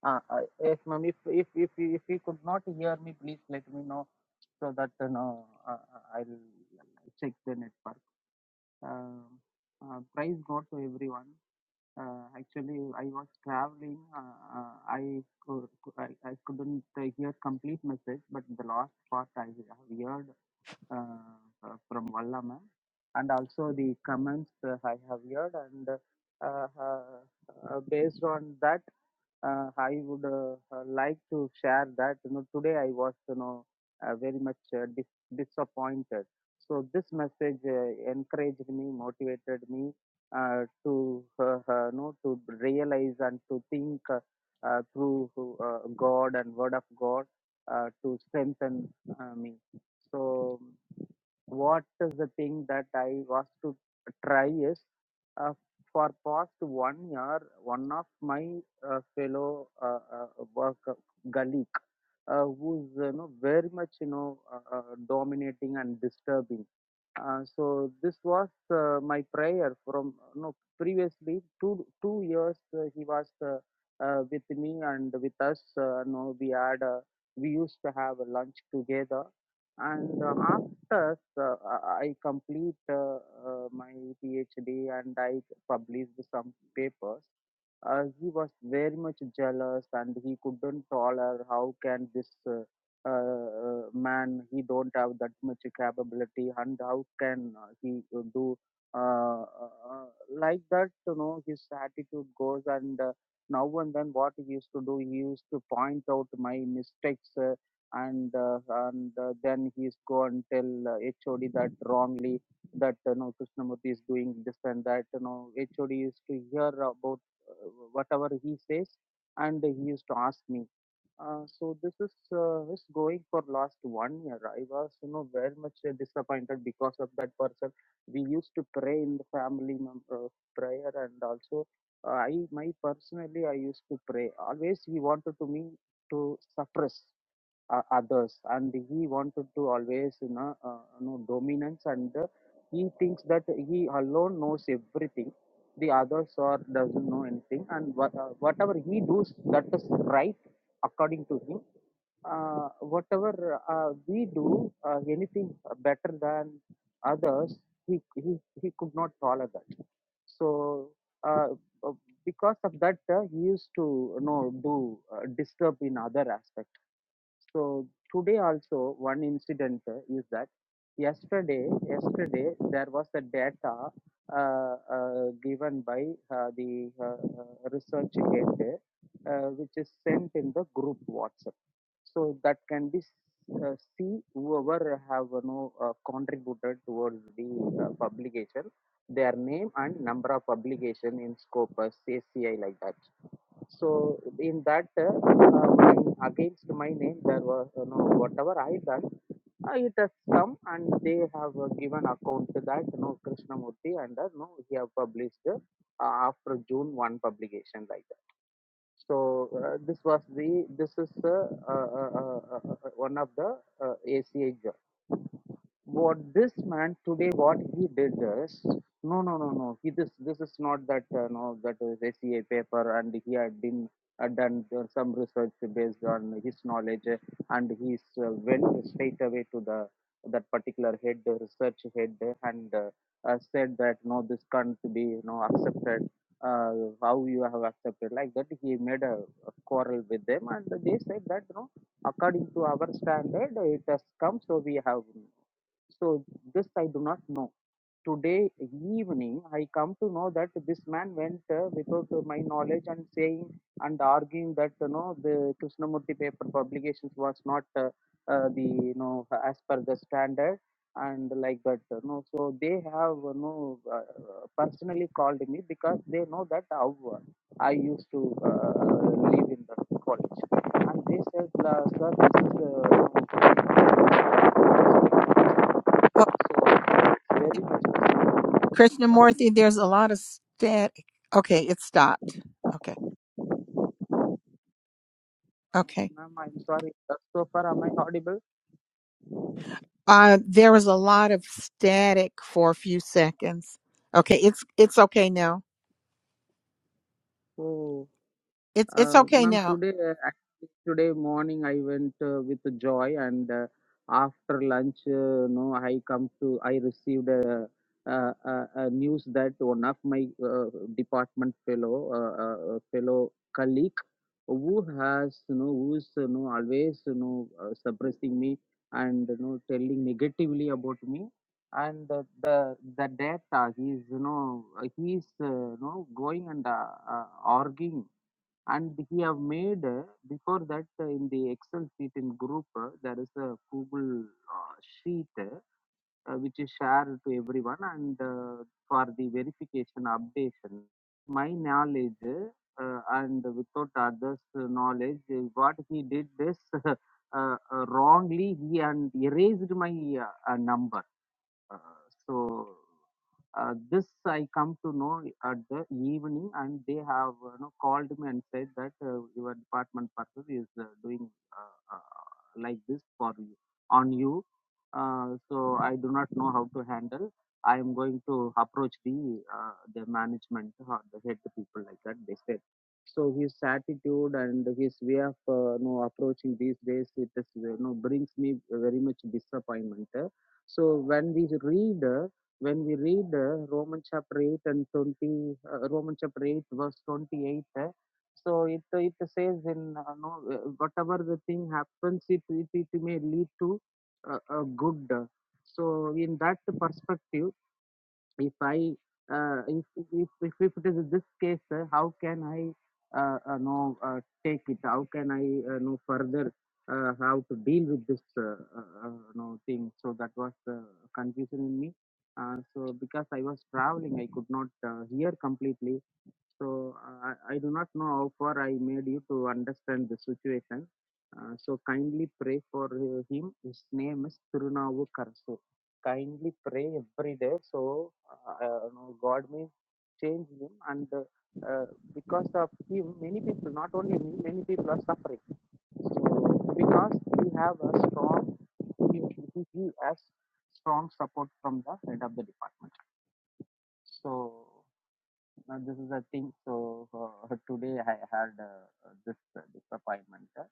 [SPEAKER 14] Uh, uh, yes, ma'am. If if if if you could not hear me, please let me know so that you know uh, uh, I'll check the network. Um uh, praise God to everyone. Uh, actually, I was traveling. Uh, uh, I, could, I I couldn't uh, hear complete message, but the last part I have heard uh, from Vallama and also the comments uh, I have heard and uh, uh, uh, based on that uh, I would uh, uh, like to share that you know today I was you know uh, very much uh, dis- disappointed so this message uh, encouraged me motivated me uh, to uh, uh, know to realize and to think uh, uh, through uh, God and word of God uh, to strengthen uh, me so what is the thing that I was to try is uh, for past one year, one of my uh, fellow uh, uh, work colleague uh, who's you know very much you know uh, uh, dominating and disturbing. Uh, so this was uh, my prayer from uh, no previously two two years uh, he was uh, uh, with me and with us. Uh, no, we had uh, we used to have a lunch together, and uh, after uh, I complete uh, uh, my PhD and I published some papers. Uh, he was very much jealous and he couldn't tolerate how can this uh, uh, uh, man he don't have that much capability and how can uh, he uh, do uh, uh, uh, like that you know his attitude goes and uh, now and then what he used to do he used to point out my mistakes uh, and uh, and uh, then he's go and tell uh, hod that wrongly that you know krishnamurti is doing this and that you know hod used to hear about uh, whatever he says and he used to ask me uh, so this is uh, is going for last one year. I was, you know, very much uh, disappointed because of that person. We used to pray in the family mem- uh, prayer, and also uh, I, my personally, I used to pray. Always he wanted to me to suppress uh, others and he wanted to always you know, uh, you know dominance and uh, he thinks that he alone knows everything the others or doesn't know anything and what, uh, whatever he does that is right according to him uh, whatever uh, we do uh, anything better than others he, he he could not follow that so uh, uh, because of that uh, he used to you know do uh, disturb in other aspects so today also one incident uh, is that yesterday yesterday there was the data uh, uh, given by uh, the uh, uh, research gate uh, which is sent in the group WhatsApp. So that can be s- uh, see whoever have you know, uh, contributed towards the uh, publication, their name and number of publication in Scopus, ACI like that so in that, uh, uh, my, against my name, there was you know whatever I done, uh, it has come and they have uh, given account to that you know Krishnamurti and uh, no he have published uh, after June one publication like that. So uh, this was the this is uh, uh, uh, uh, uh, uh, one of the uh, ACA journal what this man today what he did is no no no no he this this is not that uh, no that is SEA paper and he had been uh, done uh, some research based on his knowledge uh, and he uh, went straight away to the that particular head uh, research head uh, and uh, uh, said that no this can't be you know accepted uh, how you have accepted like that he made a, a quarrel with them and they said that no according to our standard it has come so we have so this I do not know. Today evening, I come to know that this man went uh, without uh, my knowledge and saying and arguing that you know the Krishnamurti paper publications was not uh, uh, the you know as per the standard and like that. You know, so they have you know uh, personally called me because they know that how uh, I used to uh, live in the college, and they said, uh, "Sir, this is." Uh,
[SPEAKER 1] Oh,
[SPEAKER 14] so, very much.
[SPEAKER 1] Krishnamurti, there's a lot of static. Okay, it stopped. Okay, okay.
[SPEAKER 14] Ma'am, I'm sorry. Uh, So far, am I audible?
[SPEAKER 1] Uh, there was a lot of static for a few seconds. Okay, it's it's okay now.
[SPEAKER 14] Oh.
[SPEAKER 1] It's it's
[SPEAKER 14] Uh,
[SPEAKER 1] okay
[SPEAKER 14] ma'am,
[SPEAKER 1] now.
[SPEAKER 14] today uh, actually today morning I went uh, with Joy, and uh, after lunch, uh, no, I come to I received a, a, a, a news that one of my uh, department fellow uh, uh, uh, fellow colleague who has you know who's you know always you know uh, suppressing me and you know telling negatively about me and the the, the data he's you know he's uh, you know going and uh, uh, arguing and he have made uh, before that uh, in the excel sheet in group uh, there is a google uh, sheet uh, uh, which is shared to everyone and uh, for the verification updation my knowledge uh, and without others knowledge uh, what he did this uh, uh, wrongly he and erased my uh, uh, number uh, so uh, this I come to know at the evening, and they have uh, you know, called me and said that uh, your department person is uh, doing uh, uh, like this for you on you. Uh, so I do not know how to handle. I am going to approach the uh, the management or the head people like that. They said. So his attitude and his way of uh, you know, approaching these days it is you know brings me very much disappointment so when we read, uh, when we read uh, Roman chapter 8 and 20, uh, Roman chapter 8 verse 28, uh, so it it says in uh, no, uh, whatever the thing happens, it it, it may lead to uh, a good. So in that perspective if I uh, if, if if if it is this case, sir, how can I uh, uh, know uh, take it? How can I uh, know further uh, how to deal with this uh, uh, uh, know thing? So that was the confusion in me. Uh, so because I was traveling, I could not uh, hear completely. So uh, I I do not know how far I made you to understand the situation. Uh, so kindly pray for uh, him. His name is Tirunavu Karasu. Kindly pray every day. So uh, uh, no, God may change him, and uh, uh, because of him, many people, not only me, many people are suffering. So because we have a strong, he, he has strong support from the head of the department. So. Now, this is the thing. So, uh, today I had uh, uh, this uh, this appointment. uh,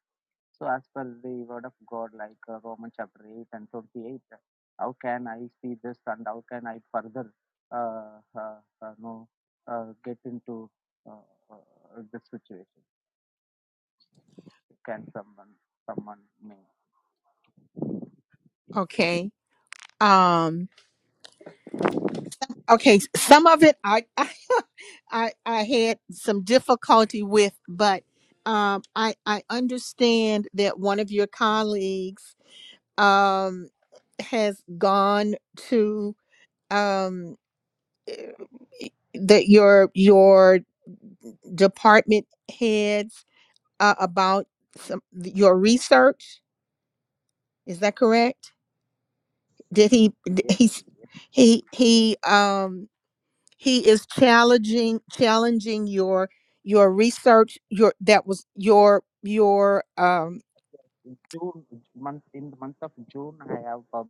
[SPEAKER 14] So, as per the word of God, like uh, Romans chapter 8 and 28, uh, how can I see this and how can I further uh, uh, uh, know, uh, get into uh, uh, this situation? Can someone, someone may?
[SPEAKER 1] Okay. Um okay, s- some of it I I I, I had some difficulty with, but um I I understand that one of your colleagues um has gone to um that your your department heads uh, about some, your research. Is that correct? Did he? d-
[SPEAKER 14] Yes,
[SPEAKER 1] He's
[SPEAKER 14] yes.
[SPEAKER 1] he he um he is challenging challenging your your research your that was your your um
[SPEAKER 14] In June, month, in the month of June, I have published.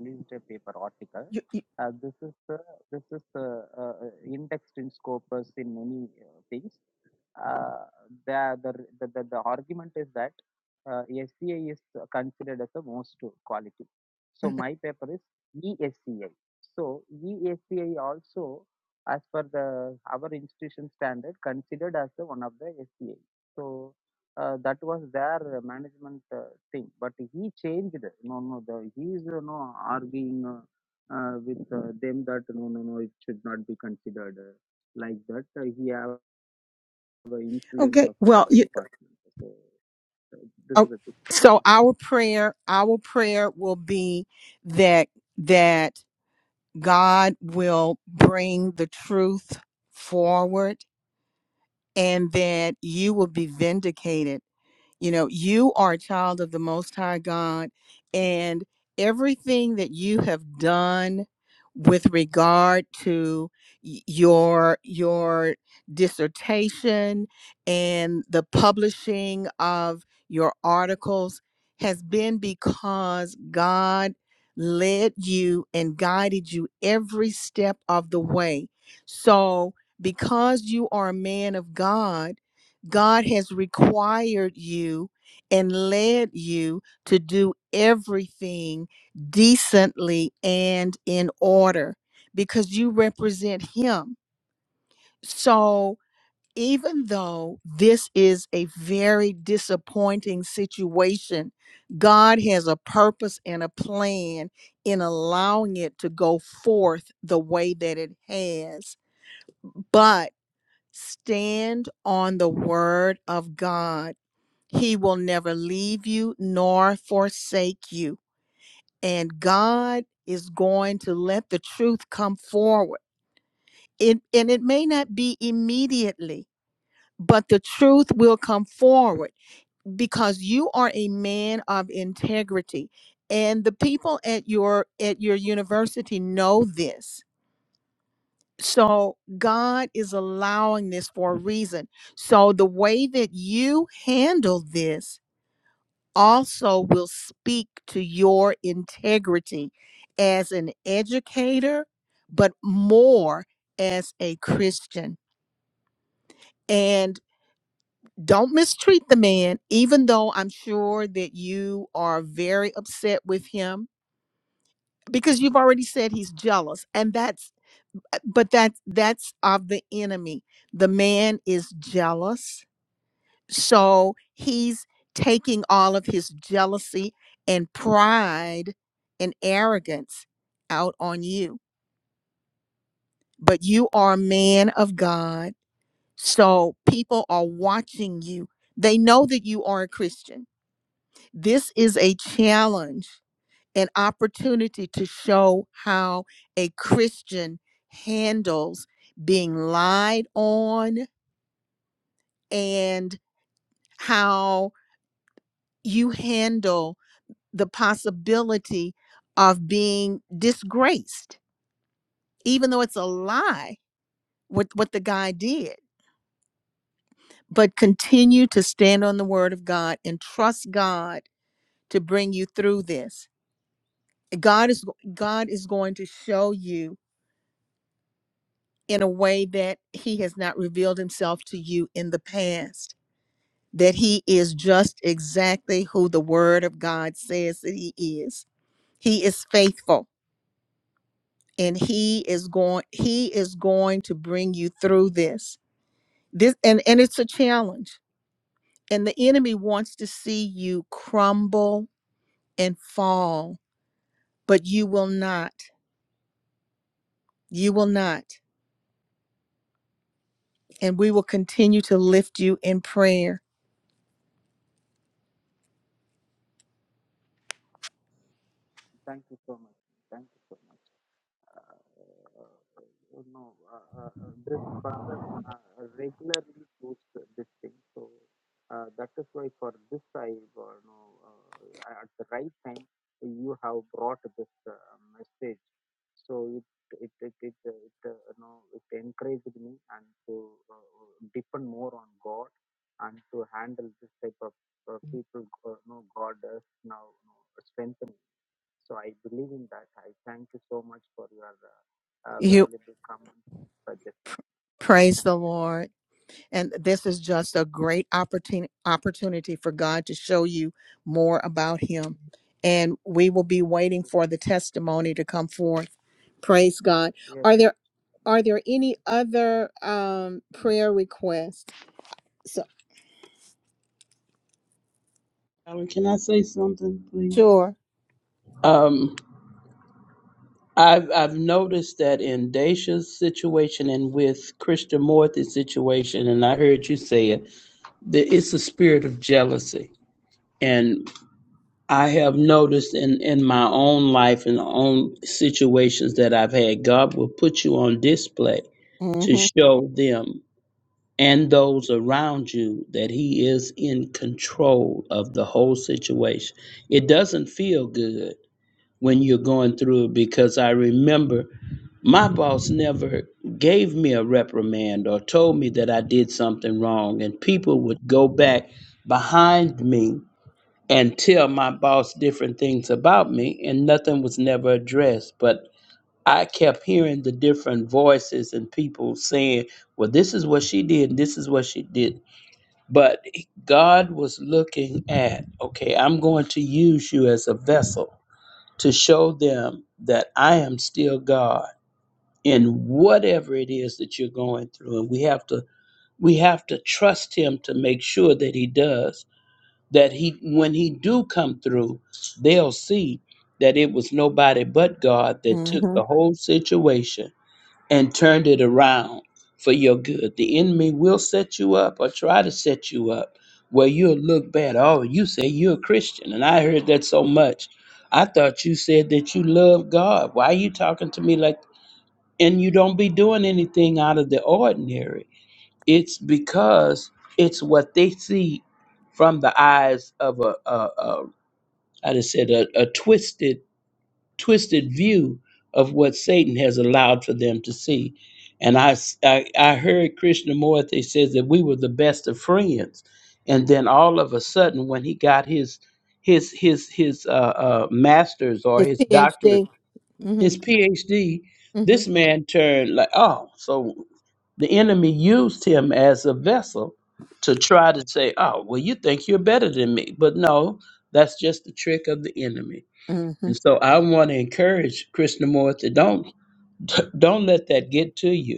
[SPEAKER 14] newspaper paper article.
[SPEAKER 1] y- y-
[SPEAKER 14] Uh, this is uh, this is uh, uh, uh, indexed in Scopus in many uh, things uh, the, the, the, the, the argument is that uh, SCI is considered as the most quality. So my paper is ESCI. So ESCI also, as per the our institution standard, considered as the one of the SCI. So uh, that was their management uh, thing. But he changed. No, no, the, he is uh, no arguing uh, uh, with uh, them that no, no, no, it should not be considered uh, like that. Uh, he have the influence
[SPEAKER 1] Okay.
[SPEAKER 14] of head
[SPEAKER 1] Well,
[SPEAKER 14] of the
[SPEAKER 1] you,
[SPEAKER 14] department. So uh, this is
[SPEAKER 1] oh,
[SPEAKER 14] the thing.
[SPEAKER 1] so
[SPEAKER 14] Yes.
[SPEAKER 1] our prayer, our prayer will be that that God will bring the truth forward and that you will be vindicated you know, you are a child of the Most High God, and everything that you have done with regard to y- your your dissertation and the publishing of your articles has been because God led you and guided you every step of the way. So, because you are a man of God, God has required you and led you to do everything decently and in order because you represent Him. So, even though this is a very disappointing situation, God has a purpose and a plan in allowing it to go forth the way that it has. But stand on the word of God he will never leave you nor forsake you. And God is going to let the truth come forward. It, and it may not be immediately, but the truth will come forward because you are a man of integrity. And the people at your at your university know this. So God is allowing this for a reason. So the way that you handle this also will speak to your integrity as an educator, but more as a Christian. And don't mistreat the man, even though I'm sure that you are very upset with him because you've already said he's jealous. And that's, but that's, that's of the enemy. The man is jealous So he's taking all of his jealousy and pride and arrogance out on you. But you are a man of God. So people are watching you. They know that you are a Christian. This is a challenge, an opportunity to show how a Christian handles being lied on and how you handle the possibility of being disgraced, even though it's a lie what, what the guy did. But continue to stand on the word of God and trust God to bring you through this. God is God is going to show you in a way that He has not revealed Himself to you in the past. That He is just exactly who the Word of God says that He is. He is faithful. and he is going he is going to bring you through this this and and it's a challenge and the enemy wants to see you crumble and fall but you will not you will not and we will continue to lift you in prayer
[SPEAKER 14] Thank you so much. Thank you so much. Uh, you know, uh, uh, uh, this person uh, regularly posts this thing. So uh, that is why for this I, uh, you know, uh, at the right time you have brought this uh, message. So it it it it, uh, it uh, you know it encouraged me and to uh, uh, depend more on God and to handle this type of uh, people. Uh, you know, God is now you know, strengthening. So I believe in that. I thank you so much for your uh, uh,
[SPEAKER 1] You
[SPEAKER 14] valuable comments, suggestions.
[SPEAKER 1] pr- praise
[SPEAKER 14] Thank
[SPEAKER 1] the Lord. And this is just a great opportunity opportunity for God to show you more about him. And we will be waiting for the testimony to come forth. Praise God.
[SPEAKER 14] you. Yes,
[SPEAKER 1] Are there are there any other um prayer requests? So
[SPEAKER 6] Howard, can I say something, please?
[SPEAKER 1] sure.
[SPEAKER 6] Um, I've I've noticed that in Dacia's situation and with Christian Morthy's situation, and I heard you say it, that it's a spirit of jealousy. and. I have noticed in, in my own life and own situations that I've had, God will put you on display
[SPEAKER 1] hmm
[SPEAKER 6] to show them and those around you that He is in control of the whole situation. It doesn't feel good when you're going through it because I remember my boss never gave me a reprimand or told me that I did something wrong, and people would go back behind me and tell my boss different things about me, and nothing was never addressed. But I kept hearing the different voices and people saying, Well, this is what she did, this is what she did. But God was looking at, okay, I'm going to use you as a vessel to show them that I am still God in whatever it is that you're going through. And we have to we have to trust him to make sure that he does that he when he do come through they'll see that it was nobody but god that took
[SPEAKER 1] hmm
[SPEAKER 6] the whole situation and turned it around for your good the enemy will set you up or try to set you up where you'll look bad oh you say you're a christian and i heard that so much i thought you said that you love god why are you talking to me like and you don't be doing anything out of the ordinary it's because it's what they see from the eyes of a, a, a I just said a, a twisted, twisted view of what Satan has allowed for them to see. And I, s- I, I heard Krishnamurti says that we were the best of friends, and then all of a sudden, when he got his his his his uh, uh, master's or
[SPEAKER 1] His
[SPEAKER 6] his doctorate,
[SPEAKER 1] PhD. Mm-hmm.
[SPEAKER 6] his PhD,
[SPEAKER 1] Mm-hmm.
[SPEAKER 6] this man turned like, oh, so the enemy used him as a vessel to try to say, oh, well, you think you're better than me. But no, that's just the trick of the enemy.
[SPEAKER 1] Mm-hmm.
[SPEAKER 6] And so I want to encourage Krishnamurti, don't don't let that get to you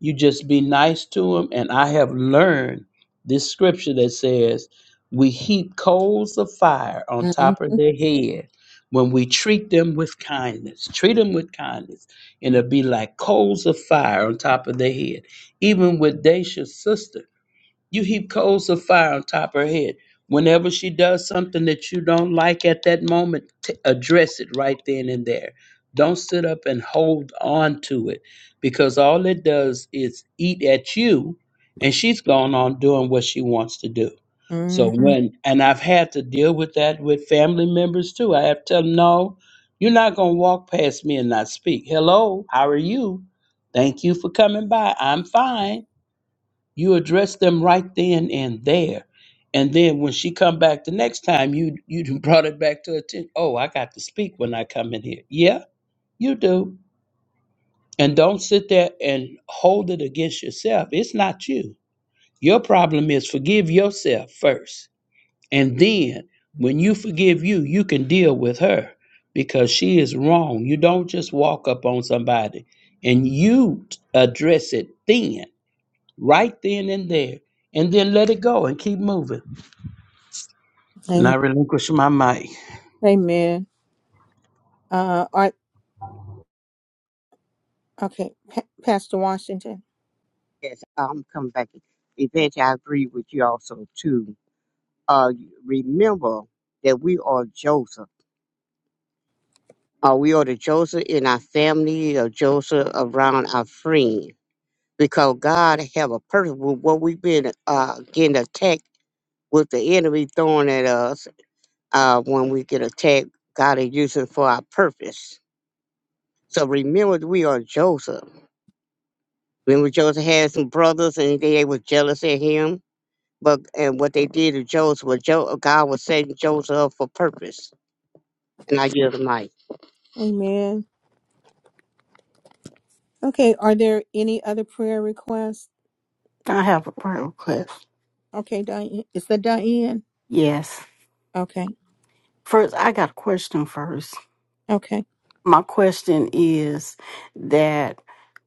[SPEAKER 6] you just be nice to them. And I have learned this scripture that says, We heap coals of fire on
[SPEAKER 1] Mm-hmm.
[SPEAKER 6] top of their head when we treat them with kindness. Treat them with kindness. And it'll be like coals of fire on top of their head. Even with Dacia's sister. You heap coals of fire on top of her head. Whenever she does something that you don't like at that moment, t- address it right then and there. Don't sit up and hold on to it because all it does is eat at you, and she's gone on doing what she wants to do. So
[SPEAKER 1] Mm-hmm.
[SPEAKER 6] when and I've had to deal with that with family members too. I have to tell them, no, you're not gonna walk past me and not speak. Hello, how are you? Thank you for coming by. I'm fine you address them right then and there. And then when she come back the next time, you you done brought it back to attention. Oh, I got to speak when I come in here. Yeah, you do. And don't sit there and hold it against yourself. It's not you. Your problem is forgive yourself first. And then when you forgive you, you can deal with her because she is wrong. You don't just walk up on somebody and you address it then right then and there, and then let it go and keep moving. And I
[SPEAKER 1] Amen.
[SPEAKER 6] relinquish my mic.
[SPEAKER 1] Amen. Uh, all right. Okay. Pa- Pastor Washington.
[SPEAKER 13] Yes, I'm coming back. Eventually, I agree with you also, too. Uh, remember that we are Joseph. Uh, we are the Joseph in our family, or Joseph around our friend. because God have a purpose with what we've been uh, getting attacked with the enemy throwing at us uh, when we get attacked. God is using it for our purpose. So remember, we are Joseph. Remember, Joseph had some brothers, and they were jealous at him. But and what they did to Joseph, was Jo- God was setting Joseph up for purpose. And I yield the mic.
[SPEAKER 1] Amen. Okay. Are there any other prayer requests?
[SPEAKER 15] I have a prayer request.
[SPEAKER 1] Okay, Diane. Is that Diane?
[SPEAKER 15] Yes.
[SPEAKER 1] Okay.
[SPEAKER 15] First, I got a question first.
[SPEAKER 1] Okay.
[SPEAKER 15] My question is that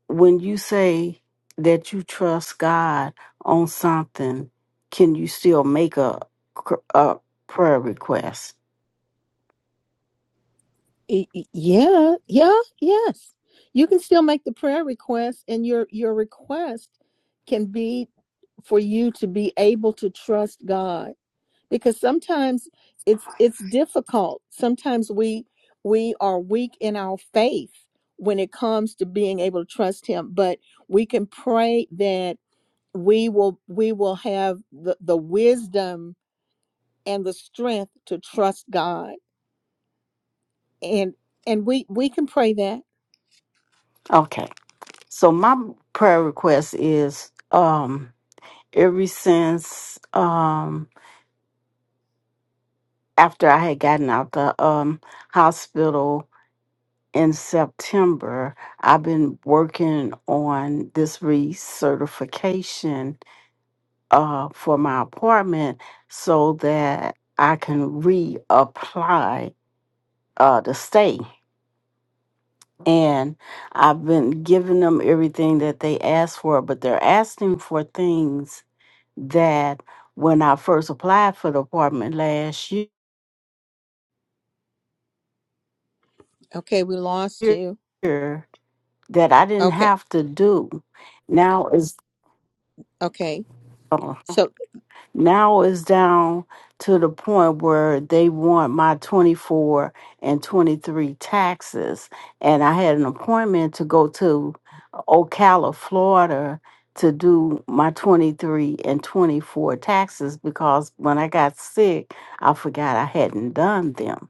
[SPEAKER 15] when you say that you trust God on something, can you still make a, cr- a prayer request?
[SPEAKER 1] Y- y- Yeah. Yeah. Yes. You can still make the prayer request, and your your request can be for you to be able to trust God because sometimes it's it's difficult. Sometimes we we are weak in our faith when it comes to being able to trust him, but we can pray that we will we will have the, the wisdom and the strength to trust God. And and we we can pray that.
[SPEAKER 15] Okay. So my prayer request is um ever since um after I had gotten out the um hospital in September, I've been working on this recertification uh, for my apartment so that I can reapply uh, to stay. And I've been giving them everything that they asked for, but they're asking for things that when I first applied for the apartment last year,
[SPEAKER 1] Okay, we lost you.
[SPEAKER 15] that I didn't
[SPEAKER 1] Okay.
[SPEAKER 15] have to do. Now is
[SPEAKER 1] Okay. So
[SPEAKER 15] Now it's down to the point where they want my 24 and 23 taxes. And I had an appointment to go to Ocala, Florida to do my 23 and 24 taxes because when I got sick, I forgot I hadn't done them.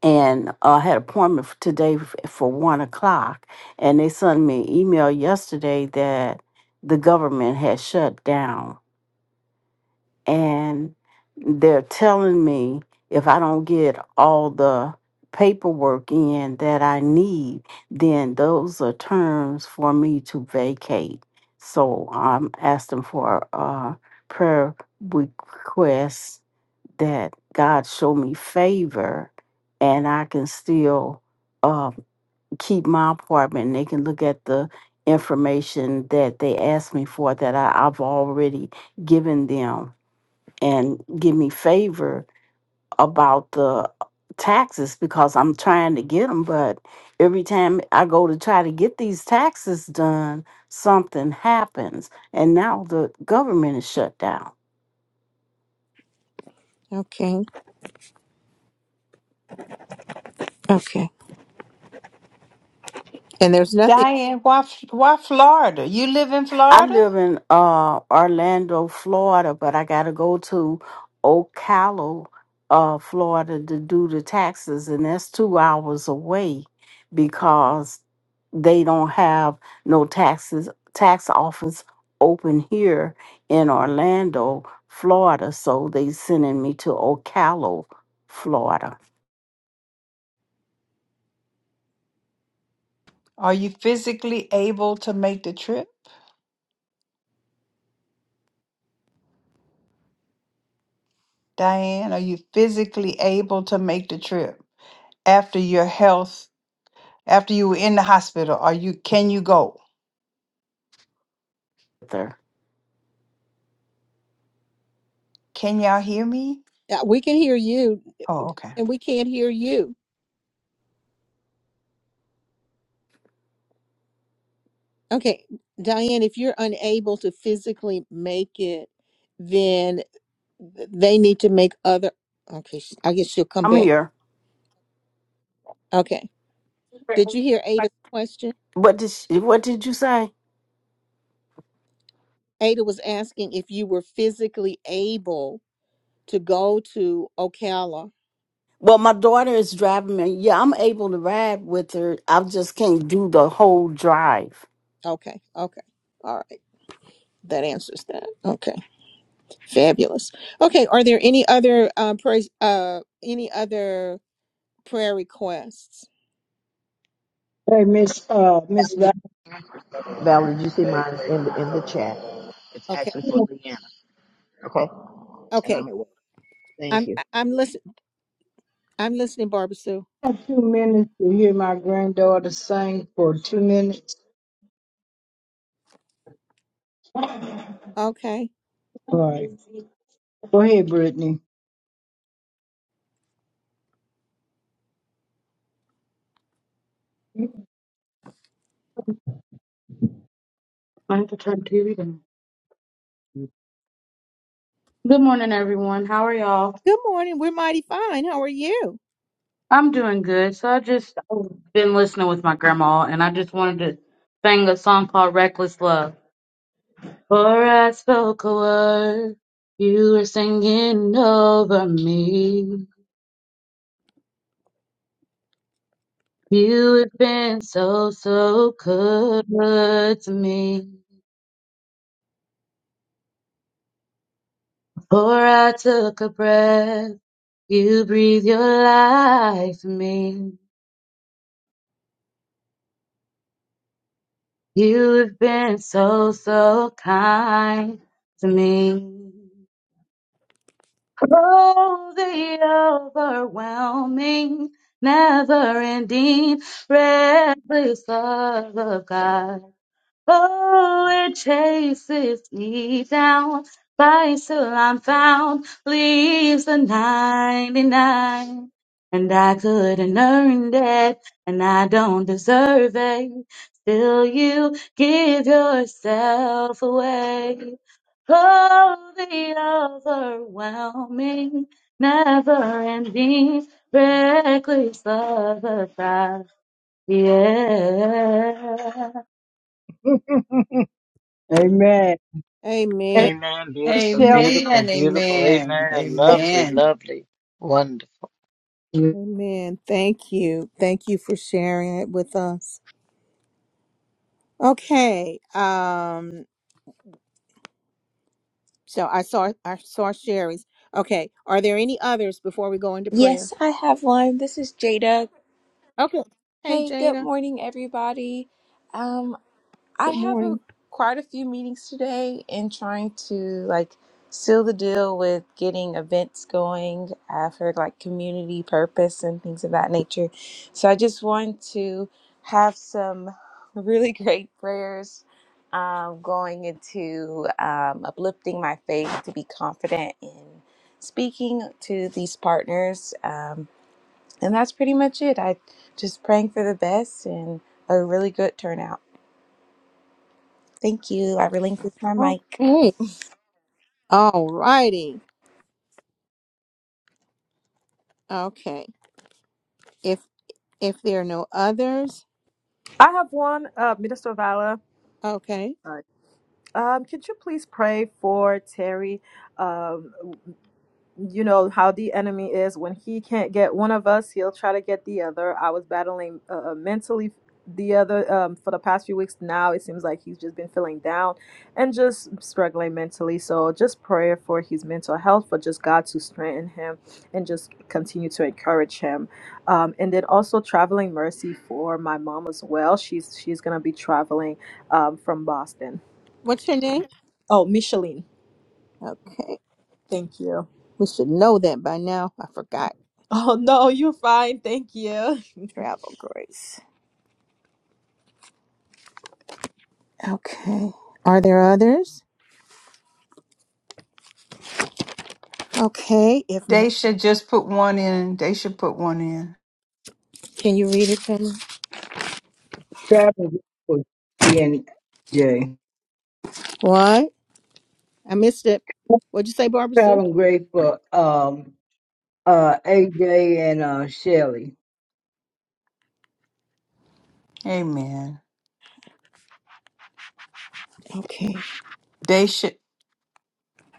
[SPEAKER 15] And uh, I had an appointment for today f- for one o'clock. And they sent me an email yesterday that the government had shut down and they're telling me if I don't get all the paperwork in that I need, then those are terms for me to vacate. So I'm asking for a prayer request that God show me favor and I can still uh, keep my apartment. They can look at the information that they asked me for that I, I've already given them and give me favor about the taxes because I'm trying to get them. But every time I go to try to get these taxes done, something happens. And now the government is shut down.
[SPEAKER 1] okay. Okay. And there's nothing
[SPEAKER 3] Diane, why, F- why Florida? You live in
[SPEAKER 15] I
[SPEAKER 3] Florida?
[SPEAKER 15] live in uh, Orlando, Florida, but I got to go to Ocala, uh, Florida to do the taxes, and that's two hours away because they don't have no taxes tax office open here in Orlando, Florida. So they sending me to Ocala, Florida.
[SPEAKER 3] Are you physically able to make the trip? Diane, are you physically able to make the trip after your health, after you were in the hospital? Are you, can you go?
[SPEAKER 15] There,
[SPEAKER 3] Can y'all hear me?
[SPEAKER 1] uh, we can hear you
[SPEAKER 3] Oh, okay.
[SPEAKER 1] and we can't hear you. Okay, Diane, if you're unable to physically make it, then they need to make other Okay, she- I guess she'll come
[SPEAKER 15] I'm
[SPEAKER 1] back.
[SPEAKER 15] here.
[SPEAKER 1] Okay. Did you hear Ada's question?
[SPEAKER 15] What did she, what did you say?
[SPEAKER 1] Ada was asking if you were physically able to go to Ocala
[SPEAKER 15] Well, my daughter is driving me. Yeah, I'm able to ride with her. I just can't do the whole drive.
[SPEAKER 1] Okay, okay. All right. That answers that. Okay. Fabulous. Okay, are there any other uh praise uh any other prayer requests?
[SPEAKER 4] hey, Miss, uh, Miss Val,
[SPEAKER 5] Valerie, did you see mine's in the, in the chat? It's
[SPEAKER 1] Okay.
[SPEAKER 5] actually for
[SPEAKER 4] I
[SPEAKER 5] Leanna. Okay. And
[SPEAKER 1] Okay.
[SPEAKER 5] I'm at work. Thank
[SPEAKER 1] I'm
[SPEAKER 5] you.
[SPEAKER 1] I- I'm listening. I'm listening, Barbara Sue.
[SPEAKER 4] have two minutes to hear my granddaughter sing for two minutes.
[SPEAKER 1] Okay.
[SPEAKER 4] All right. Go ahead, Brittany. I have to turn TV down. Good morning, everyone. How are y'all?
[SPEAKER 1] Good morning. We're mighty fine. How are you?
[SPEAKER 4] I'm doing good. So I just I've been listening with my grandma, and I just wanted to sing a song called "Reckless Love." Before I spoke a word, you were singing over me. You have been so so good to me. Before I took a breath, you breathe your life in me. You have been so so kind to me. Oh, the overwhelming, never ending, reckless love of God. Oh, it chases me down. By till I'm found, leaves the 99. And I couldn't earn that, and I don't deserve it. Still, you give yourself away. Oh, the overwhelming, never ending, reckless love of God. Yeah. Amen.
[SPEAKER 1] Amen.
[SPEAKER 16] Amen. Beautiful,
[SPEAKER 4] Michelle,
[SPEAKER 16] beautiful,
[SPEAKER 3] Amen.
[SPEAKER 16] beautiful.
[SPEAKER 3] Amen.
[SPEAKER 16] Amen. Lovely,
[SPEAKER 3] Amen.
[SPEAKER 16] lovely. Wonderful.
[SPEAKER 1] Amen. Thank you. Thank you for sharing it with us. Okay. Um, so I saw I saw Sherry's. Okay. Are there any others before we go into prayer?
[SPEAKER 17] Yes, I have one. This is Jada.
[SPEAKER 1] Okay. Hey
[SPEAKER 17] Hey, good
[SPEAKER 1] Jada.
[SPEAKER 17] morning, everybody. Um, I
[SPEAKER 1] Good
[SPEAKER 17] have
[SPEAKER 1] morning.
[SPEAKER 17] a quite a few meetings today and trying to like seal the deal with getting events going uh, for like community purpose and things of that nature. So I just want to have some really great prayers um, going into um, uplifting my faith to be confident in speaking to these partners. Um, and that's pretty much it. I just praying for the best and a really good turnout. Thank you. I relinquish my mic.
[SPEAKER 1] Okay. All righty. Okay. If if there are no others,
[SPEAKER 11] I have one, uh, Minister Vala.
[SPEAKER 1] okay.
[SPEAKER 11] All right. Um, could you please pray for Terry? uh, you know how the enemy is when he can't get one of us he'll try to get the other i was battling uh, uh, mentally the other um, for the past few weeks now it seems like he's just been feeling down and just struggling mentally so just prayer for his mental health for just god to strengthen him and just continue to encourage him um, and then also traveling mercy for my mom as well she's she's gonna be traveling um, from boston
[SPEAKER 1] What's your name?
[SPEAKER 11] oh micheline
[SPEAKER 1] Okay.
[SPEAKER 11] thank you
[SPEAKER 1] We should know that by now. I forgot.
[SPEAKER 11] oh no you're fine thank you
[SPEAKER 1] Travel Grace. Okay. Are there others? Okay. If not,
[SPEAKER 3] They should just put one in. They should put one in.
[SPEAKER 1] can you read it to me?
[SPEAKER 4] traveling for and Jay,
[SPEAKER 1] What? I missed it. What'd you say, Barbara Sue?
[SPEAKER 4] traveling great for um uh AJ and uh Shelly.
[SPEAKER 3] Amen.
[SPEAKER 1] Okay.
[SPEAKER 3] They should.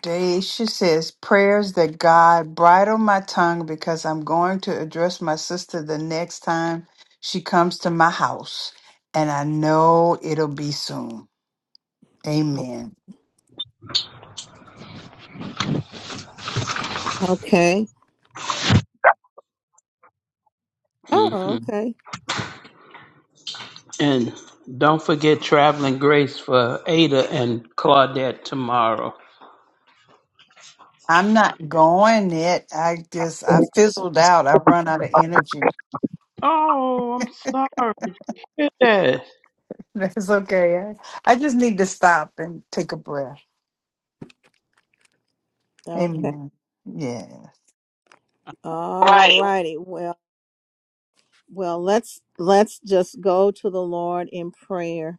[SPEAKER 3] Daisha says, prayers that God bridle my tongue because I'm going to address my sister the next time she comes to my house. And I know it'll be soon. Amen.
[SPEAKER 1] Okay. Oh,
[SPEAKER 6] hmm
[SPEAKER 1] okay.
[SPEAKER 6] And don't forget traveling grace for Ada and Claudette tomorrow.
[SPEAKER 3] I'm not going it. I just I fizzled out. I run out of energy.
[SPEAKER 6] Oh, I'm sorry. Yes,
[SPEAKER 3] That's okay. I, I just need to stop and take a breath.
[SPEAKER 1] Okay.
[SPEAKER 3] Amen. Yes.
[SPEAKER 1] All
[SPEAKER 6] Right.
[SPEAKER 1] righty. Well, well, let's let's just go to the Lord in prayer.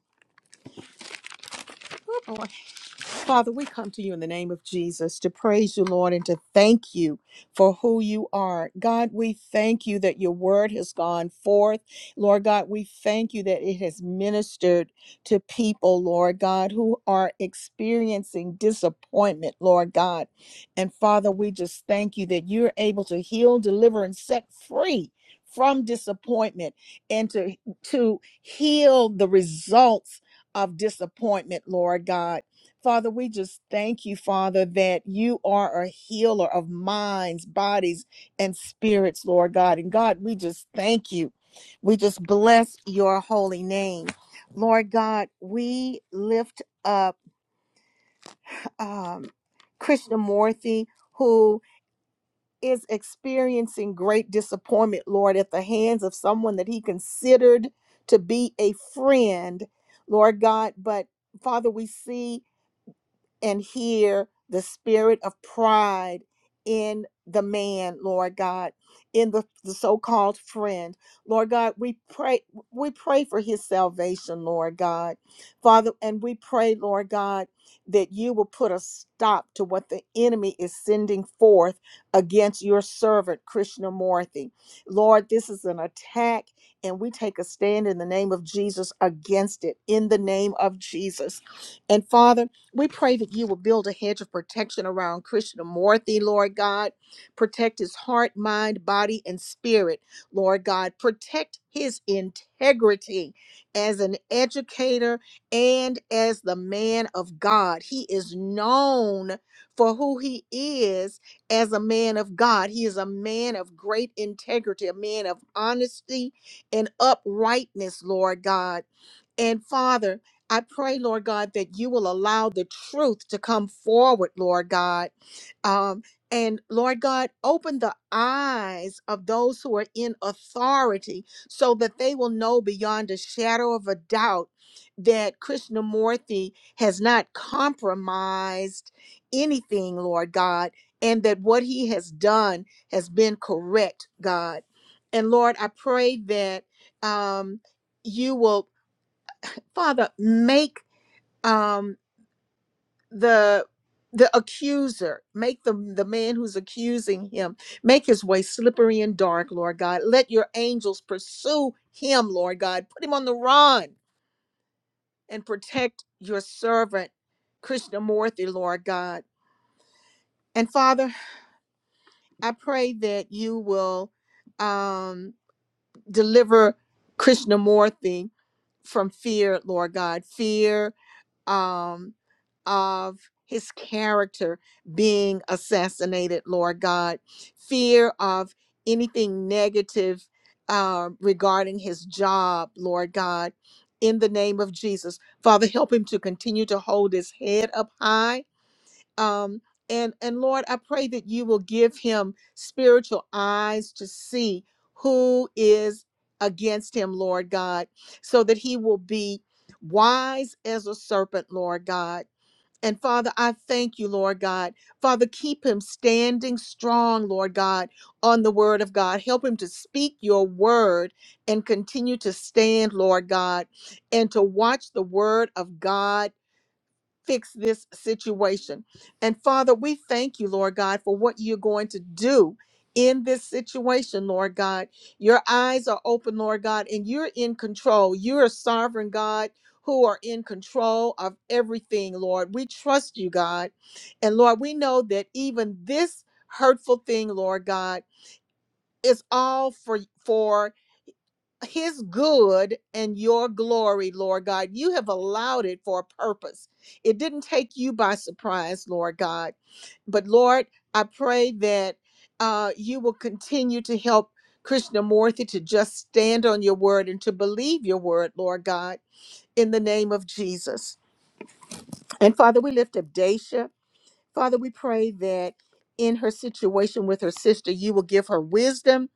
[SPEAKER 1] Father, we come to you in the name of Jesus to praise you, Lord, and to thank you for who you are. God, we thank you that your word has gone forth. Lord God, we thank you that it has ministered to people, Lord God, who are experiencing disappointment, Lord God. And Father, we just thank you that you're able to heal, deliver, and set free from disappointment and to to heal the results of disappointment, Lord God. Father, we just thank you, Father, that you are a healer of minds, bodies, and spirits, Lord God. And God, we just thank you. We just bless your holy name. Lord God, we lift up um, Krishnamurti, who is experiencing great disappointment, Lord, at the hands of someone that he considered to be a friend, Lord God. But Father, we see and hear the spirit of pride in the man, Lord God, in the, the so-called friend. Lord God, we pray we pray for his salvation, Lord God. Father, and we pray, Lord God, that you will put a stop to what the enemy is sending forth against your servant Krishnamurti. Lord, this is an attack and we take a stand in the name of Jesus against it in the name of Jesus. And Father, we pray that you will build a hedge of protection around Krishnamurti, Lord God. Protect his heart, mind, body, and spirit, Lord God. Protect his integrity as an educator and as the man of God. He is known for who he is as a man of God. He is a man of great integrity, a man of honesty and uprightness, Lord God. And Father, I pray, Lord God, that you will allow the truth to come forward, Lord God. Um, and Lord God, open the eyes of those who are in authority so that they will know beyond a shadow of a doubt that Krishnamurti has not compromised anything, Lord God, and that what he has done has been correct, God. And Lord, I pray that um, you will Father, make um, the the accuser, make the the man who's accusing him, make his way slippery and dark, Lord God. Let your angels pursue him, Lord God. Put him on the run and protect your servant, Krishnamurti, Lord God. And Father, I pray that you will um, deliver Krishnamurti from fear, Lord God, fear um, of his character being assassinated, Lord God, fear of anything negative uh, regarding his job, Lord God, in the name of Jesus. Father, help him to continue to hold his head up high um and and lord i pray that you will give him spiritual eyes to see who is against him lord god so that he will be wise as a serpent lord god and Father, I thank you, Lord God. Father, keep him standing strong, Lord God, on the word of God. Help him to speak your word and continue to stand, Lord God, and to watch the word of God fix this situation. And Father, we thank you, Lord God, for what you're going to do in this situation, Lord God. Your eyes are open, Lord God, and you're in control. You're a sovereign God who are in control of everything, Lord. We trust you, God. And Lord, we know that even this hurtful thing, Lord God, is all for for his good and your glory, Lord God. You have allowed it for a purpose. It didn't take you by surprise, Lord God. But Lord, I pray that uh, you will continue to help Krishnamurti to just stand on your word and to believe your word, Lord God, in the name of Jesus. And Father, we lift up Daisha. Father, we pray that in her situation with her sister, you will give her wisdom,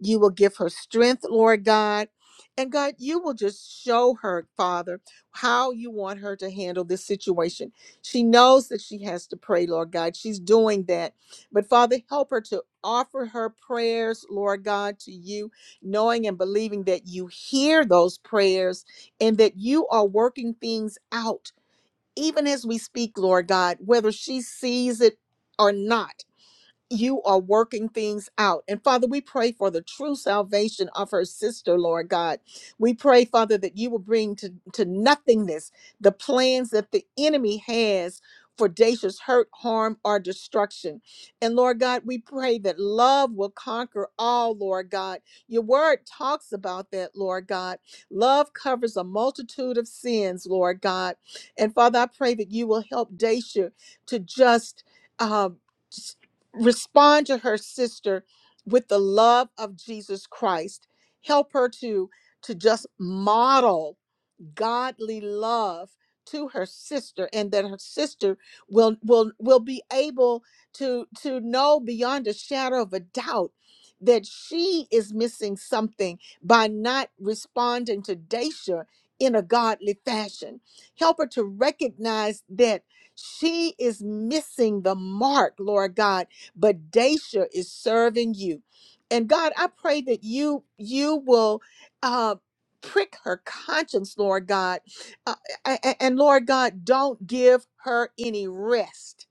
[SPEAKER 1] you will give her strength, Lord God. And God, you will just show her, Father, how you want her to handle this situation. She knows that she has to pray, Lord God. She's doing that. But Father, help her to offer her prayers, Lord God, to you, knowing and believing that you hear those prayers and that you are working things out even as we speak, Lord God, whether she sees it or not you are working things out. And Father, we pray for the true salvation of her sister, Lord God. We pray, Father, that you will bring to, to nothingness the plans that the enemy has for Dacia's hurt, harm, or destruction. And Lord God, we pray that love will conquer all, Lord God. Your word talks about that, Lord God. Love covers a multitude of sins, Lord God. And Father, I pray that you will help Dacia to just. Um, respond to her sister with the love of Jesus Christ. Help her to to just model godly love to her sister and that her sister will will will be able to to know beyond a shadow of a doubt that she is missing something by not responding to Daisha in a godly fashion. Help her to recognize that she is missing the mark, Lord God, but Daisha is serving you. And God, I pray that you you will uh, prick her conscience, Lord God. Uh, a- a- and Lord God, don't give her any rest.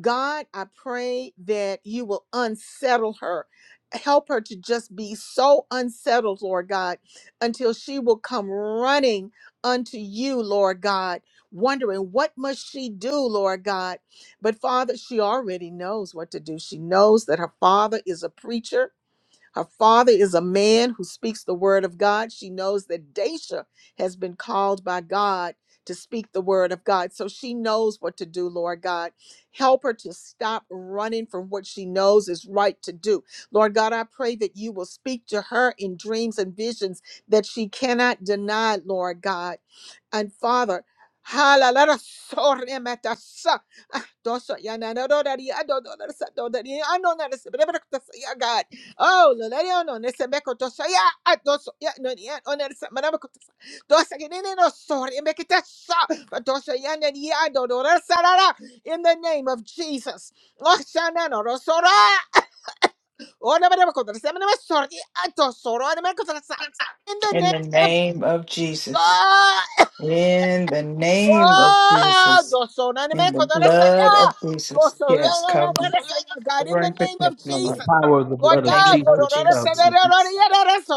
[SPEAKER 1] God, I pray that you will unsettle her. Help her to just be so unsettled, Lord God, until she will come running unto you, Lord God, wondering what must she do, Lord God. But Father, she already knows what to do. She knows that her father is a preacher. Her father is a man who speaks the word of God. She knows that Daisha has been called by God to speak the word of God. So she knows what to do, Lord God. Help her to stop running from what she knows is right to do. Lord God, I pray that you will speak to her in dreams and visions that she cannot deny, Lord God. And Father, halalala sorematasa. Ah, dosa yanadodari, adododasa, dodari, anonadasa, brebrekatasa, yeah, God, Oh, Lolario no! Loleo, Nesebeko Tosaya, Atos, Nonia, Oner Samanako, Dosaginino, sorry, and make it a Tosaya, and Yado, Sarara, in the name of Jesus. Oh, Shanano, Rosora, or the Seminary, sorry, Atosoro, and America, in the
[SPEAKER 3] In
[SPEAKER 1] name.
[SPEAKER 3] the name of Jesus.
[SPEAKER 1] oh,
[SPEAKER 3] In the name of
[SPEAKER 1] Wow!
[SPEAKER 3] Jesus.
[SPEAKER 1] God,
[SPEAKER 3] In the blood of Jesus. Yes. Cover, cover
[SPEAKER 1] in the
[SPEAKER 3] and
[SPEAKER 1] name
[SPEAKER 3] protect,
[SPEAKER 1] of
[SPEAKER 3] Lord.
[SPEAKER 1] Jesus,
[SPEAKER 6] Power of the
[SPEAKER 3] In
[SPEAKER 1] Lord
[SPEAKER 6] blood
[SPEAKER 3] the
[SPEAKER 6] of
[SPEAKER 1] God,
[SPEAKER 3] name of
[SPEAKER 6] Jesus
[SPEAKER 3] Jesus.
[SPEAKER 6] covers.
[SPEAKER 3] Yes.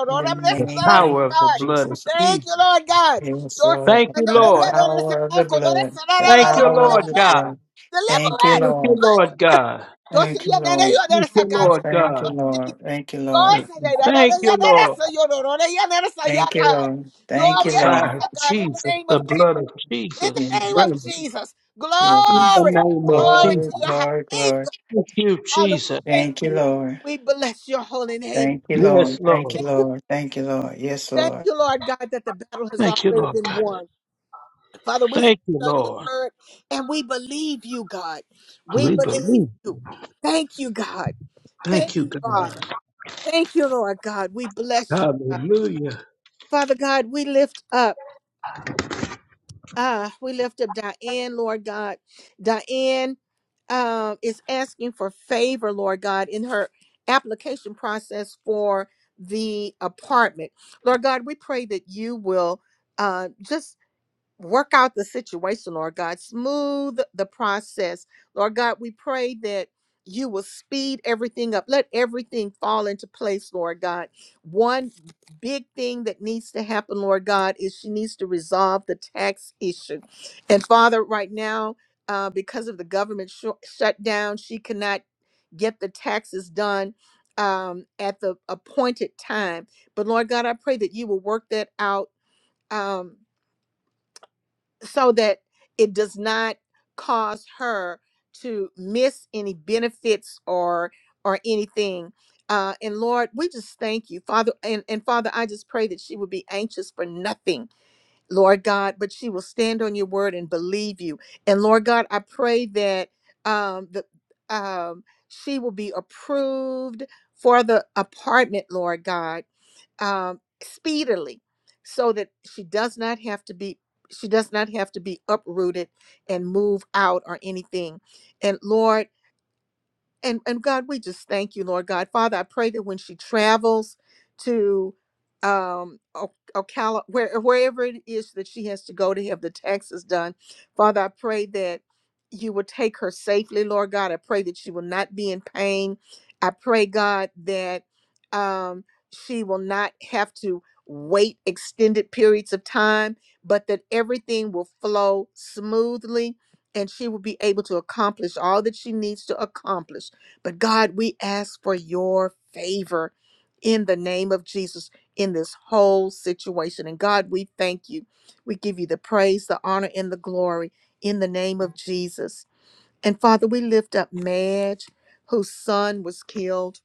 [SPEAKER 3] In the
[SPEAKER 6] The
[SPEAKER 3] name
[SPEAKER 6] power
[SPEAKER 3] of
[SPEAKER 6] of the
[SPEAKER 1] God,
[SPEAKER 6] blood of
[SPEAKER 3] Jesus.
[SPEAKER 1] thank
[SPEAKER 6] Jesus.
[SPEAKER 1] you, Lord God.
[SPEAKER 3] Yes, Lord,
[SPEAKER 6] Thank
[SPEAKER 3] the
[SPEAKER 6] you, Lord.
[SPEAKER 3] power of the blood, the
[SPEAKER 6] Thank you,
[SPEAKER 3] power
[SPEAKER 6] Lord
[SPEAKER 3] of the
[SPEAKER 6] God.
[SPEAKER 3] blood.
[SPEAKER 1] Deliver
[SPEAKER 3] Thank you,
[SPEAKER 1] us, deliver us.
[SPEAKER 6] Thank you,
[SPEAKER 3] Lord.
[SPEAKER 6] Lord God.
[SPEAKER 1] Dosa
[SPEAKER 3] Thank you,
[SPEAKER 1] yanana
[SPEAKER 3] Lord.
[SPEAKER 1] yanana
[SPEAKER 6] Thank you,
[SPEAKER 1] sa God in
[SPEAKER 6] Lord
[SPEAKER 1] the name
[SPEAKER 3] Thank you,
[SPEAKER 1] of
[SPEAKER 6] God.
[SPEAKER 3] Lord.
[SPEAKER 1] Jesus.
[SPEAKER 3] Thank you, Lord.
[SPEAKER 1] Dosa
[SPEAKER 6] Thank
[SPEAKER 1] yanana
[SPEAKER 6] you,
[SPEAKER 1] yanana
[SPEAKER 6] Lord.
[SPEAKER 1] sa yororona yanana sa ya
[SPEAKER 3] Thank you,
[SPEAKER 1] God.
[SPEAKER 3] Lord. Thank
[SPEAKER 1] Dosa
[SPEAKER 3] you,
[SPEAKER 1] yanana
[SPEAKER 3] Lord.
[SPEAKER 6] Fire of
[SPEAKER 1] sa God in the
[SPEAKER 6] Jesus,
[SPEAKER 1] name
[SPEAKER 6] the
[SPEAKER 1] of Jesus.
[SPEAKER 6] blood of
[SPEAKER 1] In the
[SPEAKER 6] Jesus,
[SPEAKER 1] name
[SPEAKER 6] burn
[SPEAKER 1] of
[SPEAKER 6] it
[SPEAKER 3] Yes.
[SPEAKER 1] Jesus.
[SPEAKER 6] in
[SPEAKER 3] Yes.
[SPEAKER 6] the
[SPEAKER 1] Glory.
[SPEAKER 6] name of
[SPEAKER 1] Glory to
[SPEAKER 3] Glory,
[SPEAKER 6] Jesus.
[SPEAKER 1] your high
[SPEAKER 3] glory,
[SPEAKER 1] name,
[SPEAKER 3] glory.
[SPEAKER 1] God.
[SPEAKER 6] Thank you,
[SPEAKER 1] Father, we
[SPEAKER 6] Jesus.
[SPEAKER 1] thank
[SPEAKER 3] Thank you,
[SPEAKER 1] you.
[SPEAKER 3] Lord.
[SPEAKER 1] We bless your holy name,
[SPEAKER 3] Thank you,
[SPEAKER 1] God.
[SPEAKER 6] Yes,
[SPEAKER 3] Lord. Thank you,
[SPEAKER 6] Lord.
[SPEAKER 1] Thank you.
[SPEAKER 3] Lord. Thank you, Lord. Yes,
[SPEAKER 1] Thank
[SPEAKER 3] Lord.
[SPEAKER 1] you, Lord God, that the battle has
[SPEAKER 6] Thank you,
[SPEAKER 1] already
[SPEAKER 6] Lord
[SPEAKER 1] been
[SPEAKER 6] God.
[SPEAKER 1] won. Father, we stand
[SPEAKER 6] Thank you,
[SPEAKER 1] on your
[SPEAKER 6] Lord.
[SPEAKER 1] word and we believe you, God. We
[SPEAKER 6] We
[SPEAKER 1] believe
[SPEAKER 6] believe.
[SPEAKER 1] you. Thank you, God.
[SPEAKER 6] Thank
[SPEAKER 1] Thank
[SPEAKER 6] you,
[SPEAKER 1] you, Father.
[SPEAKER 6] God.
[SPEAKER 1] Thank you, Lord God. We bless you, God.
[SPEAKER 6] Hallelujah.
[SPEAKER 1] Father God, we lift up. Ah, we lift up Diane, Lord God. Diane um, is asking for favor, Lord God, in her application process for the apartment. Lord God, we pray that you will uh, just work out the situation, Lord God. Smooth the process. Lord God, we pray that you will speed everything up. Let everything fall into place, Lord God. One big thing that needs to happen, Lord God, is she needs to resolve the tax issue. And Father, right now, uh, because of the government sh- shutdown, she cannot get the taxes done um, at the appointed time. But Lord God, I pray that you will work that out. Um, so that it does not cause her to miss any benefits or or anything uh and lord we just thank you father and, and father i just pray that she would be anxious for nothing lord god but she will stand on your word and believe you and lord god i pray that um the um she will be approved for the apartment lord god um, speedily so that she does not have to be she does not have to be uprooted and move out or anything and lord and and God, we just thank you, Lord God. Father, I pray that when she travels to um O- Ocala, where wherever it is that she has to go to have the taxes done, Father, I pray that you will take her safely, Lord God. I pray that she will not be in pain. I pray, God, that um she will not have to wait extended periods of time, but that everything will flow smoothly and she will be able to accomplish all that she needs to accomplish. But God, we ask for your favor in the name of Jesus in this whole situation. And God, we thank you. We give you the praise, the honor, and the glory in the name of Jesus. And Father, we lift up Madge, whose son was killed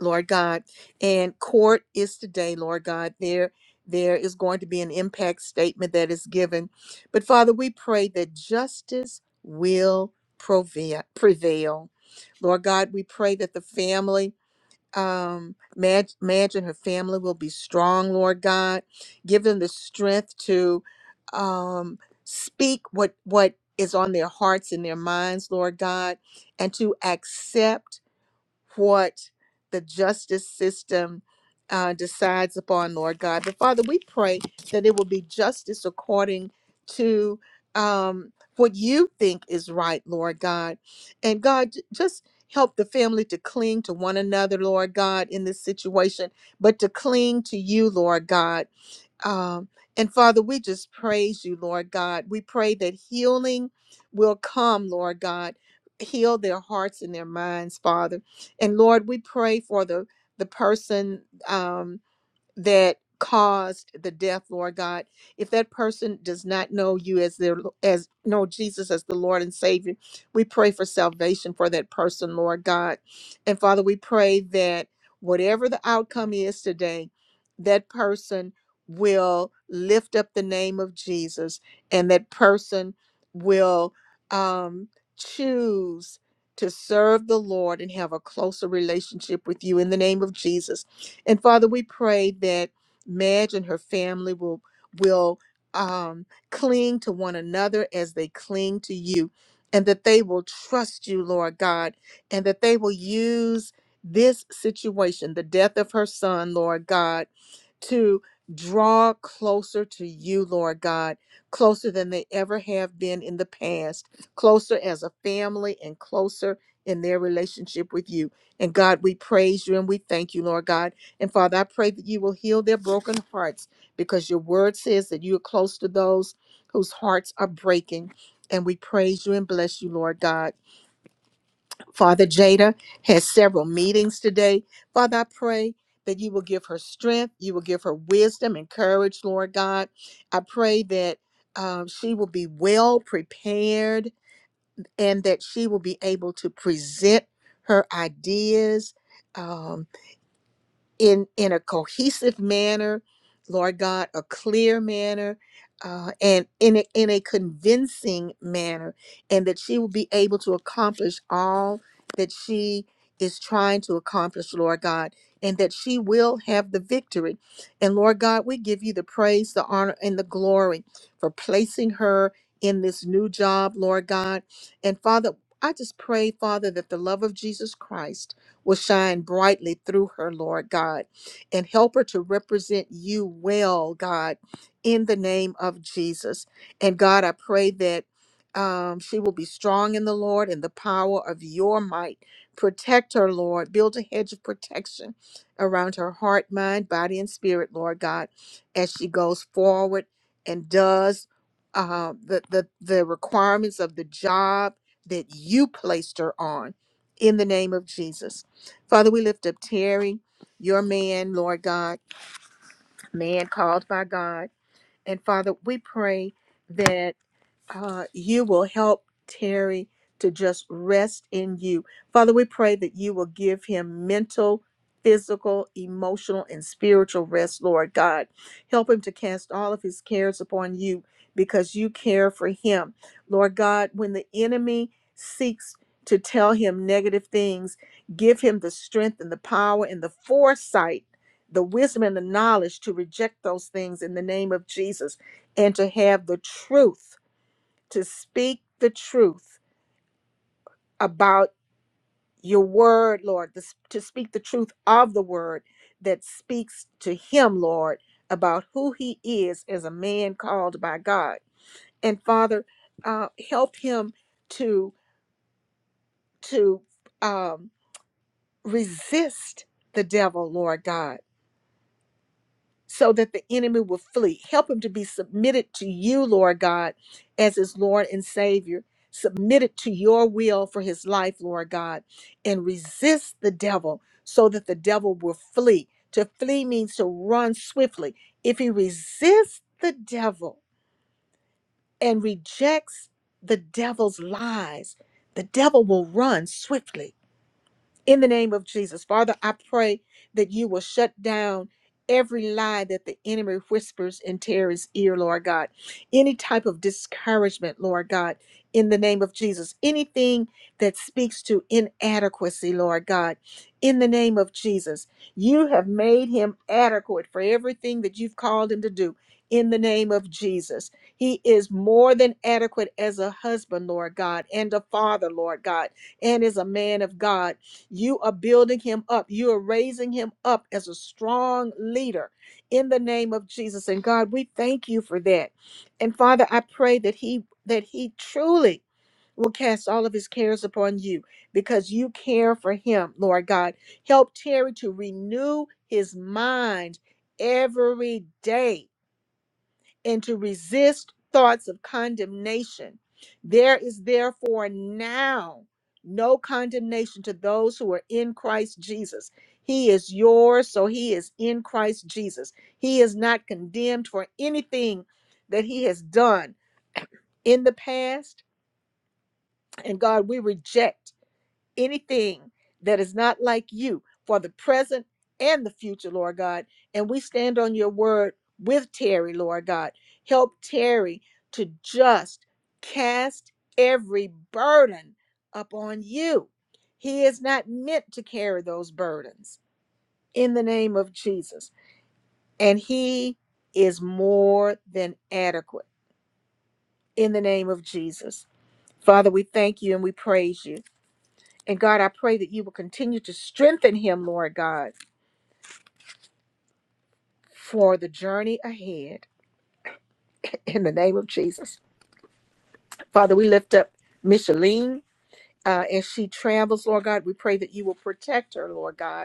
[SPEAKER 1] Lord God. And court is today, Lord God. There there is going to be an impact statement that is given. But Father, we pray that justice will prove- prevail. Lord God, we pray that the family um Mag- imagine her family will be strong lord god give them the strength to um speak what what is on their hearts and their minds lord god and to accept what the justice system uh, decides upon, Lord God. But Father, we pray that it will be justice according to um, what you think is right, Lord God. And God, j- just help the family to cling to one another, Lord God, in this situation, but to cling to you, Lord God. Um, and Father, we just praise you, Lord God. We pray that healing will come, Lord God. Heal their hearts and their minds, Father. And Lord, we pray for the the person. um, that caused the death, Lord God. If that person does not know you as their as know Jesus as the Lord and Savior, we pray for salvation for that person, Lord God. And Father, we pray that whatever the outcome is today, that person will lift up the name of Jesus and that person will um choose to serve the Lord and have a closer relationship with you in the name of Jesus. And Father, we pray that Madge and her family will will um, cling to one another as they cling to you, and that they will trust you, Lord God, and that they will use this situation, the death of her son, Lord God, to draw closer to you, Lord God, closer than they ever have been in the past, closer as a family and closer in their relationship with you. And God, we praise you and we thank you, Lord God. And Father, I pray that you will heal their broken hearts because your word says that you are close to those whose hearts are breaking. And we praise you and bless you, Lord God. Father Jada has several meetings today. Father, I pray that you will give her strength, you will give her wisdom and courage, Lord God. I pray that um, she will be well prepared and that she will be able to present her ideas. um, in in a cohesive manner lord god a clear manner uh, and in a, in a convincing manner and that she will be able to accomplish all that she is trying to accomplish lord god and that she will have the victory and lord god we give you the praise the honor and the glory for placing her in this new job lord god and father i just pray father that the love of jesus christ will shine brightly through her, Lord God, and help her to represent you well, God, in the name of Jesus. And God, I pray that um, she will be strong in the Lord and the power of your might. Protect her, Lord. Build a hedge of protection around her heart, mind, body, and spirit, Lord God, as she goes forward and does uh, the, the, the requirements of the job that you placed her on in the name of Jesus. Father, we lift up Terry, your man, Lord God, man called by God. And Father, we pray that uh, you will help Terry to just rest in you. Father, we pray that you will give him mental, physical, emotional, and spiritual rest, Lord God. Help him to cast all of his cares upon you because you care for him. Lord God, when the enemy seeks to tell him negative things, give him the strength and the power and the foresight. The wisdom and the knowledge to reject those things in the name of Jesus and to have the truth to speak the truth about your word, Lord, to s- to speak the truth of the word that speaks to him, Lord, about who he is as a man called by God. And Father, uh, help him to to um, resist the devil, Lord God so that the enemy will flee. Help him to be submitted to you, Lord God, as his Lord and Savior, submitted to your will for his life, Lord God, and resist the devil so that the devil will flee. To flee means to run swiftly. If he resists the devil and rejects the devil's lies, the devil will run swiftly in the name of Jesus. Father, I pray that you will shut down every lie that the enemy whispers in Terry's ear, Lord God. Any type of discouragement, Lord God, in the name of Jesus. Anything that speaks to inadequacy, Lord God, in the name of Jesus. You have made him adequate for everything that you've called him to do. In the name of Jesus, he is more than adequate as a husband, Lord God, and a father, Lord God, and is a man of God you are building him up. You are raising him up as a strong leader in the name of Jesus. And God, we thank you for that. And Father, I pray that he that he truly will cast all of his cares upon you because you care for him, Lord God. Help Terry to renew his mind every day and to resist thoughts of condemnation. There is therefore now no condemnation to those who are in Christ Jesus. He is yours, so he is in Christ Jesus. He is not condemned for anything that he has done in the past. And God, we reject anything that is not like you for the present and the future, Lord God. And we stand on your word with Terry, Lord God. Help Terry to just cast every burden upon you. He is not meant to carry those burdens in the name of Jesus. And he is more than adequate in the name of Jesus. Father, we thank you and we praise you. And God, I pray that you will continue to strengthen him, Lord God, for the journey ahead in the name of Jesus. Father, we lift up Micheline uh, as she travels, Lord God. We pray that you will protect her, Lord God.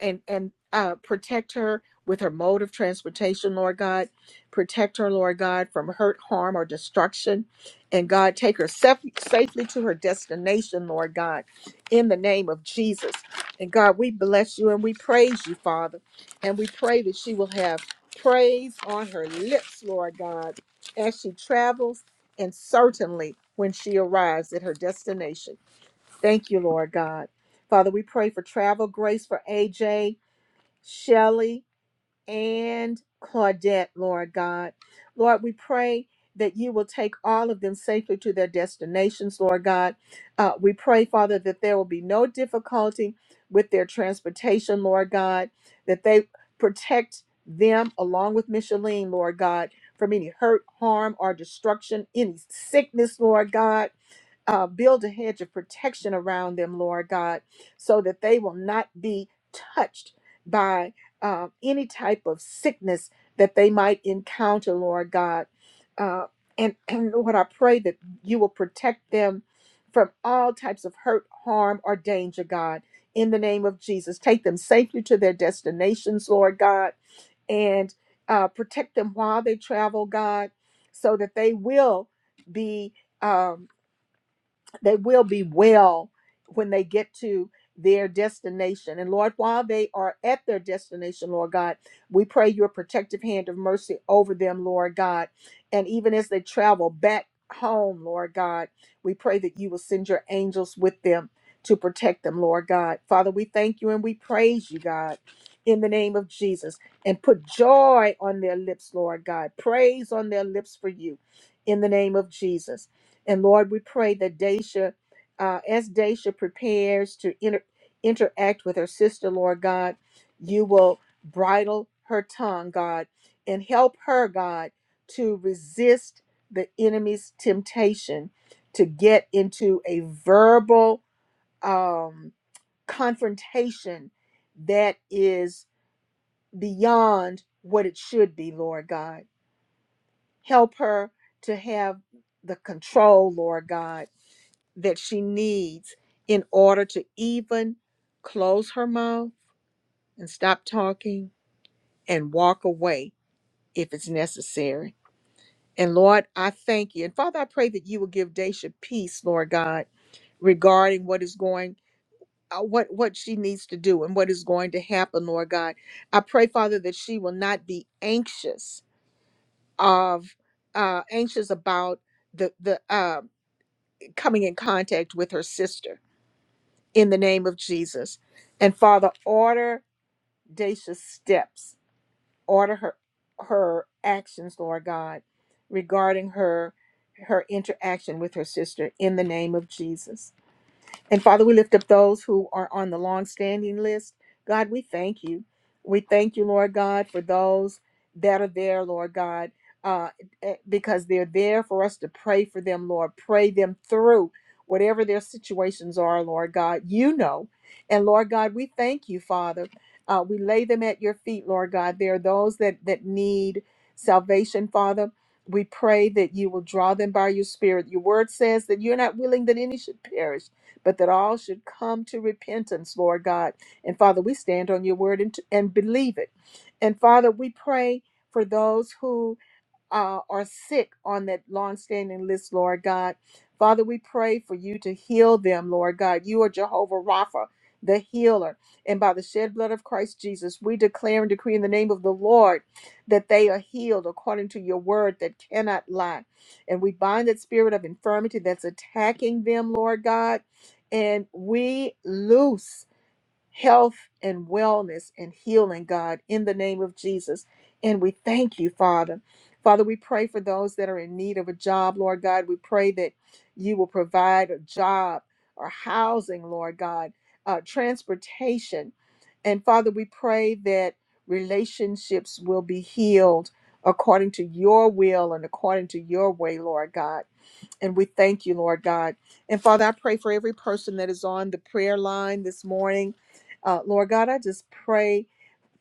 [SPEAKER 1] and and uh, protect her with her mode of transportation, Lord God. Protect her, Lord God, from hurt, harm, or destruction. And God, take her saf- safely to her destination, Lord God, in the name of Jesus. And God, we bless you and we praise you, Father. And we pray that she will have praise on her lips, Lord God, as she travels and certainly when she arrives at her destination. Thank you, Lord God. Father, we pray for travel grace for AJ Shelley, and Claudette, Lord God. Lord, we pray that you will take all of them safely to their destinations, Lord God. Uh, we pray, Father, that there will be no difficulty with their transportation, Lord God, that they protect them along with Micheline, Lord God, from any hurt, harm, or destruction, any sickness, Lord God uh, build a hedge of protection around them, Lord God, so that they will not be touched by uh, any type of sickness that they might encounter, Lord God. Uh, and, and Lord, I pray that you will protect them from all types of hurt, harm, or danger, God, in the name of Jesus. Take them safely to their destinations, Lord God, and uh, protect them while they travel, God, so that they will be. Um, they will be well when they get to their destination. And Lord, while they are at their destination, Lord God, we pray your protective hand of mercy over them, Lord God. And even as they travel back home, Lord God, we pray that you will send your angels with them to protect them, Lord God. Father, we thank you and we praise you, God, in the name of Jesus. And put joy on their lips, Lord God. Praise on their lips for you in the name of Jesus. And Lord, we pray that Daisha, uh, as Daisha prepares to inter- interact with her sister, Lord God, you will bridle her tongue, God, and help her, God, to resist the enemy's temptation to get into a verbal um, confrontation that is beyond what it should be, Lord God. Help her to have the control, Lord God that she needs in order to even close her mouth and stop talking and walk away if it's necessary. And Lord, I thank you. And Father, I pray that you will give Daisha peace, Lord God, regarding what is going uh, what what she needs to do and what is going to happen, Lord God. I pray, Father, that she will not be anxious of uh anxious about the the uh coming in contact with her sister in the name of Jesus. And Father, order Dacia's steps, order her her actions, Lord God, regarding her her interaction with her sister in the name of Jesus. And Father, we lift up those who are on the long-standing list. God, we thank you. We thank you, Lord God, for those that are there, Lord God, uh, eh, because they're there for us to pray for them, Lord. Pray them through whatever their situations are, Lord God. You know. And Lord God, we thank you, Father. Uh, we lay them at your feet, Lord God. There are those that, that need salvation, Father. We pray that you will draw them by your spirit. Your word says that you're not willing that any should perish but that all should come to repentance, Lord God. And Father, we stand on your word and, and believe it. And Father, we pray for those who uh, are sick on that long-standing list, Lord God. Father, we pray for you to heal them, Lord God. You are Jehovah Rapha, the healer. And by the shed blood of Christ Jesus, we declare and decree in the name of the Lord that they are healed according to your word that cannot lie. And we bind that spirit of infirmity that's attacking them, Lord God. And we loose health and wellness and healing, God, in the name of Jesus. And we thank you, Father. Father, we pray for those that are in need of a job, Lord God. We pray that you will provide a job or housing, Lord God, uh, transportation. And Father, we pray that relationships will be healed according to your will and according to your way, Lord God. And we thank you, Lord God. And Father, I pray for every person that is on the prayer line this morning. Uh, Lord God, I just pray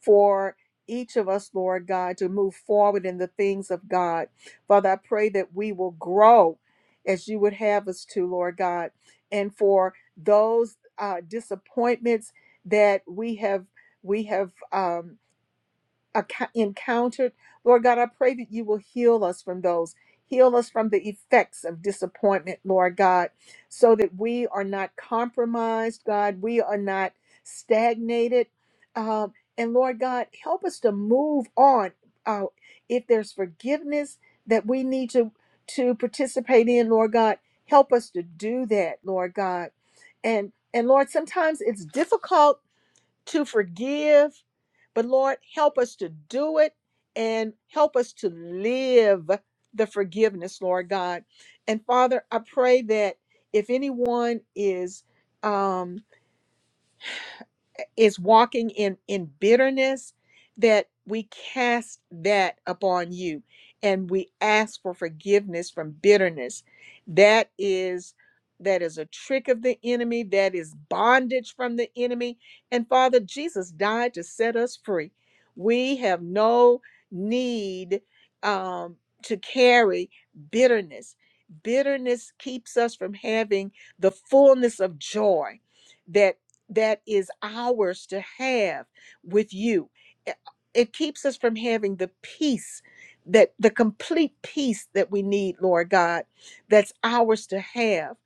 [SPEAKER 1] for each of us, Lord God, to move forward in the things of God. Father, I pray that we will grow as you would have us to, Lord God. And for those uh, disappointments that we have, we have. um, acco- encountered. Lord God, I pray that you will heal us from those. Heal us from the effects of disappointment, Lord God, so that we are not compromised, God. We are not stagnated. Um, and Lord God, help us to move on. Uh, if there's forgiveness that we need to, to participate in, Lord God, help us to do that, Lord God. And and Lord, sometimes it's difficult to forgive. But Lord, help us to do it and help us to live the forgiveness, Lord God. And Father, I pray that if anyone is um, is walking in in bitterness that we cast that upon you and we ask for forgiveness from bitterness that is that is a trick of the enemy that is bondage from the enemy and father jesus died to set us free we have no need um, to carry bitterness bitterness keeps us from having the fullness of joy That that is ours to have with you. It it keeps us from having the peace that the complete peace that we need, Lord God, that's ours to have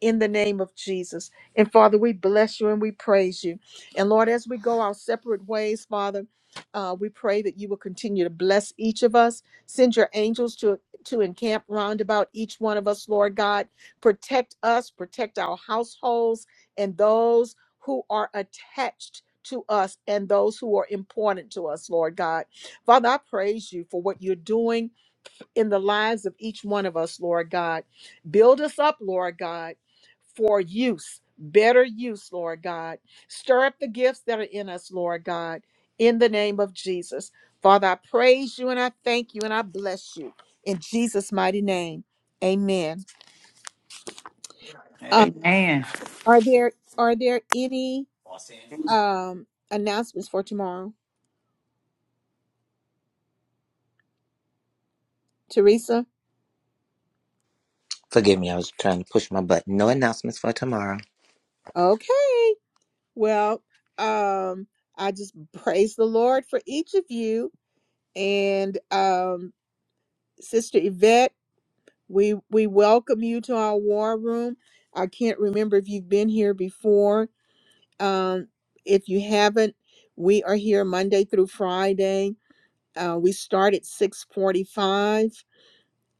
[SPEAKER 1] in the name of Jesus. And Father, we bless you and we praise you. And Lord, as we go our separate ways, Father, uh, we pray that you will continue to bless each of us. Send your angels to to encamp round about each one of us, Lord God. Protect us, protect our households and those who are attached to us and those who are important to us, Lord God. Father, I praise you for what you're doing in the lives of each one of us, Lord God. Build us up, Lord God, for use, better use, Lord God. Stir up the gifts that are in us, Lord God, in the name of Jesus. Father, I praise you and I thank you and I bless you in Jesus' mighty name. Amen. Uh,
[SPEAKER 2] Man,
[SPEAKER 1] are there are there any um announcements for tomorrow? Teresa?
[SPEAKER 8] Forgive me, I was trying to push my button. No announcements for tomorrow.
[SPEAKER 1] Okay. Well, um, I just praise the Lord for each of you. And um, Sister Yvette, we we welcome you to our war room. I can't remember if you've been here before. Um, if you haven't, we are here Monday through Friday. Uh, we start at 645,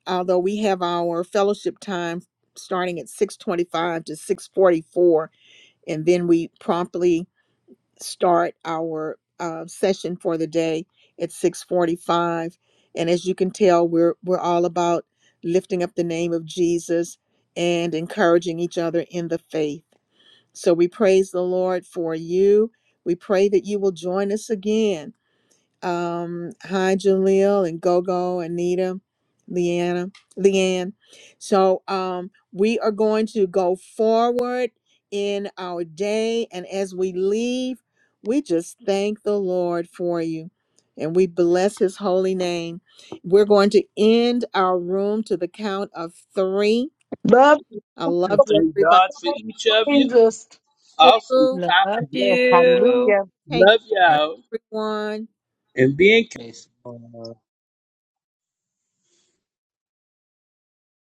[SPEAKER 1] although we have our fellowship time starting at 625 to 644. And then we promptly start our uh, session for the day at 6:45 and as you can tell we're we're all about lifting up the name of Jesus and encouraging each other in the faith so we praise the Lord for you we pray that you will join us again um, hi Jaleel and Gogo, Anita, Leanna, Leanne. So um, we are going to go forward in our day, and as we leave, we just thank the Lord for you, and we bless His holy name. We're going to end our room to the count of three. I love
[SPEAKER 6] And
[SPEAKER 1] you,
[SPEAKER 6] Thank
[SPEAKER 1] everybody.
[SPEAKER 6] God for each of you. Awesome
[SPEAKER 1] Two,
[SPEAKER 6] topic.
[SPEAKER 3] Love
[SPEAKER 13] Yes,
[SPEAKER 3] you.
[SPEAKER 13] hallelujah.
[SPEAKER 1] take
[SPEAKER 6] Love
[SPEAKER 1] care,
[SPEAKER 6] y'all.
[SPEAKER 1] everyone.
[SPEAKER 6] And be encouraged.
[SPEAKER 14] Yes.